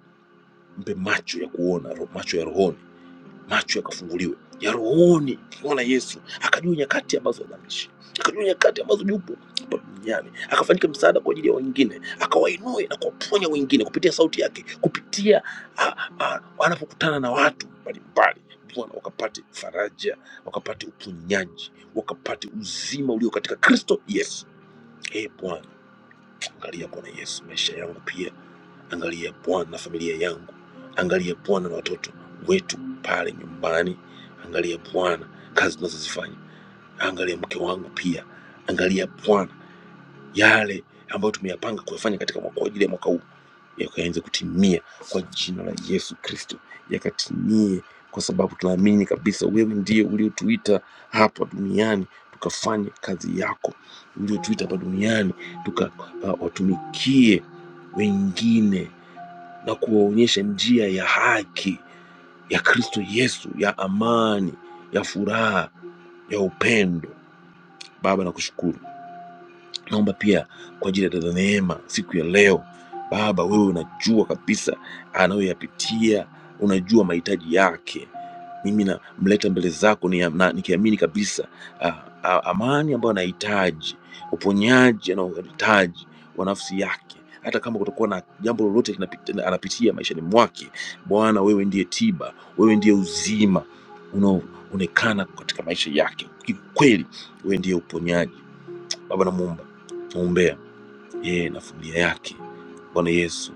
mpe macho ya kuona one macho yakafunguliwe, Oni, Bwana Yesu akajua nyakati ambazo anaishi, yupo hapa duniani na kwa ajili ya wengine, akawainue na kuwaponya wengine kupitia sauti yake, kupitia ah, ah, anapokutana na watu waka Angalia Bwana na familia yangu, angalia Bwana na watoto wetu pale nyumbani, angalia Bwana kazi tunazozifanya, angalia mke wangu pia, angalia Bwana yale ambayo tumeyapanga kuyafanya katika mwaka kwa ajili ya mwaka huu yakaanze kutimia kwa jina la Yesu Kristo, yakatimie kwa sababu tunaamini kabisa wewe ndiye uliotuita hapa duniani tukafanye kazi yako, uliotuita hapa duniani tukawatumikie uh, wengine na kuwaonyesha njia ya haki ya Kristo Yesu, ya amani, ya furaha, ya upendo. Baba, nakushukuru Naomba pia kwa ajili ya dada Neema siku ya leo. Baba, wewe unajua kabisa anayoyapitia, unajua mahitaji yake. Mimi namleta mbele zako ni- na- nikiamini kabisa ah, ah, amani ambayo anahitaji, uponyaji anaohitaji wa nafsi yake, hata kama kutakuwa na jambo lolote linapita- anapitia maishani mwake. Bwana, wewe ndiye tiba, wewe ndiye uzima unaoonekana katika maisha yake. Kikweli wewe ndiye uponyaji Baba namuomba namwombea yeye na familia yake. Bwana Yesu,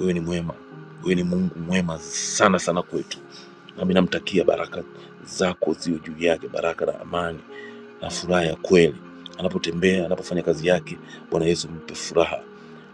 wewe ni mwema, wewe ni Mungu mwema sana sana kwetu nami namtakia baraka zako ziwe juu yake, baraka na amani na furaha ya kweli anapotembea, anapofanya kazi yake. Bwana Yesu, mpe furaha,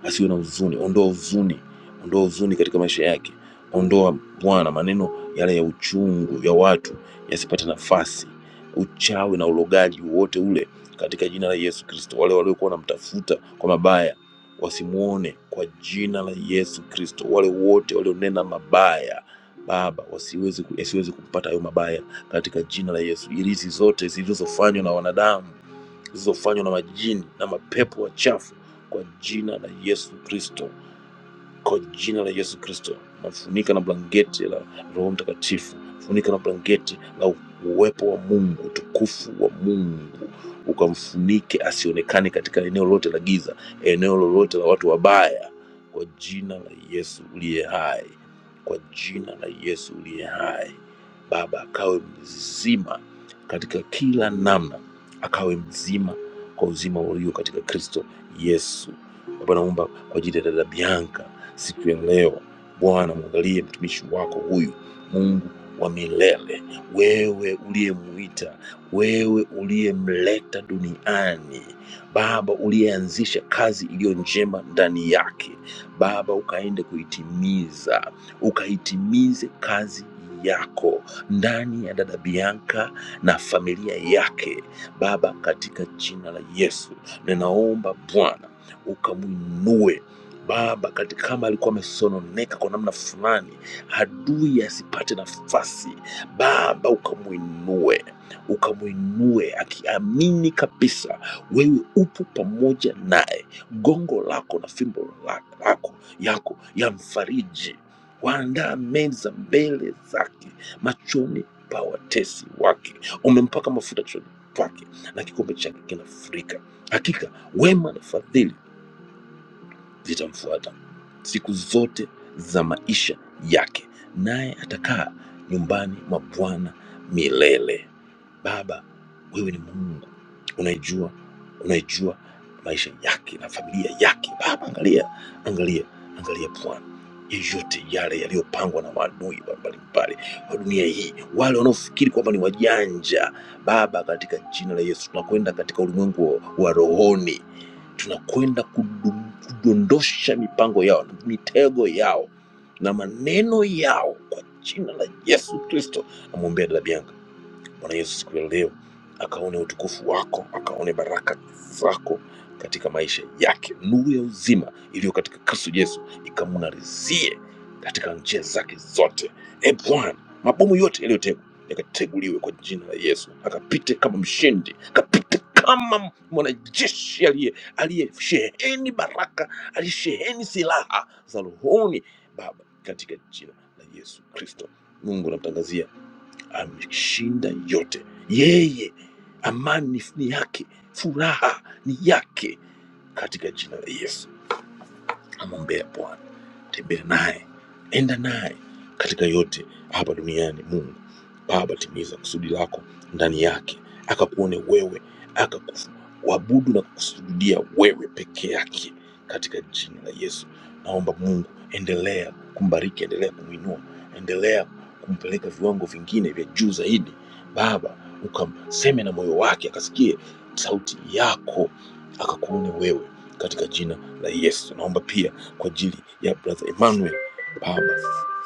asiwe na huzuni. Ondoa huzuni, ondoa huzuni katika maisha yake. Ondoa Bwana maneno yale ya uchungu ya watu yasipate nafasi, uchawi na ulogaji wote ule, katika jina la Yesu Kristo. Wale waliokuwa wanamtafuta kwa mabaya wasimwone, kwa jina la Yesu Kristo. Wale wote walionena mabaya Baba, wasiweze ku- yasiweze kumpata hayo mabaya katika jina la Yesu. Ilizi zote zilizofanywa na wanadamu, zilizofanywa na majini na mapepo wachafu, kwa jina la Yesu Kristo kwa jina la Yesu Kristo. Nafunika na blanketi la Roho Mtakatifu, funika na blanketi la uwepo wa Mungu, utukufu wa Mungu ukamfunike, asionekane katika eneo lolote la giza, eneo lolote la watu wabaya, kwa jina la Yesu uliye hai, kwa jina la Yesu uliye hai. Baba akawe mzima katika kila namna, akawe mzima kwa uzima ulio katika Kristo Yesu. Baba naomba kwa ajili ya dada Bianca siku ya leo. Bwana, mwangalie mtumishi wako huyu, Mungu wa milele, wewe uliyemuita, wewe uliyemleta duniani Baba, uliyeanzisha kazi iliyo njema ndani yake Baba, ukaende kuitimiza, ukaitimize kazi yako ndani ya dada Bianca na familia yake Baba, katika jina la Yesu ninaomba Bwana ukamwinue Baba, kati kama alikuwa amesononeka kwa namna fulani, adui asipate nafasi, Baba ukamwinue, ukamwinue akiamini kabisa wewe upo pamoja naye, gongo lako na fimbo la- lako yako yamfariji. Waandaa meza mbele zake, machoni pa watesi wake, umempaka mafuta kichwani pake na kikombe chake kinafurika. Hakika wema na fadhili vitamfuata siku zote za maisha yake, naye atakaa nyumbani mwa Bwana milele. Baba, wewe ni Mungu unaijua, unaijua maisha yake na familia yake. Baba, angalia, angalia, angalia Bwana yeyote yale yaliyopangwa na maadui wa mbalimbali wa dunia hii, wale wanaofikiri kwamba ni wajanja. Baba, katika jina la Yesu tunakwenda katika ulimwengu wa wa rohoni, tunakwenda kudum- kudondosha mipango yao mitego yao na maneno yao kwa jina la Yesu Kristo. Namwombea dada Bianca Bwana Yesu siku ya leo akaone utukufu wako, akaone baraka zako katika maisha yake. Nuru ya uzima iliyo katika Kristo Yesu ikamng'arizie katika njia zake zote. E Bwana, mabomu yote yaliyotegwa yakateguliwe kwa jina la Yesu, akapite kama mshindi, akapite kama mwanajeshi aliye aliyesheheni baraka, aliyesheheni silaha za rohoni Baba, katika jina la Yesu Kristo. Mungu namtangazia ameshinda yote. Yeye amani ni yake, furaha ni yake katika jina la Yesu amwombea Bwana, tembea naye, enda naye katika yote hapa duniani. Mungu Baba, timiza kusudi lako ndani yake, akakuone wewe, akakuabudu na kukusujudia wewe peke yake, katika jina la Yesu. Naomba Mungu, endelea kumbariki, endelea kumwinua, endelea kumpeleka viwango vingine vya juu zaidi. Baba, ukamseme na moyo wake, akasikie sauti yako, akakuone wewe katika jina la Yesu. Naomba pia kwa ajili ya brother Emmanuel. Baba,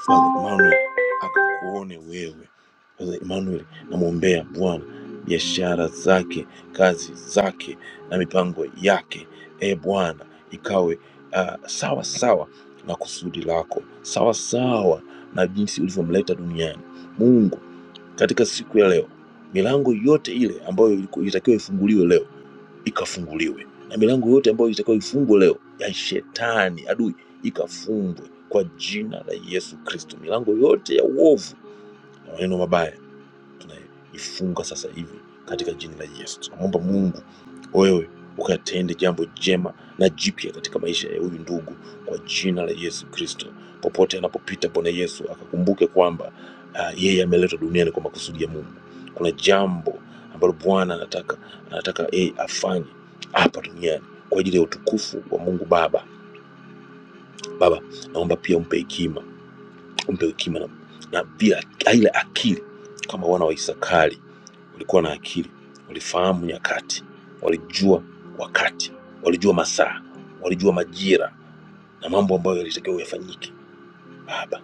brother Emmanuel akakuone wewe. Brother Emmanuel, namwombea Bwana biashara zake, kazi zake na mipango yake, e Bwana, ikawe ah, sawa sawa na kusudi lako, sawa sawa na jinsi ulivyomleta duniani. Mungu, katika siku ya leo, milango yote ile ambayo iliku- ilitakiwa ifunguliwe leo ikafunguliwe na milango yote ambayo itakiwa ifungwe leo ya shetani adui ikafungwe kwa jina la Yesu Kristo, milango yote ya uovu na maneno mabaya tunaifunga sasa hivi katika jina la Yesu. Tunamwomba Mungu wewe ukatende jambo jema na jipya katika maisha ya huyu ndugu kwa jina la Yesu Kristo. Popote anapopita, Bwana Yesu akakumbuke kwamba ah, yeye ameletwa duniani kwa makusudi ya Mungu. Kuna jambo ambalo Bwana anataka anataka yeye afanye hapa duniani kwa ajili ya utukufu wa Mungu Baba. Baba, naomba pia umpe hekima, umpe hekima na, na pia ile akili kama wana wa Isakari Walikuwa na akili, walifahamu nyakati, walijua wakati, walijua masaa, walijua majira na mambo ambayo yalitakiwa yafanyike. Baba,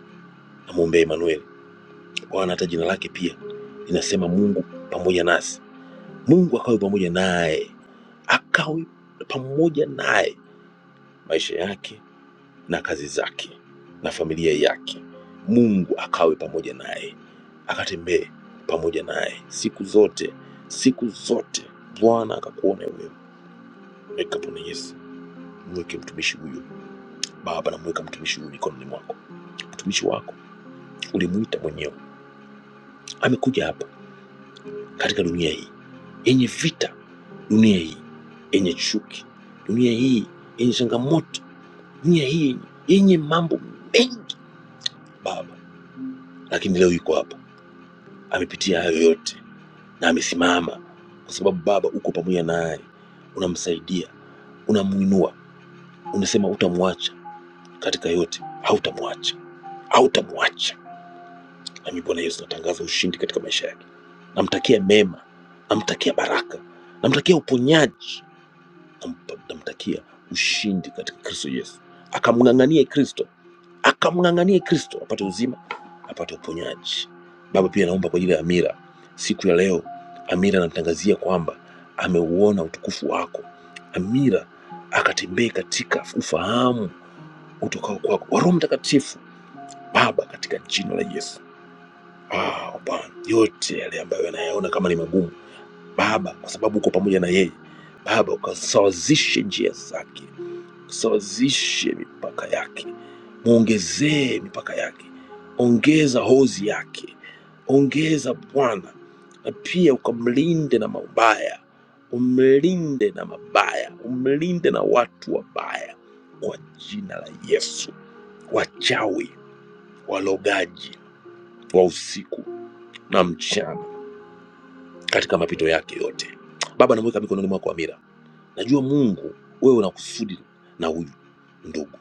namwombea Emanueli, Bwana, hata jina lake pia linasema Mungu pamoja nasi. Mungu akawe pamoja naye, akawe pamoja naye maisha yake na kazi zake na familia yake. Mungu akawe pamoja naye, akatembee pamoja naye siku zote, siku zote. Bwana akakuone wewe Weka Yesu, mweke mtumishi huyu Baba, namweka mtumishi huyu mikononi mwako. Mtumishi wako ulimuita mwenyewe, amekuja hapa katika dunia hii yenye vita, dunia hii yenye chuki, dunia hii yenye changamoto, dunia hii yenye mambo mengi Baba, lakini leo yuko hapa, amepitia hayo yote na amesimama kwa sababu Baba uko pamoja naye, unamsaidia, unamuinua, unasema utamwacha katika yote, hautamwacha hautamwacha. Nami Bwana Yesu natangaza ushindi katika maisha yake, namtakia mema, namtakia baraka, namtakia uponyaji, nampa- namtakia ushindi katika Kristo Yesu, akamng'ang'anie Kristo, akamng'ang'anie Kristo apate uzima, apate uponyaji. Baba, pia naomba kwa ajili ya Amira siku ya leo. Amira namtangazia kwamba ameuona utukufu wako. Amira akatembee katika ufahamu utokao kwako wa Roho Mtakatifu Baba, katika jina la Yesu. Ah, Bwana, yote yale ambayo anayaona kama ni magumu, Baba, kwa sababu uko pamoja na yeye, Baba, ukasawazishe njia zake, ukasawazishe mipaka yake, mwongezee mipaka yake, ongeza hozi yake, ongeza Bwana, na pia ukamlinde na mabaya, umlinde na mabaya, umlinde na watu wabaya, kwa jina la Yesu, wachawi, walogaji wa usiku na mchana katika mapito yake yote. Baba, namweka mikononi mwako Amira. Najua Mungu wewe una kusudi na huyu ndugu,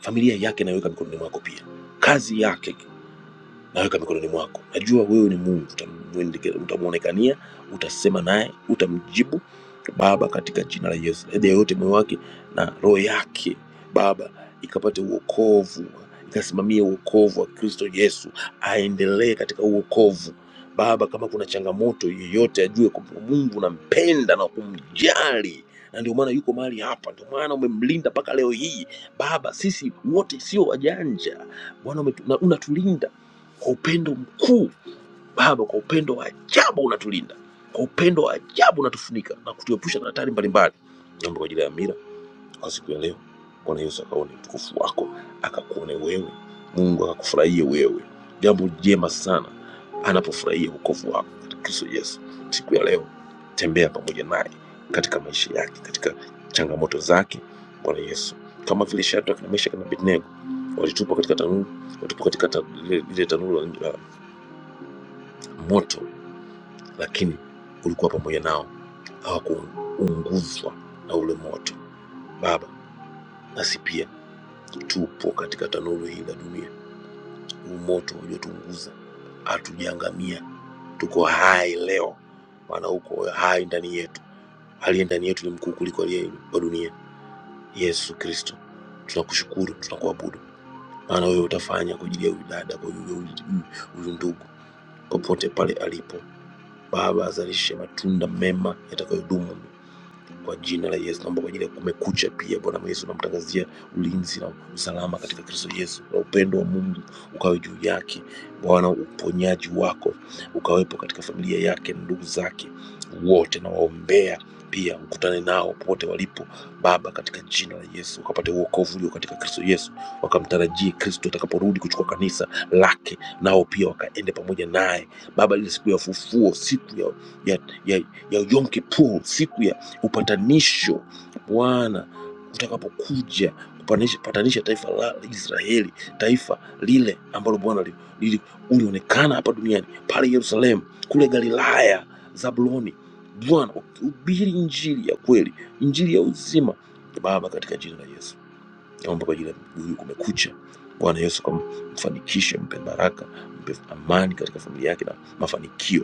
familia yake naiweka mikononi mwako pia, kazi yake naweka mikononi mwako. Najua wewe ni Mungu, utamwendeke- utamwonekania, utasema naye, utamjibu Baba, katika jina la Yesu. Aidha yoyote moyo wake na roho yake Baba ikapate uokovu, ikasimamie uokovu wa Kristo Yesu, aendelee katika uokovu Baba. Kama kuna changamoto yoyote, ajue kwamba Mungu unampenda na kumjali na ndio maana yuko mahali hapa, ndio maana umemlinda mpaka leo hii Baba. Sisi wote sio wajanja Bwana, umetu- na unatulinda kwa upendo mkuu Baba, kwa upendo wa ajabu unatulinda, kwa upendo wa ajabu unatufunika na kutuepusha na hatari mbalimbali. Naomba kwa ajili ya Amira kwa siku ya leo, Bwana Yesu akaone utukufu wako, akakuone wewe Mungu, akakufurahie wewe. Jambo jema sana anapofurahia wokovu wako katika Kristo Yesu. Siku ya leo tembea pamoja naye katika maisha yake, katika changamoto zake, Bwana Yesu, kama vile Shadraka na Meshaki na Abednego walitupwa katika tanuru, walitupwa katika ta- lile lile tanuru la moto, lakini ulikuwa pamoja nao, hawakuunguzwa na ule moto. Baba, nasi pia tupo katika tanuru hili la dunia, huu moto uliotunguza hatujaangamia, tuko hai leo, maana uko hai ndani yetu. Aliye ndani yetu ni mkuu kuliko aliye wa dunia, Yesu Kristo. Tunakushukuru, tunakuabudu, maana wewe utafanya kwa ajili ya huyu dada, kwa ajili ya huyu huyu ndugu, popote pale alipo. Baba, azalishe matunda mema yatakayodumu kwa jina la Yesu. Naomba kwa ajili ya kumekucha pia, Bwana Yesu, namtangazia ulinzi na usalama katika Kristo Yesu, na upendo wa Mungu ukawe juu yake Bwana. Uponyaji wako ukawepo katika familia yake na ndugu zake wote, nawaombea pia ukutane nao popote walipo Baba, katika jina la Yesu, wakapate uokovu ulio katika Kristo Yesu, wakamtarajie Kristo atakaporudi kuchukua kanisa lake, nao pia wakaende pamoja naye Baba, ile siku ya ufufuo, siku ya, ya, ya, ya Yom Kippur, siku ya upatanisho Bwana utakapokuja kupatanisha patanisha taifa la Israeli, taifa lile ambalo Bwana li- lili- ulionekana hapa duniani, pale Yerusalemu, kule Galilaya, Zabuloni. Bwana ubiri injili ya kweli, injili ya uzima. Baba, katika jina la Yesu naomba kwa ajili ya mguu huyu kumekucha. Bwana Yesu, kamfanikishe, mpe baraka, mpe amani katika familia yake na mafanikio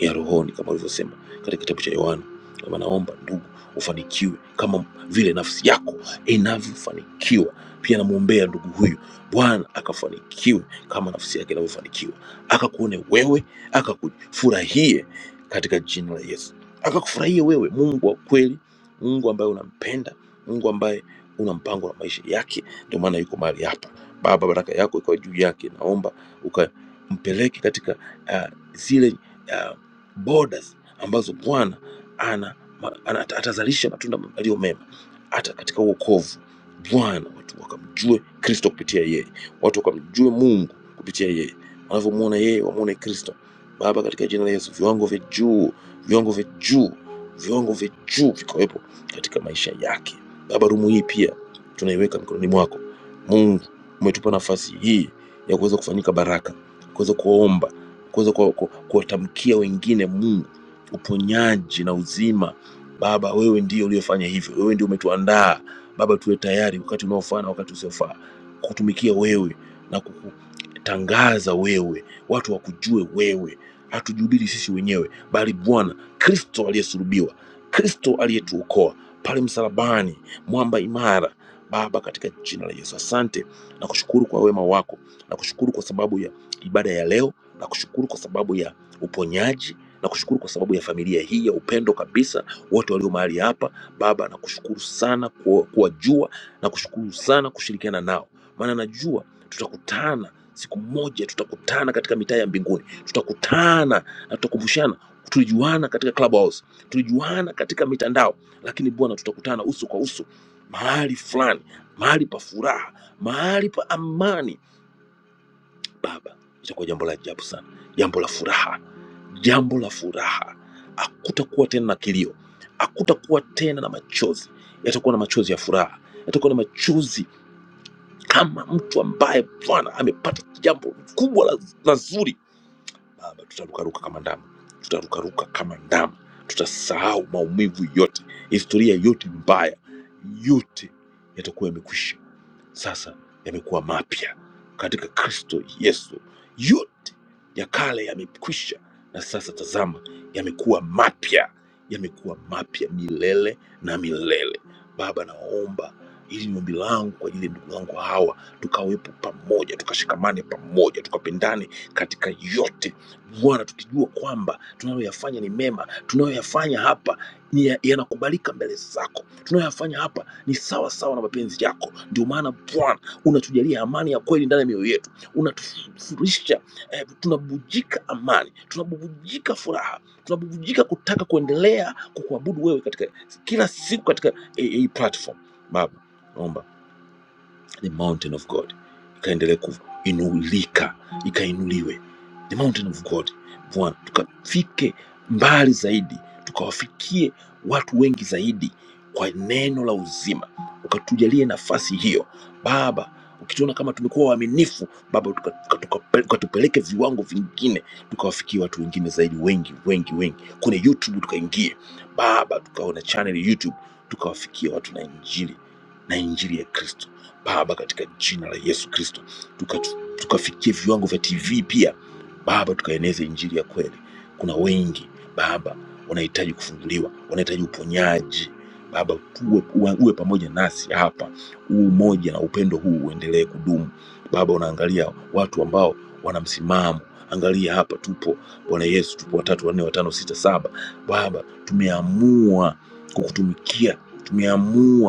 ya rohoni kama alivyosema katika kitabu cha Yohana kwamba naomba ndugu ufanikiwe kama vile nafsi yako inavyofanikiwa. Pia namwombea ndugu huyu, Bwana akafanikiwe kama nafsi yake inavyofanikiwa, akakuone wewe, akakufurahie katika jina la Yesu, akakufurahie wewe, Mungu wa kweli, Mungu ambaye unampenda, Mungu ambaye una mpango na maisha yake. Ndio maana yuko mahali hapa. Baba, baraka yako ikawa juu yake, naomba ukampeleke katika ah, zile uh, borders ambazo Bwana ana, ma- ana, ata- atazalisha matunda yaliyo mema hata katika uokovu. Bwana watu wakamjue Kristo kupitia yeye, watu wakamjue Mungu kupitia yeye, wanavyomwona yeye wamwone Kristo. Baba, katika jina la Yesu, viwango vya juu, viwango vya juu, viwango vya juu vikawepo katika maisha yake. Baba, rumu hii pia tunaiweka mikononi mwako. Mungu, umetupa nafasi hii ya kuweza kufanyika baraka, kuweza kuomba kuweza kuwa- ku- kuwatamkia wengine Mungu uponyaji na uzima. Baba, wewe ndiye uliyefanya hivyo, wewe ndiye umetuandaa Baba, tuwe tayari wakati unaofaa na wakati usiofaa kukutumikia wewe na kukutangaza wewe, watu wakujue wewe. Hatujihubiri sisi wenyewe, bali Bwana Kristo aliyesulubiwa, Kristo aliyetuokoa pale msalabani, mwamba imara. Baba, katika jina la Yesu, asante na kushukuru kwa wema wako na kushukuru kwa sababu ya ibada ya leo na kushukuru kwa sababu ya uponyaji na kushukuru kwa sababu ya familia hii ya upendo kabisa, wote walio mahali hapa. Baba, nakushukuru sana kuwa- kuwajua, nakushukuru sana kushirikiana nao, maana najua tutakutana siku moja, tutakutana katika mitaa ya mbinguni, tutakutana na tutakumbushana, tulijuana katika Clubhouse, tulijuana katika mitandao, lakini Bwana, tutakutana uso kwa uso mahali fulani, mahali pa furaha, mahali pa amani baba itakuwa jambo la ajabu sana jambo la furaha jambo la furaha hakutakuwa tena na kilio hakutakuwa tena na machozi yatakuwa na machozi ya furaha yatakuwa na machozi kama mtu ambaye bwana amepata jambo kubwa la, la zuri baba tutarukaruka kama ndama tutarukaruka kama ndama tutasahau maumivu yote historia yote mbaya yote yatakuwa yamekwisha sasa yamekuwa mapya katika kristo yesu yote ya kale yamekwisha na sasa tazama yamekuwa mapya yamekuwa mapya milele na milele baba naomba ili ni ombi langu kwa ajili ya ndugu zangu hawa tukawepo pamoja tukashikamane pamoja tukapendane katika yote bwana tukijua kwamba tunayoyafanya ni mema tunayoyafanya hapa ni ya- yanakubalika mbele zako tunayoyafanya hapa ni sawa sawa na mapenzi yako. Ndio maana Bwana unatujalia amani ya kweli ndani ya mioyo yetu, unatufurisha eh, tunabubujika amani, tunabubujika furaha, tunabubujika kutaka kuendelea kukuabudu wewe katika kila siku katika hii eh, hii platform. Baba naomba the mountain of God ikaendelea kuinulika, ikainuliwe the mountain of God. Bwana, tukafike mbali zaidi, tukawafikie watu wengi zaidi kwa neno la uzima, ukatujalie nafasi hiyo Baba. Ukituona kama tumekuwa waaminifu Baba, ukatupeleke tuka, tuka, ukatupeleke viwango vingine, tukawafikie watu wengine zaidi, wengi wengi wengi. Kwenye YouTube tukaingie Baba, tukaona channel YouTube, tukawafikia watu na injili na injili ya Kristo Baba, katika jina la Yesu Kristo, tukafikie tuka tukafikie viwango vya TV pia Baba, tukaeneze injili ya kweli. Kuna wengi Baba wanahitaji kufunguliwa, wanahitaji uponyaji Baba, uwe, uwe, uwe pamoja nasi hapa, huu umoja na upendo huu uendelee kudumu Baba. Unaangalia watu ambao wana msimamo, angalia hapa tupo Bwana Yesu, tupo watatu, wanne, watano, sita, saba. Baba, tumeamua kukutumikia, tumeamua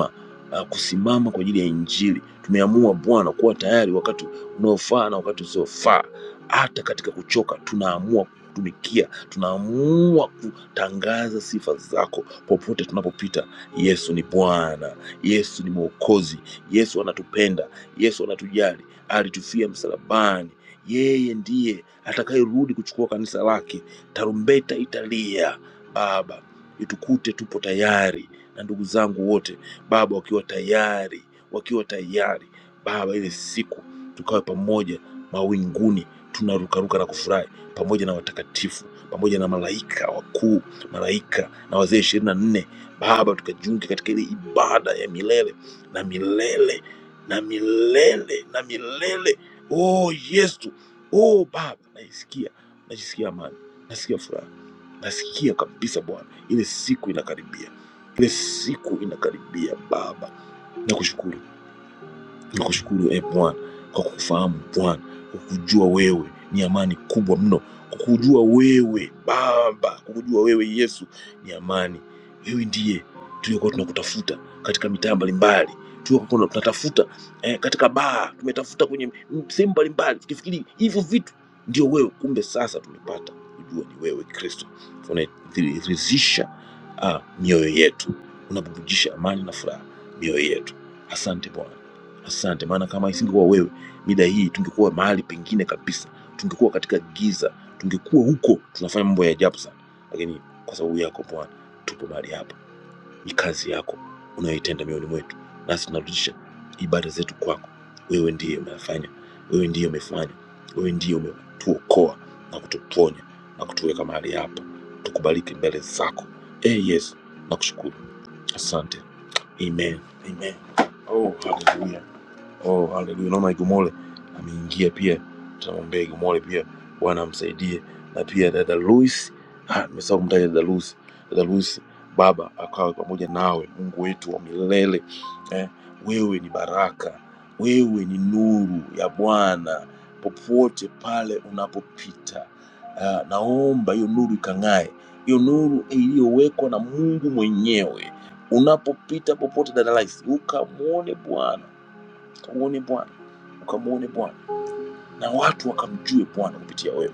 uh, kusimama kwa ajili ya Injili. Tumeamua Bwana kuwa tayari wakati unaofaa na wakati usiofaa. Hata katika kuchoka, tunaamua kutumikia, tunaamua kutangaza sifa zako popote tunapopita. Yesu ni Bwana, Yesu ni Mwokozi, Yesu anatupenda, Yesu anatujali, alitufia msalabani. Yeye ndiye atakayerudi kuchukua kanisa lake. Tarumbeta italia, Baba, itukute tupo tayari na ndugu zangu wote Baba, wakiwa tayari, wakiwa tayari Baba, ile siku tukawe pamoja mawinguni tunarukaruka na kufurahi pamoja na watakatifu pamoja na malaika wakuu, malaika na wazee ishirini na nne Baba, tukajiunge katika ile ibada ya milele na milele na milele na milele. Oh Yesu, oh Baba, naisikia, najisikia amani, nasikia furaha, nasikia kabisa Bwana, ile siku inakaribia. Ile siku inakaribia Baba, nakushukuru Tunakushukuru e Bwana kwa kukufahamu Bwana, kwa kujua wewe ni amani kubwa mno, kwa kujua wewe Baba, kwa kujua wewe Yesu ni amani. Wewe ndiye tuliokuwa tunakutafuta katika mitaa mbalimbali, tuliokuwa tuna- tunatafuta eh, katika baa, tumetafuta kwenye m- sehemu mbalimbali, tukifikiri hivyo vitu ndio wewe, kumbe sasa tumepata kujua ni wewe Kristo unaridhisha ah, mioyo yetu, unabubujisha amani na furaha mioyo yetu. Asante Bwana. Asante, maana kama isingekuwa wewe, mida hii tungekuwa mahali pengine kabisa, tungekuwa katika giza, tungekuwa huko tunafanya mambo ya ajabu sana, lakini kwa sababu yako Bwana tupo mahali hapa. Ni kazi yako unayoitenda mioyoni mwetu, nasi tunarudisha ibada zetu kwako. Wewe ndiye unafanya, wewe ndiye umefanya, wewe ndiye umetuokoa na kutuponya na kutuweka mahali hapa, tukubaliki mbele zako. Eh hey, Yesu, nakushukuru, asante. Amen, amen. Oh, hallelujah. Oh, haleluya. Naona Igumole ameingia pia, tunamwombea Igumole pia, Bwana amsaidie, na pia dada Luis. Ah, nimesahau kumtaja dada Luis. Dada Luis, Baba akawe pamoja nawe, Mungu wetu wa milele eh, wewe ni baraka, wewe ni nuru ya Bwana popote pale unapopita. Ah, naomba hiyo nuru ikang'ae, hiyo nuru iliyowekwa na Mungu mwenyewe unapopita popote, dada Luis, ukamwone Bwana ukamwone Bwana, ukamwone Bwana na watu wakamjue Bwana kupitia wewe,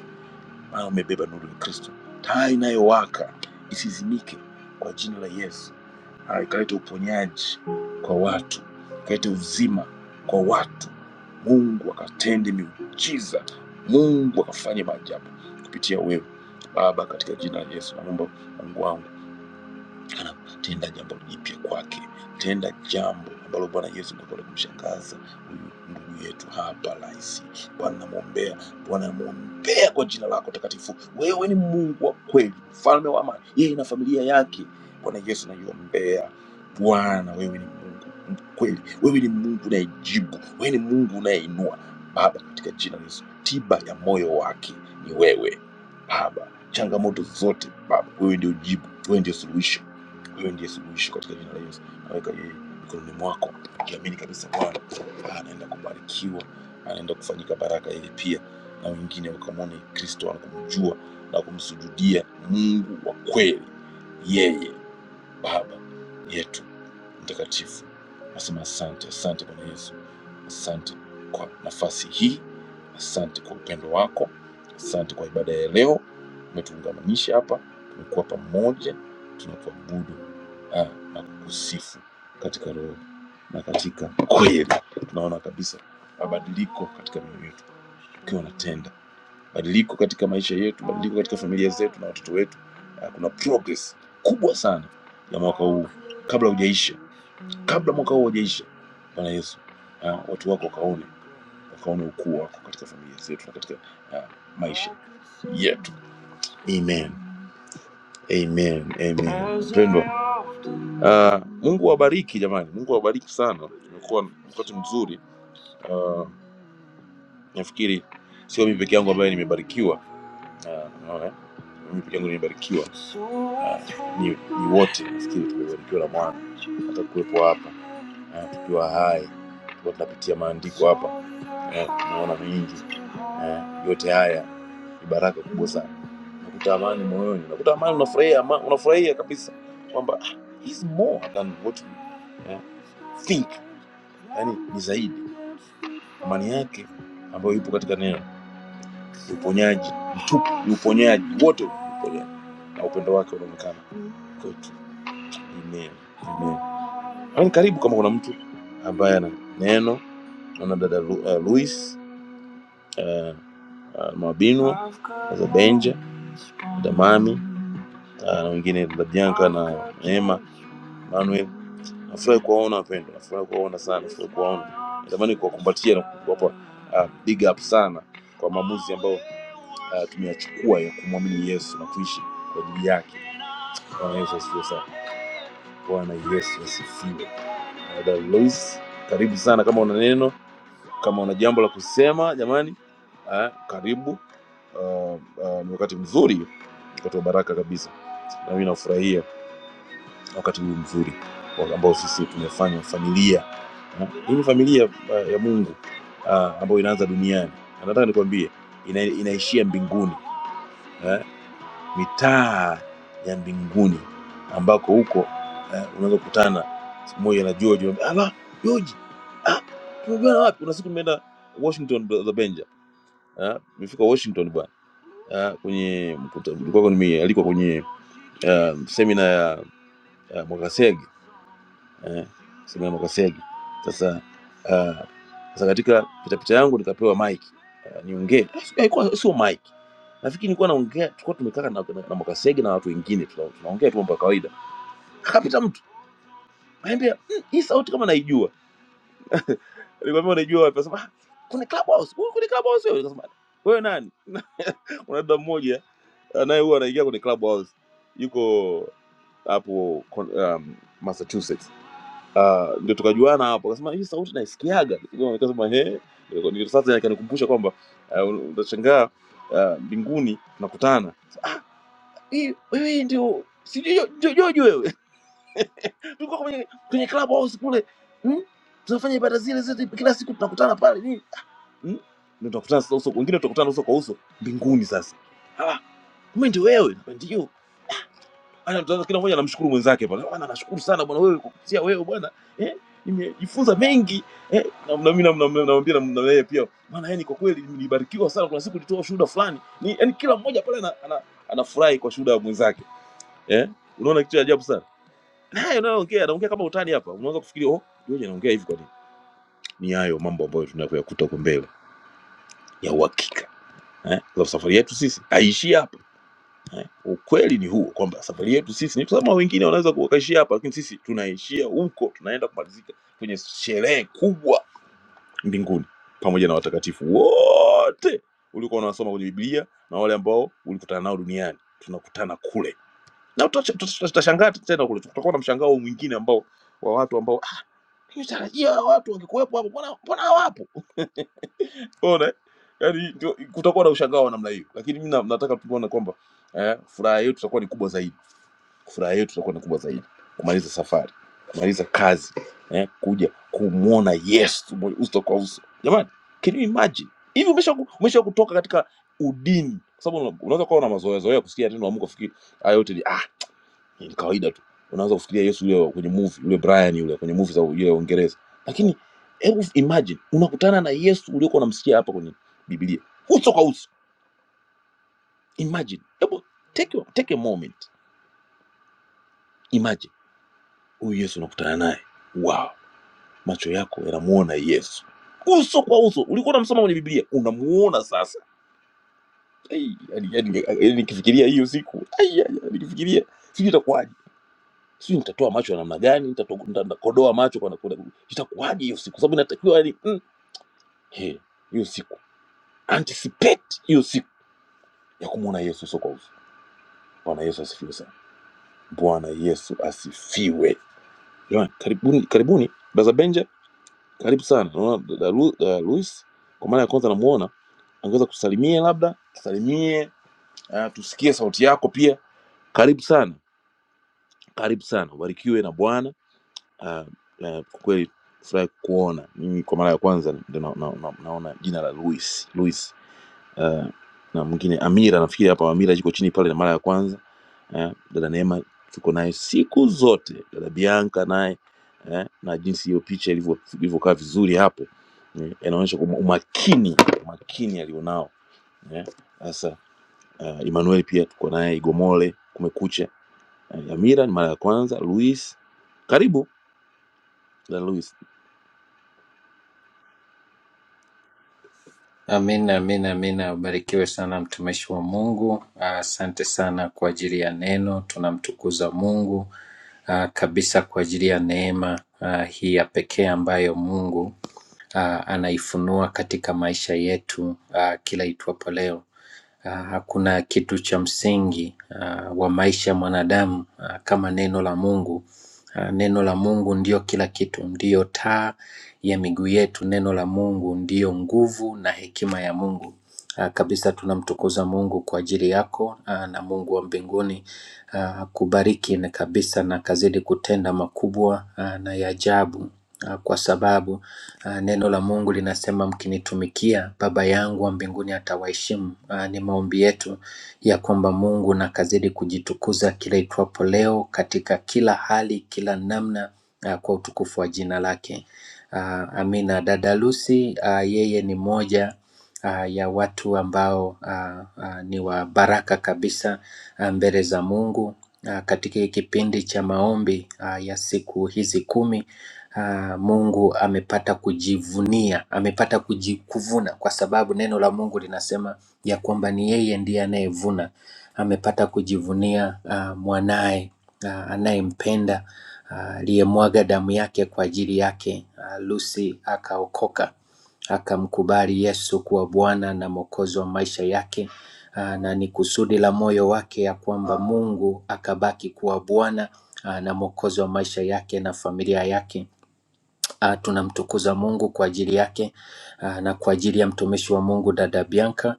maana umebeba nuru ya Kristo. Taa inayowaka isizimike kwa jina la Yesu. Ah, ikaleta uponyaji kwa watu, ikaleta uzima kwa watu. Mungu akatende miujiza, Mungu akafanye maajabu kupitia wewe Baba, katika jina la Yesu. Naomba Mungu wangu anatenda jambo jipya kwake, tenda jambo ambalo Bwana Yesu ndo kwenda kumshangaza huyu ndugu yetu hapa rahisi. Bwana namwombea, Bwana namwombea kwa jina lako takatifu. Wewe ni Mungu wa kweli, mfalme wa amani, yeye na familia yake. Bwana Yesu naiombea. Bwana wewe ni Mungu mkweli, wewe ni Mungu unayejibu, wewe ni Mungu unayeinua. Baba, katika jina la Yesu, tiba ya moyo wake ni wewe Baba. Changamoto zote Baba, wewe ndio jibu, wewe ndio suluhisho wewe ndiye suluhisho katika jina la Yesu. Naweka yeye mikononi mwako, ukiamini kabisa Bwana ah, anaenda kubarikiwa, anaenda kufanyika baraka yeye pia na wengine wakamwone Kristo na kumjua na kumsujudia Mungu wa kweli yeye Baba yetu mtakatifu, nasema asante, asante Bwana Yesu, asante kwa nafasi hii, asante kwa upendo wako, asante kwa ibada ya leo. Umetuungamanisha hapa, tumekuwa pamoja, tunakuabudu ah, na kukusifu katika roho na katika kweli. Tunaona kabisa mabadiliko katika mioyo yetu ukiwa unatenda badiliko katika maisha yetu, badiliko katika familia zetu na watoto wetu. Ah, Kuna progress kubwa sana ya mwaka huu kabla hujaisha, kabla mwaka huu hujaisha. Bwana Yesu, ah, watu wako wakaone, wakaone ukuu wako katika familia zetu na katika ah, maisha yetu. Amen, amen, amen. Mpendwa, ah, Mungu awabariki sana. Imekuwa wakati mzuri, nafikiri sio mimi peke yangu ambaye nimebarikiwa. Ah, Naona nimebarikiwa, Ah, ni, ni wote nafikiri tumebarikiwa na Bwana hata kuwepo hapa eh, tukiwa hai tukiwa tunapitia maandiko hapa eh, tunaona mengi eh, yote haya ni baraka kubwa sana. Unakuta amani moyoni, unakuta amani, unafurahia ama, unafurahia kabisa kwamba "Ah, he's more than what we eh, think, yani ni zaidi amani yake ambayo ipo katika neno, ni uponyaji, ni uponyaji wote, ni uponyaji na upendo wake unaonekana kwetu. Amen, amen. Amen. Karibu kama kuna mtu ambaye ana neno, naona dada Lu, uh, Luis uh, Mabinwa, dada Benja Damani ah, na wengine dada Bianca na Neema Manuel. Nafurahi kuwaona wapendwa, nafurahi kuwaona sana, nafurahi kuwaona. Natamani kuwakumbatia na kuwapa ah, big up sana kwa maamuzi ambayo ah, tumeyachukua ya kumwamini Yesu na kuishi kwa ajili yake. Bwana Yesu asifiwe sana. Bwana Yesu asifiwe. Dada Luis, karibu sana. Kama una neno, kama una jambo la kusema, jamani ah, karibu. Ah, ah, ni wakati mzuri, wakati wa baraka kabisa, nami nafurahia wakati huu mzuri wa- ambao sisi tumefanya familia eh. hii ni familia eh, ya Mungu ah, ambayo inaanza duniani. Na Nataka nikwambie ina, inaishia mbinguni, mitaa ya mbinguni ambako huko eh, unaweza kukutana siku moja na George, unamwambia, ala George, ah, tumejuana wapi? Una siku nimeenda Washington brother Benja, ah, nimefika Washington bwana ah, kwenye mkuta- nilikuwa nimealikwa kwenye ah, semina ya, ya Mwakasege eh, semina ya Mwakasege sasa uh, Sasa katika pitapita yangu nikapewa mic uh, niongee. Sio- Haikuwa sio mic, nafikiri nilikuwa naongea, tulikuwa tumekaa na, na, na Mwakasege na watu wengine tuna- tunaongea tu mambo ya kawaida, akapita mtu akaniambia "Mm, hii sauti kama naijua. Nikamwambia unaijua wapi? Akasema "Ah, kwenye club house, wewe kwenye club house wewe. Nikasema wewe nani? Kuna dada mmoja eh, anaye huwa anaingia kwenye club house, yuko hapo kon- um, Massachusetts Ah, ndio tukajuana hapo, akasema hii sauti naisikiaga. Nikasema nikasema, he, Ndio sasa akanikumbusha kwamba ah, utashangaa ah, mbinguni uh, tunakutana. Hii wewe sijui hiyo- hiyo wewe. Tulikuwa kwenye kwenye club house kule. Hmm? Tunafanya ibada zile zetu kila siku tunakutana pale nini? Hmm? Ndio tunaku- wengine tutakutana uso kwa uso mbinguni sasa. Ah, kumbe ndio wewe. Ndio. Ana mtaanza kila mmoja anamshukuru mwenzake pale. Bwana nashukuru sana bwana wewe kwa kupitia wewe bwana. Eh? Nimejifunza mengi. Eh? Na na mimi namwambia na yeye pia. Maana yani kwa kweli nilibarikiwa sana kuna siku nilitoa shuhuda fulani. Ni yani kila mmoja pale ana, ana, anafurahi kwa shuhuda ya mwenzake. Eh? Unaona kitu cha ajabu sana. Na haya unayoongea, naongea kama utani hapa. Unaweza kufikiria, oh, yeye anaongea hivi kwa nini? Ni hayo mambo ambayo tunayokuta huko mbele ya uhakika. Eh? Kwa sababu safari yetu sisi haiishii hapa Eh, Ukweli ni huo kwamba safari yetu sisi ni kama wengine wanaweza kuwakaishia hapa, lakini sisi tunaishia huko, tunaenda kumalizika kwenye sherehe kubwa mbinguni pamoja na watakatifu wote ulikuwa unawasoma kwenye Biblia na wale ambao ulikutana nao duniani, tunakutana kule na tutacha- tuta- tutashangaa tena kule, tutakuwa na mshangao mwingine ambao wa watu ambao tarajia hawa watu wangekuwepo hapo, mbona mbona hawapo? Unaona, eh? yani ndio kutakuwa na ushangao wa namna hiyo, lakini mimi na- nataka tuone kwamba eh, furaha yetu itakuwa ni kubwa zaidi furaha yetu itakuwa ni kubwa zaidi kumaliza safari kumaliza kazi eh, kuja kumwona yesu mwe- uso kwa uso jamani imagine hivi umeshafika kwa na mazoea zoea kusikia kufikiri hayo ni kawaida tu unaanza kufikiria yesu yule wa kwenye movie yule brian yule kwenye movie za yule wa uingereza lakini hebu imagine unakutana na yesu uliokuwa unamsikia hapa kwenye biblia uso kwa uso imagine hebu take, your- take a moment imagine huyu yesu unakutana naye wow macho yako yanamuona yesu so ulikuwa unamsoma kwenye biblia unamuona sasa Ai, yani yani- yani nikifikiria hiyo siku ai, ai, ai, nikifikiria sijui itakuwaje sijui nitatoa macho ya namna gani nitatoa- nita- nitakodoa macho kwa nakuna itakuwaje hiyo siku sababu inatakiwa yani mm, he hiyo siku anticipate hiyo siku ya kumwona yesu uso kwa uso bwana yesu asifiwe sana bwana yesu asifiwe jamani karibuni karibuni brother benja karibu uh, luis kwa mara ya kwanza namuona angeweza labda tusalimie uh, tu yako pia karibu sana karibu sana ubarikiwe na bwana Ah, eh, kwa kweli furahi kuona mimi kwa mara ya kwanza ndio na, na, na, naona jina la Luis Luis Ah, na mwingine Amira nafikiri hapa Amira yuko chini pale na mara ya kwanza eh, dada Neema tuko naye siku zote dada Bianca naye eh, na jinsi hiyo picha ilivyo- ilivyokaa vizuri hapo eh, inaonyesha kwamba umakini umakini alionao eh. Sasa uh, Emmanuel pia tuko naye Igomole kumekucha eh, Amira ni mara ya kwanza Luis karibu dada Luis
Amina, amina, amina. Ubarikiwe sana mtumishi wa Mungu. Ah, Asante sana kwa ajili ya neno, tunamtukuza Mungu ah, kabisa kwa ajili ya neema ah, hii ya pekee ambayo Mungu ah, anaifunua katika maisha yetu ah, kila itwapo leo. Ah, Hakuna kitu cha msingi ah, wa maisha ya mwanadamu ah, kama neno la Mungu. Ah, Neno la Mungu ndiyo kila kitu, ndiyo taa ya miguu yetu. Neno la Mungu ndiyo nguvu na hekima ya Mungu. Mungu kwa ajili yako ah, na Mungu wa mbinguni uh, kubariki na kabisa na akazidi kutenda makubwa ah, na ya ajabu ah, kwa sababu ah, neno la Mungu linasema mkinitumikia, Baba yangu wa mbinguni atawaheshimu. Ah, Ni maombi yetu ya kwamba Mungu na akazidi kujitukuza kila itwapo leo katika kila hali, kila namna ah, kwa utukufu wa jina lake. Ah, Amina. Dada Lucy ah, yeye ni moja ah, ya watu ambao ah, ah, ni wa baraka kabisa ah, mbele za Mungu ah, katika hii kipindi cha maombi ah, ya siku hizi kumi. ah, Mungu amepata kujivunia, amepata kujikuvuna, kwa sababu neno la Mungu linasema ya kwamba ni yeye ndiye anayevuna. Amepata kujivunia ah, mwanaye ah, anayempenda aliye yake ah, Lucy akaokoka akamkubali Yesu kuwa Bwana na Mwokozi wa maisha yake. Aa, na ni kusudi la moyo wake ya kwamba Mungu akabaki kuwa Bwana aa, na Mwokozi wa maisha yake na familia yake. Uh, tunamtukuza Mungu kwa ajili yake uh, na kwa ajili ya mtumishi wa Mungu dada Bianca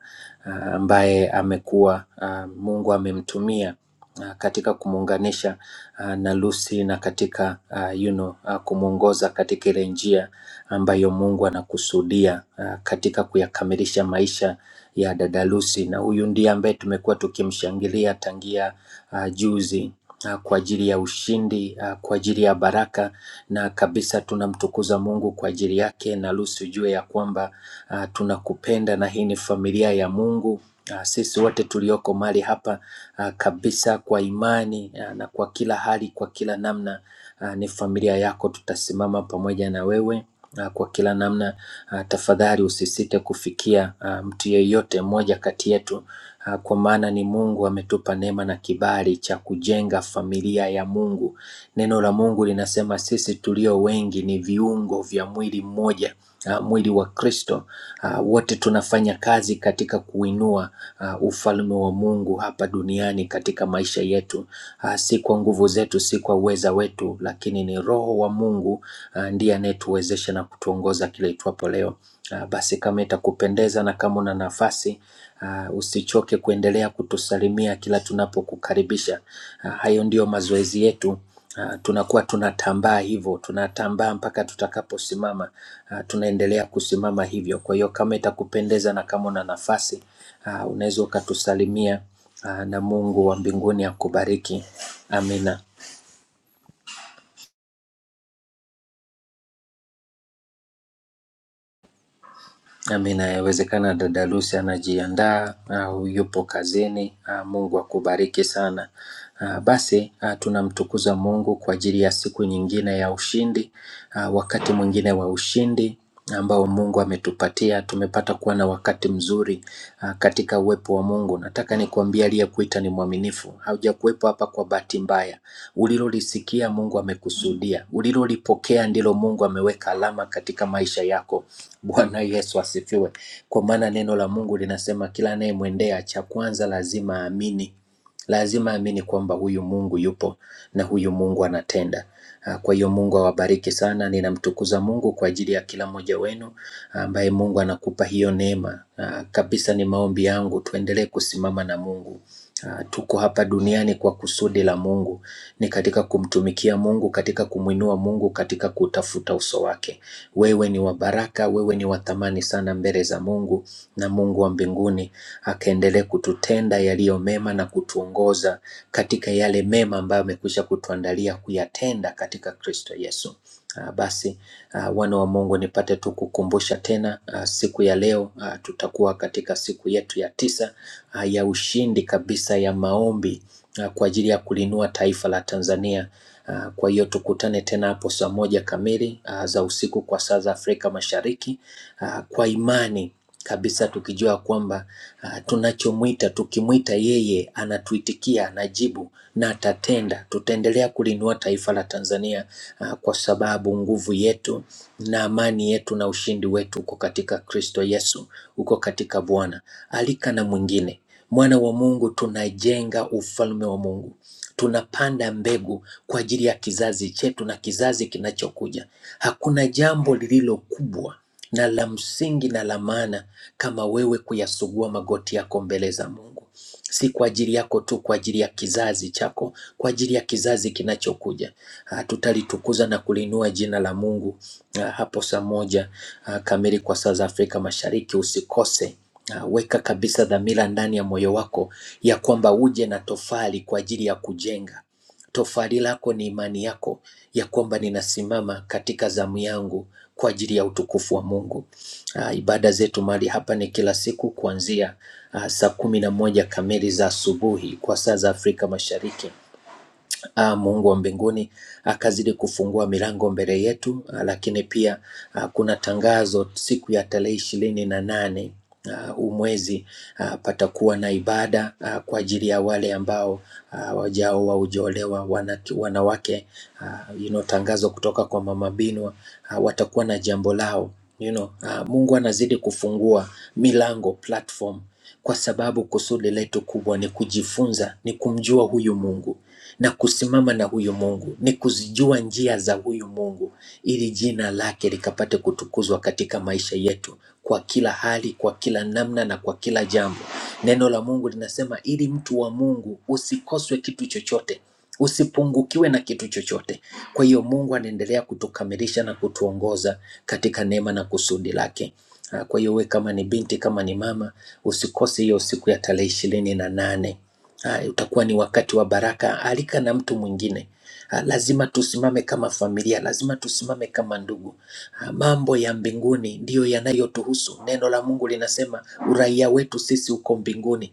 uh, ambaye amekuwa uh, Mungu amemtumia uh, katika kumuunganisha uh, na Lucy na katika uh, you know, uh, kumwongoza katika ile njia ambayo Mungu anakusudia uh, katika kuyakamilisha maisha ya dada Lucy, na huyu ndiye ambaye tumekuwa tukimshangilia tangia uh, juzi ah, kwa ajili ya ushindi, ah, kwa ajili ya baraka na kabisa tunamtukuza Mungu kwa ajili yake, na Lucy ujue ya kwamba ah, tunakupenda na hii ni familia ya Mungu. Ah, Sisi wote tulioko mahali hapa ah, kabisa kwa imani ah, na kwa kila hali, kwa kila namna ah, ni familia yako, tutasimama pamoja na wewe ah, kwa kila namna. Ah, Tafadhali usisite kufikia ah, mtu yeyote mmoja kati yetu Ah, kwa maana ni Mungu ametupa neema na kibali cha kujenga familia ya Mungu Neno la Mungu linasema sisi tulio wengi ni viungo vya mwili mmoja, ah, mwili wa Kristo. Ah, Wote tunafanya kazi katika kuinua ah, ufalme wa Mungu hapa duniani katika maisha yetu. Ah, Si kwa nguvu zetu, si kwa uweza wetu, lakini ni Roho wa Mungu ah, ndiye anayetuwezesha na kutuongoza kile itwapo leo. Ah, Basi kama itakupendeza na kama una nafasi Uh, usichoke kuendelea kutusalimia kila tunapokukaribisha. Uh, hayo ndiyo mazoezi yetu Ah, tunakuwa tunatambaa hivyo, tunatambaa mpaka tutakaposimama. Ah, tunaendelea kusimama hivyo. Kwa hiyo kama itakupendeza na kama una nafasi ah, unaweza ukatusalimia ah, na Mungu wa mbinguni akubariki. Amina. Ama inawezekana dada Lucy anajiandaa au yupo kazini. Ah, Mungu akubariki sana. Ah, Basi ah, tunamtukuza Mungu kwa ajili ya siku nyingine ya ushindi, ah, wakati mwingine wa ushindi ambao Mungu ametupatia. Tumepata kuwa na wakati mzuri ah, katika uwepo wa Mungu. Nataka nikuambie aliyekuita ni mwaminifu. Haujakuwepo hapa kwa bahati mbaya. Ulilolisikia Mungu amekusudia, ulilolipokea ndilo Mungu ameweka alama katika maisha yako. Bwana Yesu asifiwe, kwa maana neno la Mungu linasema kila anayemwendea, cha kwanza lazima aamini lazima amini kwamba huyu Mungu yupo na huyu Mungu anatenda. Ah, Kwa hiyo Mungu awabariki sana. Ninamtukuza Mungu kwa ajili ya kila mmoja wenu ambaye Mungu anakupa hiyo neema. Ah, Kabisa ni maombi yangu tuendelee kusimama na Mungu. Ah, Tuko hapa duniani kwa kusudi la Mungu, ni katika kumtumikia Mungu, katika kumwinua Mungu, katika kutafuta uso wake. Wewe ni wa baraka, wewe ni wa thamani sana mbele za Mungu, na Mungu wa mbinguni akaendelee kututenda yaliyo mema na kutuongoza katika yale mema ambayo amekwisha kutuandalia kuyatenda katika Kristo Yesu. Ah, Basi ah, wana wa Mungu, nipate tu kukumbusha tena ah, siku ya leo ah, tutakuwa katika siku yetu ya tisa ah, ya ushindi kabisa ya maombi ah, kwa ajili ya kulinua taifa la Tanzania. Ah, Kwa hiyo tukutane tena hapo saa moja kamili ah, za usiku kwa saa za Afrika Mashariki. Ah, Kwa imani kabisa tukijua kwamba ah, tunachomwita tukimwita yeye anatuitikia, anajibu na atatenda. Tutaendelea kulinua taifa la Tanzania ah, kwa sababu nguvu yetu na amani yetu na ushindi wetu uko katika Kristo Yesu, uko katika Bwana. Alika na mwingine, mwana wa Mungu, tunajenga ufalme wa Mungu. Tunapanda mbegu kwa ajili ya kizazi chetu na kizazi kinachokuja. Hakuna jambo lililo kubwa na la msingi na la maana kama wewe kuyasugua magoti yako mbele za Mungu si kwa ajili yako tu, kwa ajili ya kizazi chako, kwa ajili ya kizazi kinachokuja. Ah, Tutalitukuza na kuliinua jina la Mungu ah, hapo saa moja ah, kamili kwa saa za Afrika Mashariki. Usikose. Ah, Weka kabisa dhamira ndani ya moyo wako ya kwamba uje na tofali kwa ajili ya kujenga. Tofali lako ni imani yako ya kwamba ninasimama katika zamu yangu kwa ajili ya utukufu wa Mungu. Uh, ibada zetu mahali hapa ni kila siku kuanzia uh, saa kumi na moja kamili za asubuhi kwa saa za Afrika Mashariki ah, Mungu wa mbinguni akazidi kufungua milango mbele yetu, ah, lakini pia ah, kuna tangazo siku ya tarehe ishirini na nane ah, huu mwezi ah, patakuwa na ibada ah, kwa ajili ya wale ambao ah, wajao waujolewa wanaki- wanawake ah, you know, tangazo kutoka kwa mama Binwa ah, watakuwa na jambo lao you know, ah, Mungu anazidi kufungua milango platform kwa sababu kusudi letu kubwa ni kujifunza, ni kumjua huyu Mungu na kusimama na huyu Mungu, ni kuzijua njia za huyu Mungu ili jina lake likapate kutukuzwa katika maisha yetu kwa kila hali, kwa kila namna na kwa kila jambo. Neno la Mungu linasema ili mtu wa Mungu usikoswe kitu chochote, usipungukiwe na kitu chochote. Kwa hiyo Mungu anaendelea kutukamilisha na kutuongoza katika neema na kusudi lake. Ah, Kwa hiyo we kama ni binti, kama ni mama, usikose hiyo siku ya tarehe ishirini na nane Ah, utakuwa ni wakati wa baraka. Alika na mtu mwingine. Ah, lazima tusimame kama familia, lazima tusimame kama ndugu. Ah, mambo ya mbinguni ndiyo yanayotuhusu. Neno la Mungu linasema uraia wetu sisi uko mbinguni.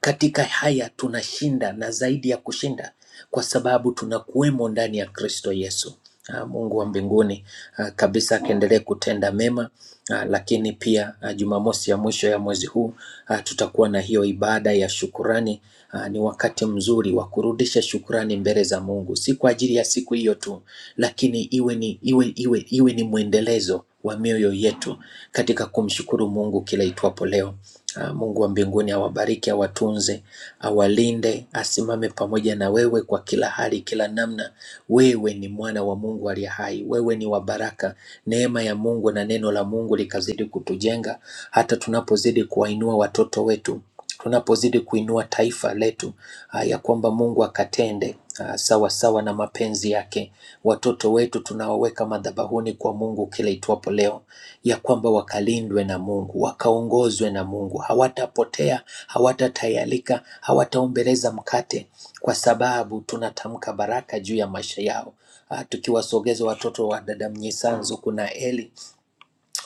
Katika haya tunashinda na zaidi ya kushinda, kwa sababu tunakuwemo ndani ya Kristo Yesu. Ah, Mungu wa mbinguni ah, kabisa akiendelee kutenda mema ah, lakini pia ah, Jumamosi ya mwisho ya mwezi huu ah, tutakuwa na hiyo ibada ya shukurani. Ah, Ni wakati mzuri wa kurudisha shukurani mbele za Mungu, si kwa ajili ya siku hiyo tu, lakini iwe ni, iwe, iwe, iwe ni mwendelezo wa mioyo yetu katika kumshukuru Mungu kila itwapo leo. Ah, Mungu wa mbinguni awabariki, awatunze, awalinde, asimame pamoja na wewe kwa kila hali, kila namna. Wewe ni mwana wa Mungu aliye hai, wewe ni wa baraka. Neema ya Mungu na neno la Mungu likazidi kutujenga hata tunapozidi kuwainua watoto wetu, tunapozidi kuinua taifa letu, ah, ya kwamba Mungu akatende ah, sawa sawa na mapenzi yake. Watoto wetu tunawaweka madhabahuni kwa Mungu kila itwapo leo, ya kwamba wakalindwe na Mungu, wakaongozwe na Mungu, hawatapotea, hawatatayalika, hawataombeleza mkate, kwa sababu tunatamka baraka juu ya maisha yao. Ah, Tukiwasogeza watoto wa dada Mnyisanzu, kuna Eli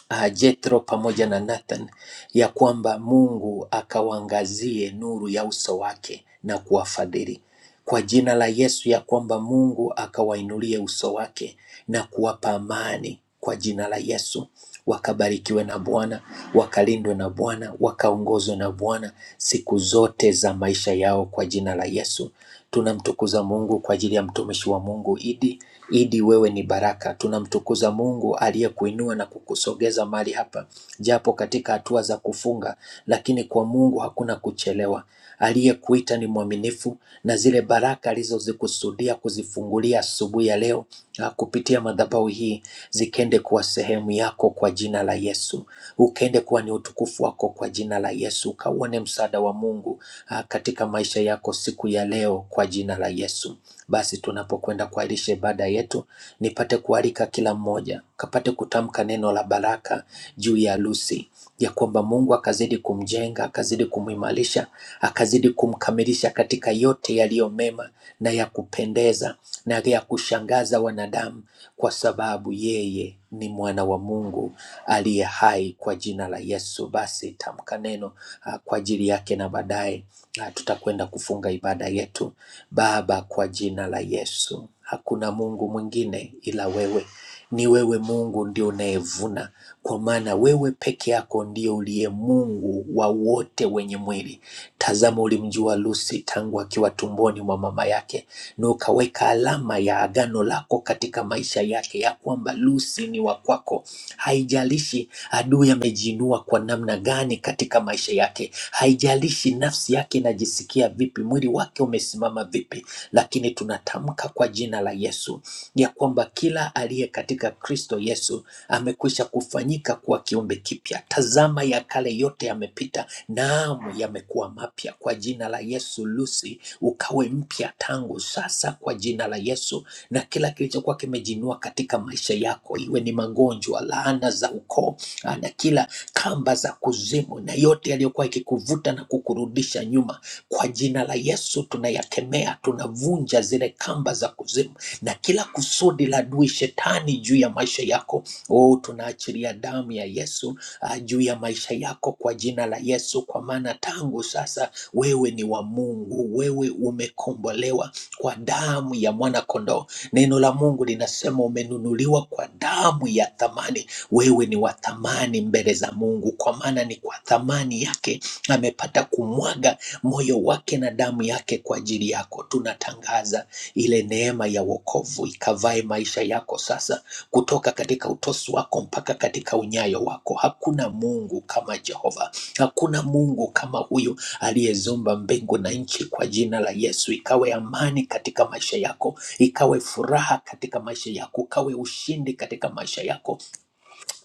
ah, Jethro pamoja na Nathan ya kwamba Mungu akawaangazie nuru ya uso wake na kuwafadhili kwa jina la Yesu, ya kwamba Mungu akawainulie uso wake na kuwapa amani kwa jina la Yesu. Wakabarikiwe na Bwana, wakalindwe na Bwana, wakaongozwe na Bwana siku zote za maisha yao kwa jina la Yesu. Tunamtukuza Mungu kwa ajili ya mtumishi wa Mungu Idi. Idi, wewe ni baraka. Tunamtukuza Mungu aliyekuinua na kukusogeza mahali hapa, japo katika hatua za kufunga, lakini kwa Mungu hakuna kuchelewa. Aliyekuita ni mwaminifu, na zile baraka alizozikusudia kuzifungulia asubuhi ya leo ah, kupitia madhabahu hii zikende kuwa sehemu yako kwa jina la Yesu, ukende kuwa ni utukufu wako kwa jina la Yesu, ukauone msaada wa Mungu ah, katika maisha yako siku ya leo kwa jina la Yesu. Basi tunapokwenda kuahirisha ibada yetu, nipate kualika kila mmoja kapate kutamka neno la baraka juu ya harusi ya kwamba Mungu akazidi kumjenga, akazidi kumuimarisha, akazidi kumkamilisha katika yote yaliyo mema na ya kupendeza na ya kushangaza wanadamu, kwa sababu yeye ni mwana wa Mungu aliye hai kwa jina la Yesu. Basi tamka neno ah, kwa ajili yake, na baadaye ah, tutakwenda kufunga ibada yetu. Baba, kwa jina la Yesu, hakuna Mungu mwingine ila wewe. Ni wewe Mungu ndio unayevuna, kwa maana wewe peke yako ndio uliye Mungu wa wote wenye mwili. Tazama, ulimjua Lusi tangu akiwa tumboni mwa mama yake, na ukaweka alama ya agano lako katika maisha yake ya kwamba Lusi ni wa kwako. Haijalishi adui amejiinua kwa namna gani katika maisha yake, haijalishi nafsi yake inajisikia vipi, mwili wake umesimama vipi, lakini tunatamka kwa jina la Yesu ya kwamba kila aliye katika Kristo Yesu amekwisha kufanyika kuwa kiumbe kipya. Tazama, ya kale yote yamepita, naam, yamekuwa mapya. Kwa jina la Yesu, Lucy, ukawe mpya tangu sasa, kwa jina la Yesu. Na kila kilichokuwa kimejinua katika maisha yako, iwe ni magonjwa, laana za ukoo, ah, na kila kamba za kuzimu, na yote yaliyokuwa ikikuvuta na kukurudisha nyuma, kwa jina la Yesu tunayakemea, tunavunja zile kamba za kuzimu na kila kusudi la adui shetani juu ya maisha yako. Oh, tunaachilia damu ya Yesu ah, juu ya maisha yako kwa jina la Yesu, kwa maana tangu sasa wewe ni wa Mungu, wewe umekombolewa kwa damu ya mwana-kondoo. Neno la Mungu linasema umenunuliwa kwa damu ya thamani. Wewe ni wa thamani mbele za Mungu, kwa maana ni kwa thamani yake amepata kumwaga moyo wake na damu yake kwa ajili yako. Tunatangaza ile neema ya wokovu ikavae maisha yako sasa, kutoka katika utosi wako mpaka katika unyayo wako. Hakuna Mungu kama Jehova, hakuna Mungu kama huyu aliyezumba mbingu na nchi. Kwa jina la Yesu, ikawe amani katika maisha yako, ikawe furaha katika maisha yako, ikawe ushindi katika maisha yako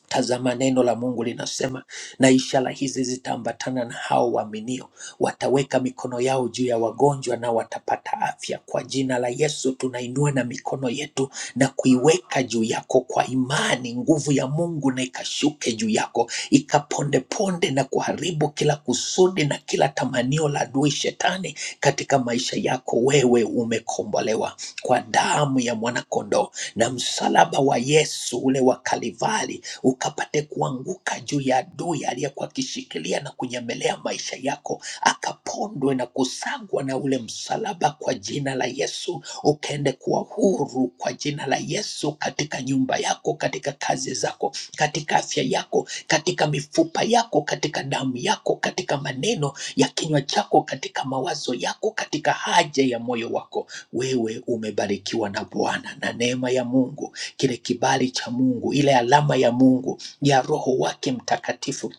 Tazama, neno la Mungu linasema, na ishara hizi zitaambatana na hao waaminio, wataweka mikono yao juu ya wagonjwa na watapata afya. Kwa jina la Yesu tunainua na mikono yetu na kuiweka juu yako kwa imani, nguvu ya Mungu na ikashuke juu yako, ikapondeponde na kuharibu kila kusudi na kila tamanio la adui shetani katika maisha yako. Wewe umekombolewa kwa damu ya mwanakondoo na msalaba wa Yesu ule wa Kalvari ukapate kuanguka juu ya adui aliyekuwa akishikilia na kunyemelea maisha yako, akapondwe na kusagwa na ule msalaba kwa jina la Yesu, ukaende kuwa huru kwa jina la Yesu, katika nyumba yako, katika kazi zako, katika afya yako, katika mifupa yako, katika damu yako, katika maneno ya kinywa chako, katika mawazo yako, katika haja ya moyo wako. Wewe umebarikiwa na Bwana na neema ya Mungu kile kibali cha Mungu, ile alama ya Mungu ya Roho wake Mtakatifu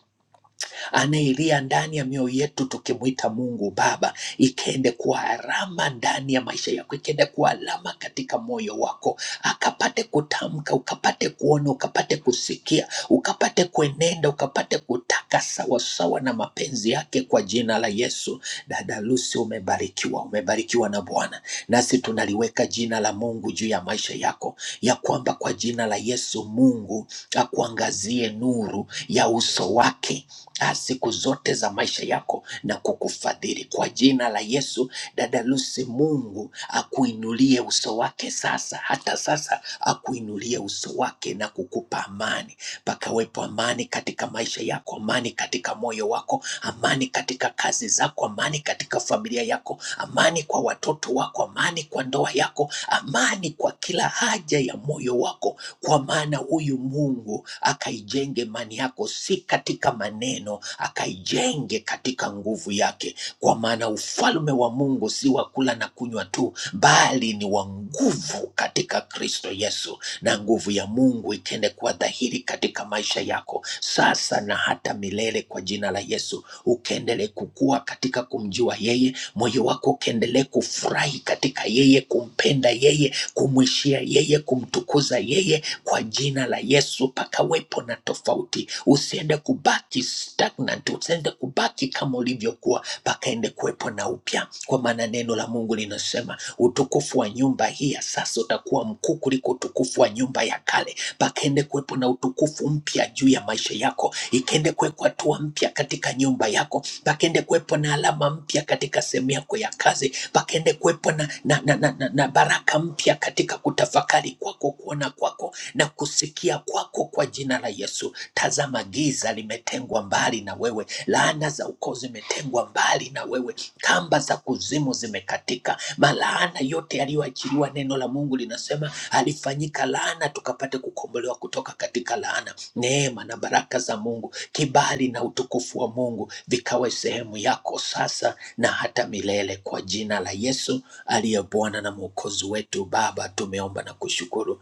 anayelia ndani ya mioyo yetu tukimwita Mungu Baba, ikaende kuwa alama ndani ya maisha yako, ikaende kuwa alama katika moyo wako, akapate kutamka, ukapate kuona, ukapate kusikia, ukapate kuenenda, ukapate kutaka sawasawa na mapenzi yake, kwa jina la Yesu. Dada Lucy, umebarikiwa, umebarikiwa na Bwana, nasi tunaliweka jina la Mungu juu ya maisha yako, ya kwamba kwa jina la Yesu Mungu akuangazie nuru ya uso wake ah, siku zote za maisha yako na kukufadhili kwa jina la Yesu. Dada Lucy, Mungu akuinulie uso wake sasa, hata sasa akuinulie uso wake na kukupa amani pakawepo amani katika maisha yako, amani katika moyo wako, amani katika kazi zako, amani katika familia yako, amani kwa watoto wako, amani kwa ndoa yako, amani kwa kila haja ya moyo wako, kwa maana huyu Mungu akaijenge imani yako, si katika maneno, akaijenge katika nguvu yake, kwa maana ufalme wa Mungu si wa kula na kunywa tu, bali ni wa nguvu katika Kristo Yesu na nguvu ya Mungu itende kuwa dhahiri katika maisha yako sasa na hata milele, kwa jina la Yesu. Ukaendelee kukua katika kumjua yeye, moyo wako ukaendelee kufurahi katika yeye, kumpenda yeye, kumwishia yeye, kumtukuza yeye, kwa jina la Yesu. Pakawepo na tofauti, usiende kubaki stagnant, usiende kubaki kama ulivyokuwa, pakaende kuwepo na upya, kwa maana neno la Mungu linasema Utukufu wa nyumba hii ya sasa utakuwa mkuu kuliko utukufu wa nyumba ya kale. Pakende kuwepo na utukufu mpya juu ya maisha yako, ikende kuwekwa hatua mpya katika nyumba yako, pakende kuwepo na alama mpya katika sehemu yako ya kazi, pakende kuwepo na, na, na, na, na, na baraka mpya katika kutafakari kwako, kuona kwako na kusikia kwako, kwa jina la Yesu. Tazama, giza limetengwa mbali na wewe, laana za ukoo zimetengwa mbali na wewe, kamba za kuzimu zimekatika Malaana yote yaliyoachiliwa, neno la Mungu linasema alifanyika laana tukapate kukombolewa kutoka katika laana. Neema na baraka za Mungu, kibali na utukufu wa Mungu vikawe sehemu yako sasa na hata milele, kwa jina la Yesu aliye Bwana na Mwokozi wetu. Baba, tumeomba na kushukuru.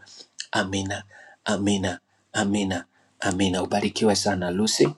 Amina, amina, amina, amina. Ubarikiwe sana Lucy.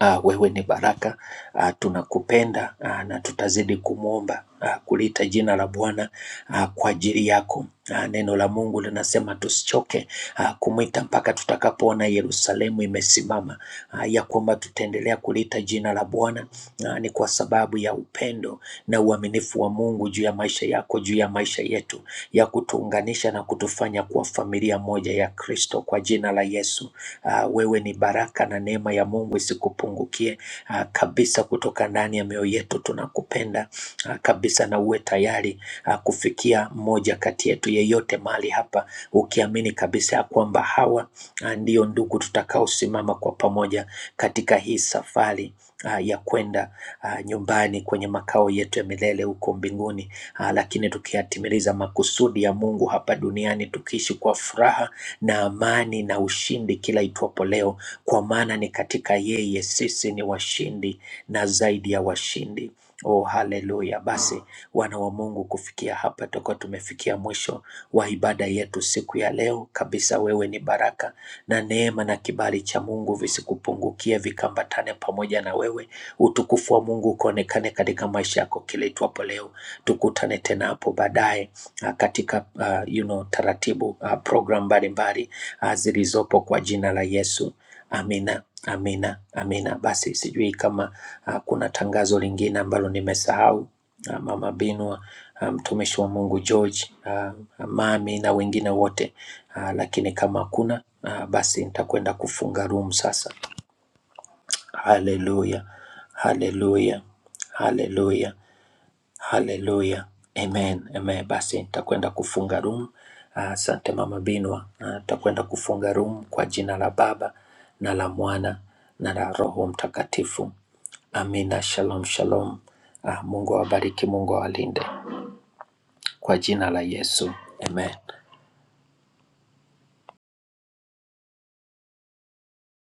Ah, wewe ni baraka. Ah, tunakupenda ah, na tutazidi kumwomba ah, kulita jina la Bwana ah, kwa ajili yako. Ah, neno la Mungu linasema tusichoke ah, kumwita mpaka tutakapoona Yerusalemu imesimama. Ah, ya kwamba tutaendelea kulita jina la Bwana ah, ni kwa sababu ya upendo na uaminifu wa Mungu juu ya maisha yako, juu ya maisha yetu, ya kutuunganisha na kutufanya kuwa familia moja ya Kristo kwa jina la Yesu. Ah, Wewe ni baraka na neema ya Mungu isikupungukie ah, kabisa, kutoka ndani ya mioyo yetu tunakupenda ah, kabisa, na uwe tayari ah, kufikia mmoja kati yetu yeyote mahali hapa, ukiamini kabisa ya kwamba hawa ah, ndio ndugu tutakaosimama kwa pamoja katika hii safari ah, ya kwenda ah, nyumbani kwenye makao yetu ya milele huko mbinguni, ah, lakini tukiyatimiliza makusudi ya Mungu hapa duniani, tukiishi kwa furaha na amani na ushindi kila itwapo leo, kwa maana ni katika yeye sisi ni washindi na zaidi ya washindi. Oh, haleluya! Basi wana wa Mungu, kufikia hapa tutakuwa tumefikia mwisho wa ibada yetu siku ya leo kabisa. Wewe ni baraka na neema na kibali cha Mungu visikupungukie, vikambatane pamoja na wewe. Utukufu wa Mungu ukaonekane katika maisha yako kila itwapo leo. Tukutane tena hapo baadaye ah, katika uh, you know, taratibu uh, program mbalimbali uh, zilizopo kwa jina la Yesu. Amina, amina, amina. Basi sijui kama uh, kuna tangazo lingine ambalo nimesahau. Ah, Mama Binwa ah, mtumishi um, wa Mungu George, ah, mami na wengine wote ah, lakini kama hakuna ah, basi nitakwenda kufunga room sasa. Haleluya, haleluya, haleluya, haleluya, amen, amen. Basi nitakwenda kufunga room. Ah, Asante uh, mama Binwa, Ah, nitakwenda uh, kufunga room kwa jina la Baba na la Mwana na la Roho Mtakatifu. Amina. Shalom, shalom. Ah, Mungu awabariki, Mungu awalinde kwa jina la Yesu. Amen.